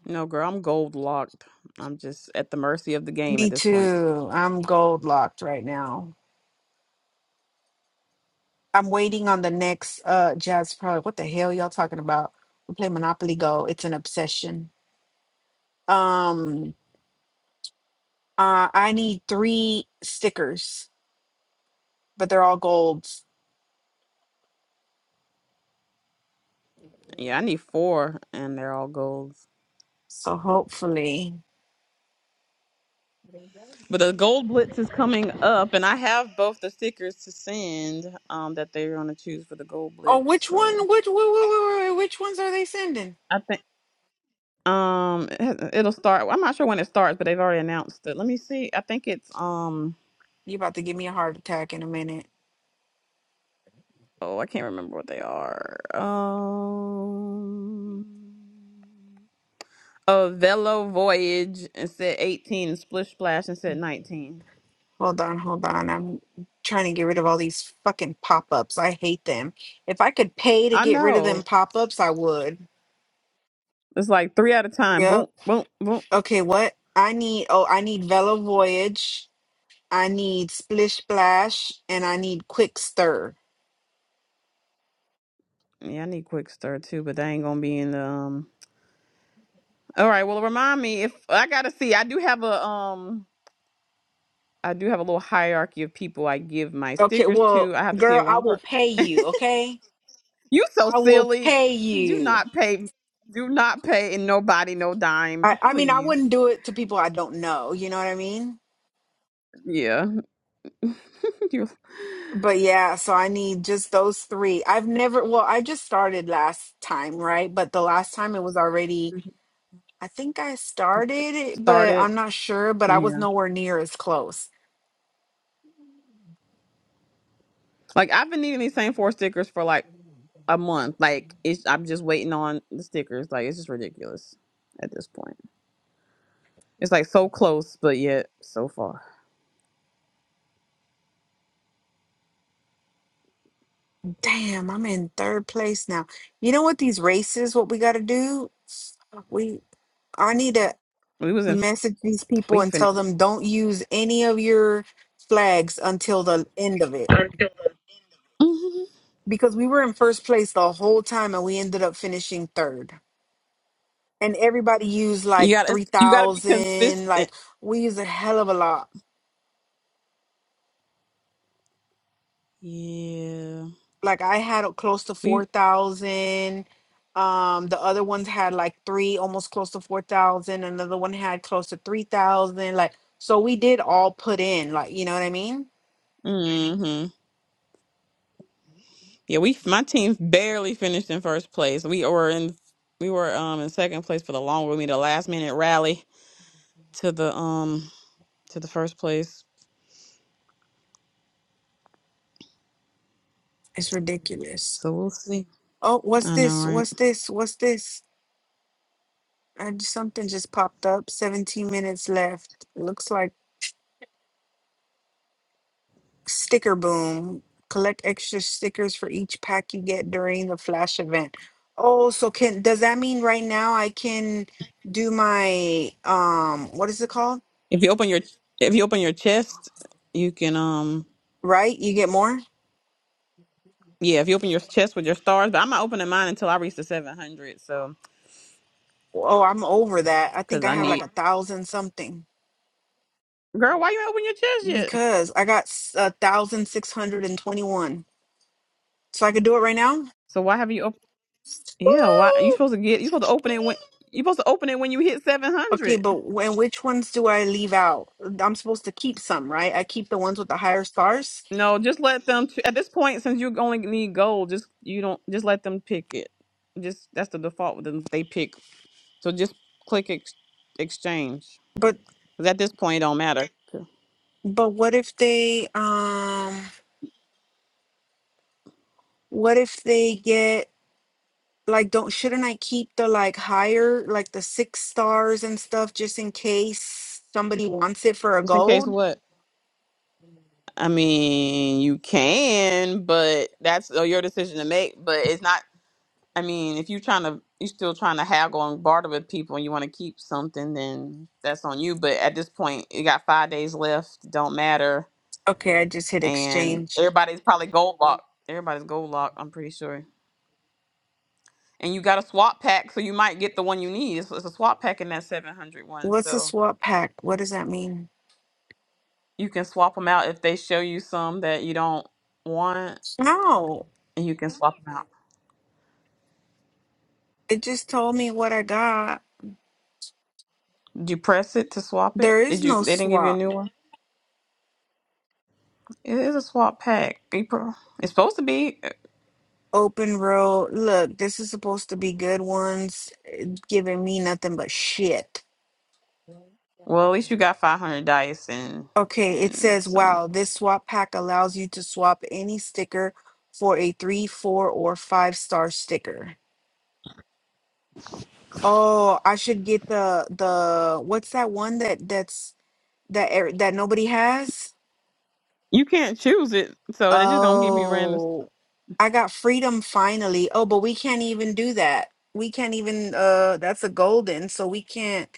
Speaker 1: No, girl, I'm gold locked. I'm just at the mercy of the game at
Speaker 4: Me
Speaker 1: this point.
Speaker 4: too. I'm gold locked right now. I'm waiting on the next uh jazz product. What the hell y'all talking about? We play Monopoly Go. It's an obsession. Um uh I need three stickers, but they're all golds.
Speaker 1: Yeah, I need four, and they're all golds.
Speaker 4: So hopefully.
Speaker 1: But the gold blitz is coming up, and I have both the stickers to send um, that they're going to choose for the gold
Speaker 4: Oh,
Speaker 1: blitz.
Speaker 4: which
Speaker 1: So
Speaker 4: one? Which wh- wh- wh- wh- which ones are they sending?
Speaker 1: I think um it has- it'll start. I'm not sure when it starts, but they've already announced it. Let me see. I think it's um
Speaker 4: You about to give me a heart attack in a minute.
Speaker 1: oh I can't remember what they are. Um, a Velo Voyage and said 18, and Splish Splash and said 19.
Speaker 4: Hold on, hold on. I'm trying to get rid of all these fucking pop-ups. I hate them. If I could pay to
Speaker 1: I
Speaker 4: get rid of
Speaker 1: know
Speaker 4: them pop-ups, I would.
Speaker 1: it's like three at a time. Boom,
Speaker 4: Yep.
Speaker 1: boom, boom.
Speaker 4: Okay, what? I need oh, I need Velo Voyage. I need Splish Splash and I need Quick Stir.
Speaker 1: Yeah, I need quick stir too, but they ain't gonna be in the um. All right. Well, remind me if I gotta see. I do have a um. I do have a little hierarchy of people I give my
Speaker 4: Okay,
Speaker 1: stickers to.
Speaker 4: well,
Speaker 1: I have to see if
Speaker 4: girl, I
Speaker 1: one
Speaker 4: will
Speaker 1: person.
Speaker 4: pay you, okay?
Speaker 1: You so
Speaker 4: I will
Speaker 1: silly.
Speaker 4: pay
Speaker 1: Do
Speaker 4: you.
Speaker 1: not pay. Do not pay and nobody no dime, p-
Speaker 4: I, I mean, I
Speaker 1: please.
Speaker 4: wouldn't do it to people I don't know. You know what I mean?
Speaker 1: Yeah. you
Speaker 4: But yeah, so I need just those three. I've never, well, I just started last time, right? But the last time it was already, I think I started it, but
Speaker 1: started.
Speaker 4: I'm not sure, but I was
Speaker 1: Yeah.
Speaker 4: nowhere near as close.
Speaker 1: Like I've been needing these same four stickers for like a month. Like it's I'm just waiting on the stickers. Like it's just ridiculous at this point. It's like so close, but yet so far.
Speaker 4: Damn, I'm in third place now. You know what, these races, what we got to do? We, I need to
Speaker 1: We was in
Speaker 4: message these people
Speaker 1: We
Speaker 4: and tell
Speaker 1: finished.
Speaker 4: them don't use any of your flags until the end of it.
Speaker 1: hmm
Speaker 4: because we were in first place the whole time and we ended up finishing third. And everybody used
Speaker 1: You
Speaker 4: like
Speaker 1: gotta you gotta be
Speaker 4: 3,000.
Speaker 1: consistent.
Speaker 4: Like we used a hell of a lot.
Speaker 1: Yeah.
Speaker 4: Like I had close to
Speaker 1: We
Speaker 4: 4,000. Um, the other ones had like three, almost close to 4,000. Another one had close to 3,000. Like, so we did all put in, like, you know what I mean?
Speaker 1: hmm Yeah, we my team barely finished in first place. We were in we were um in second place for the long we made a last minute rally to the um to the first place.
Speaker 4: It's ridiculous.
Speaker 1: So we'll see.
Speaker 4: Oh, what's
Speaker 1: I know,
Speaker 4: this?
Speaker 1: right?
Speaker 4: What's this? What's this? And something just popped up. 17 minutes left. Looks like Sticker Boom. Collect extra stickers for each pack you get during the Flash event. Oh, so can does that mean right now I can do my um what is it called?
Speaker 1: If you open your if you open your chest, you can um
Speaker 4: Right? You get more?
Speaker 1: yeah, if you open your chest with your stars, but I'm not opening mine until I reach the 700. So,
Speaker 4: Oh, I'm over that. I think
Speaker 1: because
Speaker 4: I
Speaker 1: I Why?
Speaker 4: have like
Speaker 1: need,
Speaker 4: a thousand something
Speaker 1: girl, why you ain't open your chest yet?
Speaker 4: because I got s- a thousand six hundred and twenty-one. So I could do it right now?
Speaker 1: So why have you? Yeah, why you
Speaker 4: Woo!
Speaker 1: supposed to get you supposed to open it when you supposed to open it when you hit seven
Speaker 4: Okay,
Speaker 1: hundred.
Speaker 4: but when which ones do I leave out? I'm supposed to keep some, right? I keep the ones with the higher stars.
Speaker 1: No, just let them at this point since you only need gold, just you don't just let them pick it. Just that's the default with them they pick. So just click ex- exchange.
Speaker 4: but.
Speaker 1: Cuz at this point it don't matter.
Speaker 4: But what if they um what if they get like don't shouldn't I keep the like higher like the six stars and stuff just in case somebody wants it for a
Speaker 1: Just in case
Speaker 4: gold?
Speaker 1: what? I mean, you can, but that's uh, your decision to make. But it's not. I mean, if you're trying to, you're still trying to haggle and barter with people, and you want to keep something, then that's on you. But at this point, you got five days left. it Don't matter,
Speaker 4: Okay, I just hit
Speaker 1: and
Speaker 4: exchange.
Speaker 1: everybody's probably gold locked. Everybody's gold locked. I'm pretty sure. And you got a swap pack, so you might get the one you need. It's, it's a swap pack in that 700 one,
Speaker 4: What's a
Speaker 1: so
Speaker 4: swap pack? What does that mean?
Speaker 1: you can swap them out if they show you some that you don't want,
Speaker 4: No,
Speaker 1: and you can swap 'em out.
Speaker 4: it just told me what I got.
Speaker 1: Did you press it to swap it?
Speaker 4: There
Speaker 1: Did
Speaker 4: is
Speaker 1: you?
Speaker 4: no
Speaker 1: They didn't give you a
Speaker 4: swap.
Speaker 1: new one. It is a swap pack. You pro- It's supposed to be.
Speaker 4: Open road. Look, this is supposed to be good ones giving me nothing but shit.
Speaker 1: Well, at least you got five hundred dice and
Speaker 4: Okay, it
Speaker 1: and
Speaker 4: says,
Speaker 1: some.
Speaker 4: wow, this swap pack allows you to swap any sticker for a three, four, or five star sticker. Oh, I should get the the what's that one that that's that er- that nobody has?
Speaker 1: You can't choose it, so they're just gonna give you random.
Speaker 4: Oh, I got freedom finally. Oh, but we can't even do that. We can't even uh that's a golden, so we can't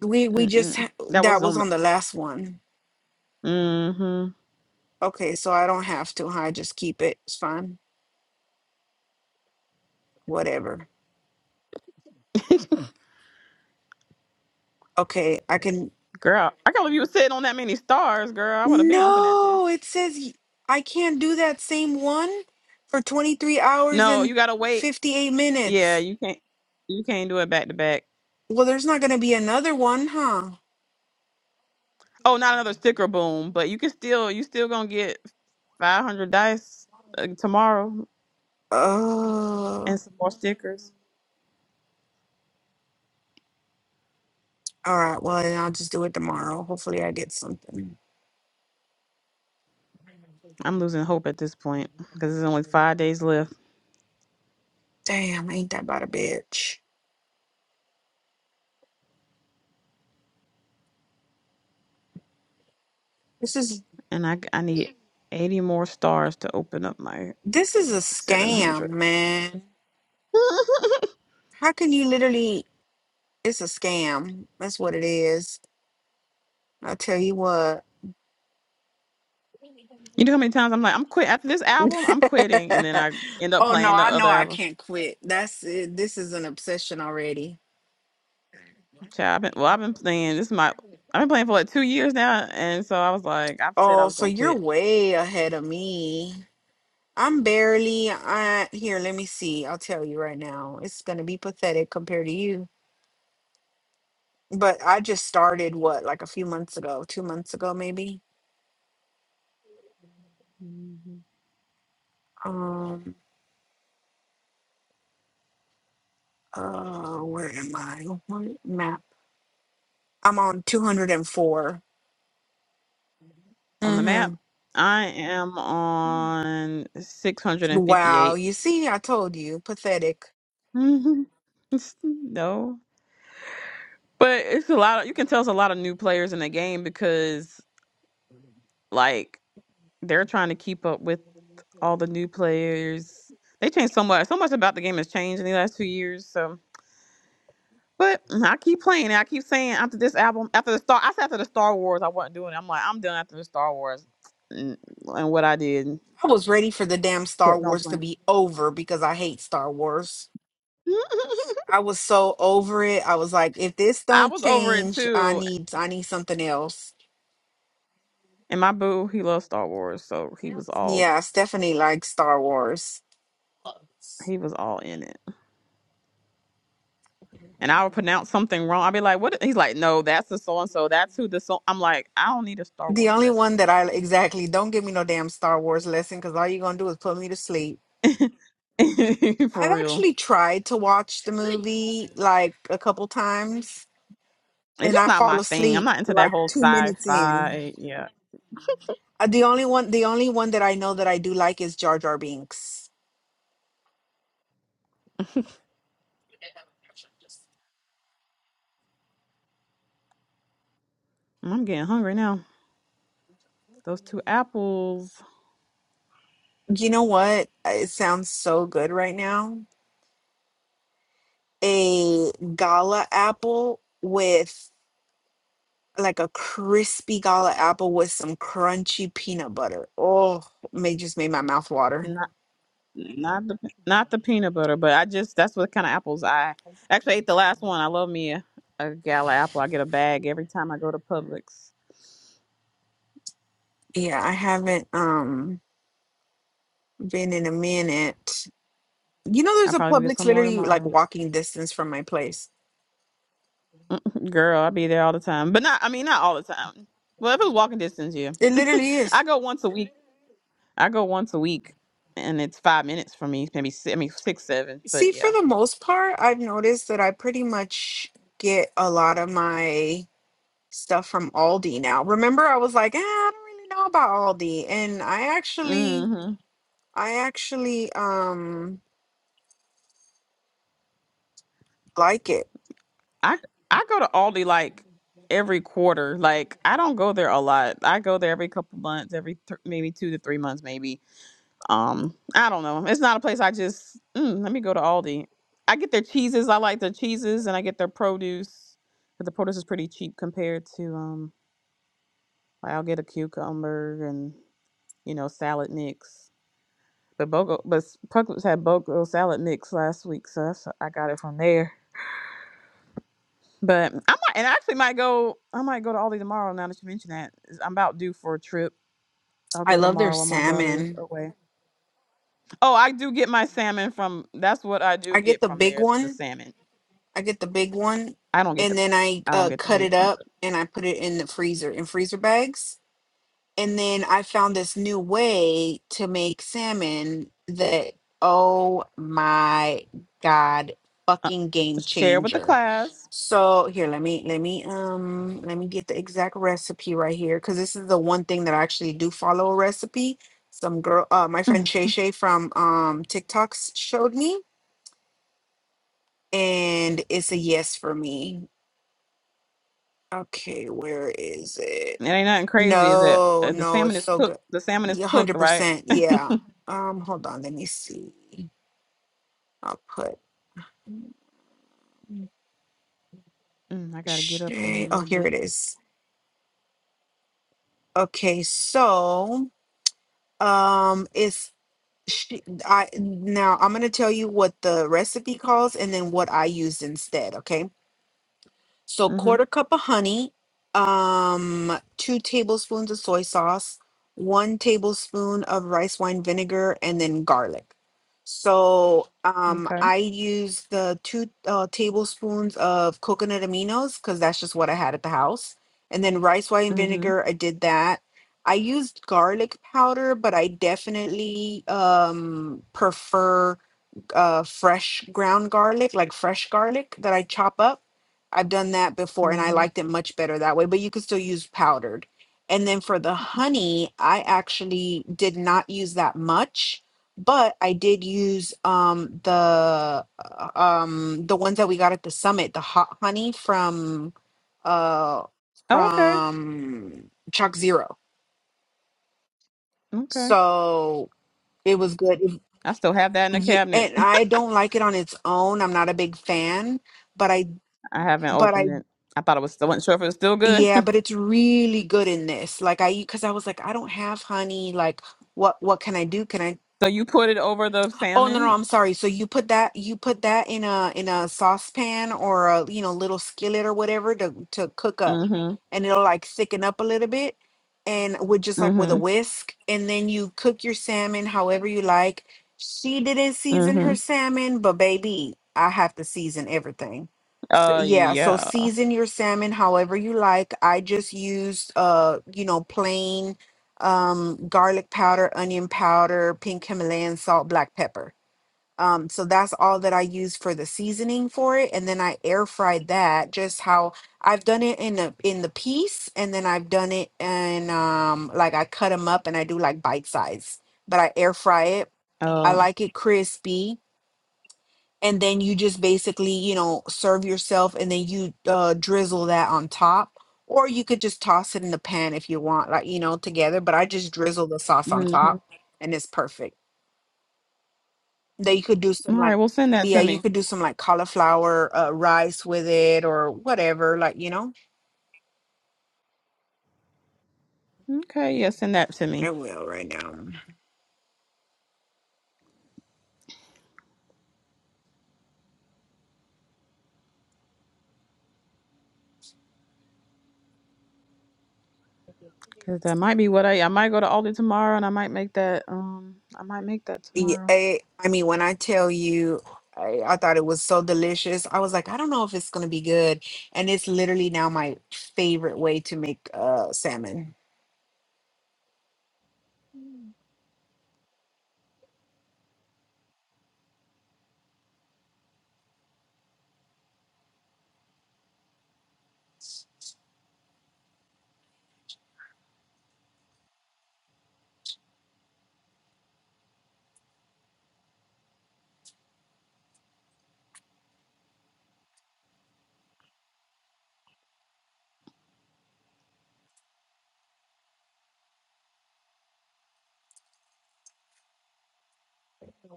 Speaker 4: we we just
Speaker 1: Mm-mm.
Speaker 4: ha-
Speaker 1: That
Speaker 4: that
Speaker 1: was
Speaker 4: was
Speaker 1: on the.
Speaker 4: on the last one.
Speaker 1: Mm-hmm.
Speaker 4: Okay, so I don't have to, huh? I just keep it. It's fine. Whatever. Okay, I can.
Speaker 1: girl, I can't believe you were sitting on that many stars, girl. I would have been open at you.
Speaker 4: No, it says y- I can't do that same one for 23 hours
Speaker 1: No,
Speaker 4: and
Speaker 1: you gotta wait.
Speaker 4: 58
Speaker 1: Yeah,
Speaker 4: minutes.
Speaker 1: you can't. You can't do it back to back.
Speaker 4: Well, there's not going to be another one, huh?
Speaker 1: Oh, not another sticker boom, but you can still. You still gonna get five hundred dice uh, tomorrow. and
Speaker 4: Oh,
Speaker 1: some more stickers.
Speaker 4: all right. Well, then I'll just do it tomorrow. Hopefully, I get something.
Speaker 1: I'm losing hope at this point because there's only five days left,
Speaker 4: Damn, ain't that about a bitch? This is
Speaker 1: and I I need 80 more stars to open up my
Speaker 4: this is a scam,
Speaker 1: 700.
Speaker 4: man. How can you literally? It's a scam. That's what it is. I'll tell you what.
Speaker 1: you know how many times I'm like, I'm quit after this album, I'm quitting, and then I end up
Speaker 4: oh no,
Speaker 1: playing the
Speaker 4: I know
Speaker 1: other
Speaker 4: I
Speaker 1: album.
Speaker 4: can't quit. That's it. This is an obsession already.
Speaker 1: Child, I've been, well, I've been playing this is my I've been playing for like two years now, and so I was like, I've said I
Speaker 4: Oh,
Speaker 1: was
Speaker 4: so
Speaker 1: gonna
Speaker 4: you're
Speaker 1: quit.
Speaker 4: way ahead of me. I'm barely I here, let me see. I'll tell you right now. It's gonna be pathetic compared to you. But I just started what, like a few months ago, two months ago maybe.
Speaker 1: hmm
Speaker 4: Um uh where am I? What map? I'm on 204.
Speaker 1: On the map,
Speaker 4: Mm-hmm.
Speaker 1: I am on
Speaker 4: Wow,
Speaker 1: 658.
Speaker 4: you see, I told you, pathetic.
Speaker 1: no, But it's a lot of, you can tell it's a lot of new players in the game because like they're trying to keep up with all the new players. They changed so much. So much about the game has changed in the last two years. So but mm, I keep playing it. I keep saying after this album, after the Star I said after the Star Wars I wasn't doing it. I'm like, I'm done after the Star Wars. And and what I did
Speaker 4: I was ready for the damn Star
Speaker 1: kept on
Speaker 4: Wars to
Speaker 1: playing.
Speaker 4: be over because I hate Star Wars. I was so over it. I was like, if this
Speaker 1: I
Speaker 4: don't
Speaker 1: was over it
Speaker 4: change, I
Speaker 1: too.
Speaker 4: need I need something else.
Speaker 1: And my boo, he loves Star Wars, so he was all
Speaker 4: Yeah, Stephanie likes Star Wars.
Speaker 1: he was all in it. and I would pronounce something wrong. I'd be like, "What?" He's like, "No, that's the so and so. That's who the so." I'm like, "I don't need a Star
Speaker 4: The
Speaker 1: Wars
Speaker 4: only one
Speaker 1: lesson,
Speaker 4: that I
Speaker 1: honey.
Speaker 4: exactly don't give me no damn Star Wars lesson because all you're gonna do is put me to sleep.
Speaker 1: For
Speaker 4: I've
Speaker 1: real,
Speaker 4: actually tried to watch the movie like a couple times
Speaker 1: it's
Speaker 4: and
Speaker 1: just
Speaker 4: I
Speaker 1: not
Speaker 4: fall
Speaker 1: my thing. I'm
Speaker 4: asleep
Speaker 1: not into that
Speaker 4: like
Speaker 1: whole
Speaker 4: two minutes in.
Speaker 1: sci-fi. Yeah,
Speaker 4: Uh, The only one the only one that I know that I do like is Jar Jar Binks.
Speaker 1: I'm getting hungry now. Those two apples,
Speaker 4: You know what? Uh, It sounds so good right now. A gala apple with like a crispy gala apple with some crunchy peanut butter. Oh, may just made my mouth water.
Speaker 1: not not the not the peanut butter, but I just that's what kind of apples I actually ate the last one. I love me a, a gala apple. I get a bag every time I go to Publix.
Speaker 4: Yeah, I haven't um been in a minute. You know,
Speaker 1: I
Speaker 4: there's a
Speaker 1: probably will get
Speaker 4: Publix
Speaker 1: some more
Speaker 4: literally like
Speaker 1: tomorrow.
Speaker 4: walking distance from my place.
Speaker 1: Girl, I be there all the time. But not I mean not all the time. Well, if it's walking distance, yeah.
Speaker 4: It literally
Speaker 1: I
Speaker 4: is.
Speaker 1: go once a week. I go once a week and it's five minutes for me, maybe six, I mean six, seven,
Speaker 4: See,
Speaker 1: but yeah.
Speaker 4: for the most part, I've noticed that I pretty much get a lot of my stuff from Aldi now. Remember, I was like, ah, I don't really know about Aldi, and I actually,
Speaker 1: hmm
Speaker 4: I actually um like it.
Speaker 1: I I go to Aldi like every quarter. Like I don't go there a lot. I go there every couple months, every th- maybe two to three months, maybe. Um, I don't know. It's not a place I just mm, let me go to Aldi. I get their cheeses. I like their cheeses, and I get their produce. But the produce is pretty cheap compared to um Like I'll get a cucumber and you know salad mix. But Bogo, but s- had Bogo salad mix last week, so that's, I got it from there. But I might, and I actually might go. I might go to Aldi tomorrow. Now that you mention that, Is- I'm about due for a trip. I'll
Speaker 4: I
Speaker 1: go
Speaker 4: love their
Speaker 1: tomorrow while my daughter's
Speaker 4: salmon.
Speaker 1: away. Oh, I do get my salmon from. That's what I do
Speaker 4: I get
Speaker 1: get
Speaker 4: the
Speaker 1: from
Speaker 4: big
Speaker 1: there is the
Speaker 4: one.
Speaker 1: salmon.
Speaker 4: I get the big one,
Speaker 1: I don't get
Speaker 4: and
Speaker 1: the.
Speaker 4: then I
Speaker 1: I don't
Speaker 4: uh,
Speaker 1: get the
Speaker 4: cut
Speaker 1: big
Speaker 4: it
Speaker 1: one.
Speaker 4: up and I put it in the freezer in freezer bags. and then I found this new way to make salmon that oh my god fucking
Speaker 1: uh,
Speaker 4: game
Speaker 1: share with the
Speaker 4: changer.
Speaker 1: class.
Speaker 4: So here let me let me um let me get the exact recipe right here cuz this is the one thing that I actually do follow a recipe. Some girl uh my
Speaker 1: It
Speaker 4: friend Shay Shay from um TikToks showed me and it's a yes for me. Okay, where is it?
Speaker 1: ain't nothing crazy. Is it?
Speaker 4: No,
Speaker 1: Uh, the
Speaker 4: no,
Speaker 1: salmon
Speaker 4: it's
Speaker 1: is
Speaker 4: so
Speaker 1: cooked.
Speaker 4: good.
Speaker 1: The salmon is
Speaker 4: Yeah,
Speaker 1: cooked, right?
Speaker 4: 100%. Yeah. Um, hold on, let me see. I'll put
Speaker 1: Mm, I gotta get up in a
Speaker 4: Shay. Oh,
Speaker 1: little
Speaker 4: here
Speaker 1: bit.
Speaker 4: it is. Okay, so um it's she, I now I'm going to tell you what the recipe calls and then what I used instead, okay? So
Speaker 1: Mm-hmm.
Speaker 4: quarter cup of honey, um, two tablespoons of soy sauce, one tablespoon of rice wine vinegar, and then garlic. So um,
Speaker 1: Okay.
Speaker 4: I use the two uh, tablespoons of coconut aminos because that's just what I had at the house. And then rice wine
Speaker 1: Mm-hmm.
Speaker 4: vinegar, I did that. I used garlic powder, but I definitely um, prefer uh fresh ground garlic, like fresh garlic that I chop up. I've done that before and I
Speaker 1: Mm-hmm.
Speaker 4: liked it much better that way, but you could still use powdered. And then for the honey, I actually did not use that much, but I did use um the uh, um the ones that we got at the summit, the hot honey from uh
Speaker 1: Oh, okay.
Speaker 4: from Chuck Zero.
Speaker 1: Okay.
Speaker 4: So it was good.
Speaker 1: I still have that in the
Speaker 4: Yeah,
Speaker 1: cabinet.
Speaker 4: and I don't like it on its own. I'm not a big fan, but I,
Speaker 1: I haven't
Speaker 4: but
Speaker 1: opened
Speaker 4: I,
Speaker 1: it. I thought it was. I wasn't sure if it was still good.
Speaker 4: yeah, but it's really good in this. Like I, because I was like, I don't have honey. Like, what, what can I do? Can I
Speaker 1: so you put it over the
Speaker 4: Oh no, no,
Speaker 1: salmon.
Speaker 4: I'm sorry. So you put that you put that in a in a saucepan or a you know little skillet or whatever to to cook up,
Speaker 1: Mm-hmm.
Speaker 4: and it'll like thicken up a little bit, and with just like with a
Speaker 1: Mm-hmm.
Speaker 4: whisk, and then you cook your salmon however you like. She didn't season
Speaker 1: Mm-hmm.
Speaker 4: her salmon, but baby, I have to season everything. So
Speaker 1: Uh,
Speaker 4: yeah, so
Speaker 1: yeah.
Speaker 4: season your salmon however you like. I just used uh you know plain um garlic powder, onion powder, pink Himalayan salt, black pepper um, so that's all that I use for the seasoning for it, and then I air fried that. Just how I've done it in the in the piece, and then I've done it and um like I cut them up and I do like bite size. But I air fry it. I
Speaker 1: Uh.
Speaker 4: like it crispy, and then you just basically you know serve yourself, and then you uh, drizzle that on top, or you could just toss it in the pan if you want, like you know together. But I just drizzle the sauce on
Speaker 1: Mm-hmm.
Speaker 4: top, and it's perfect that you could do
Speaker 1: All
Speaker 4: some
Speaker 1: right.
Speaker 4: like
Speaker 1: Well, send that to
Speaker 4: yeah you
Speaker 1: me.
Speaker 4: could do some like cauliflower uh, rice with it or whatever like you know
Speaker 1: Okay. Yeah. Send that to me.
Speaker 4: i will right now
Speaker 1: Cause that might be what I I might go to Aldi tomorrow and I might make that um I might make that
Speaker 4: Yeah,
Speaker 1: tomorrow.
Speaker 4: I, I mean when i tell you I, I thought it was so delicious i was like i don't know if it's gonna be good and it's literally now my favorite way to make uh salmon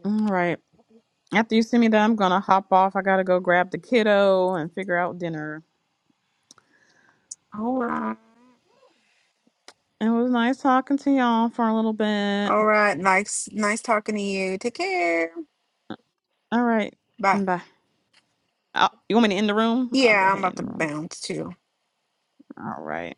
Speaker 1: All right. After you send me that, I'm gonna hop off. I gotta go grab the kiddo and figure out dinner.
Speaker 4: all right
Speaker 1: It was nice talking to y'all for a little bit.
Speaker 4: all right nice nice talking to you take care
Speaker 1: All right.
Speaker 4: bye
Speaker 1: Bye. i you want me to end the room? I'll go
Speaker 4: yeah i'm
Speaker 1: ahead and
Speaker 4: about
Speaker 1: end
Speaker 4: to
Speaker 1: the room.
Speaker 4: bounce too
Speaker 1: All right.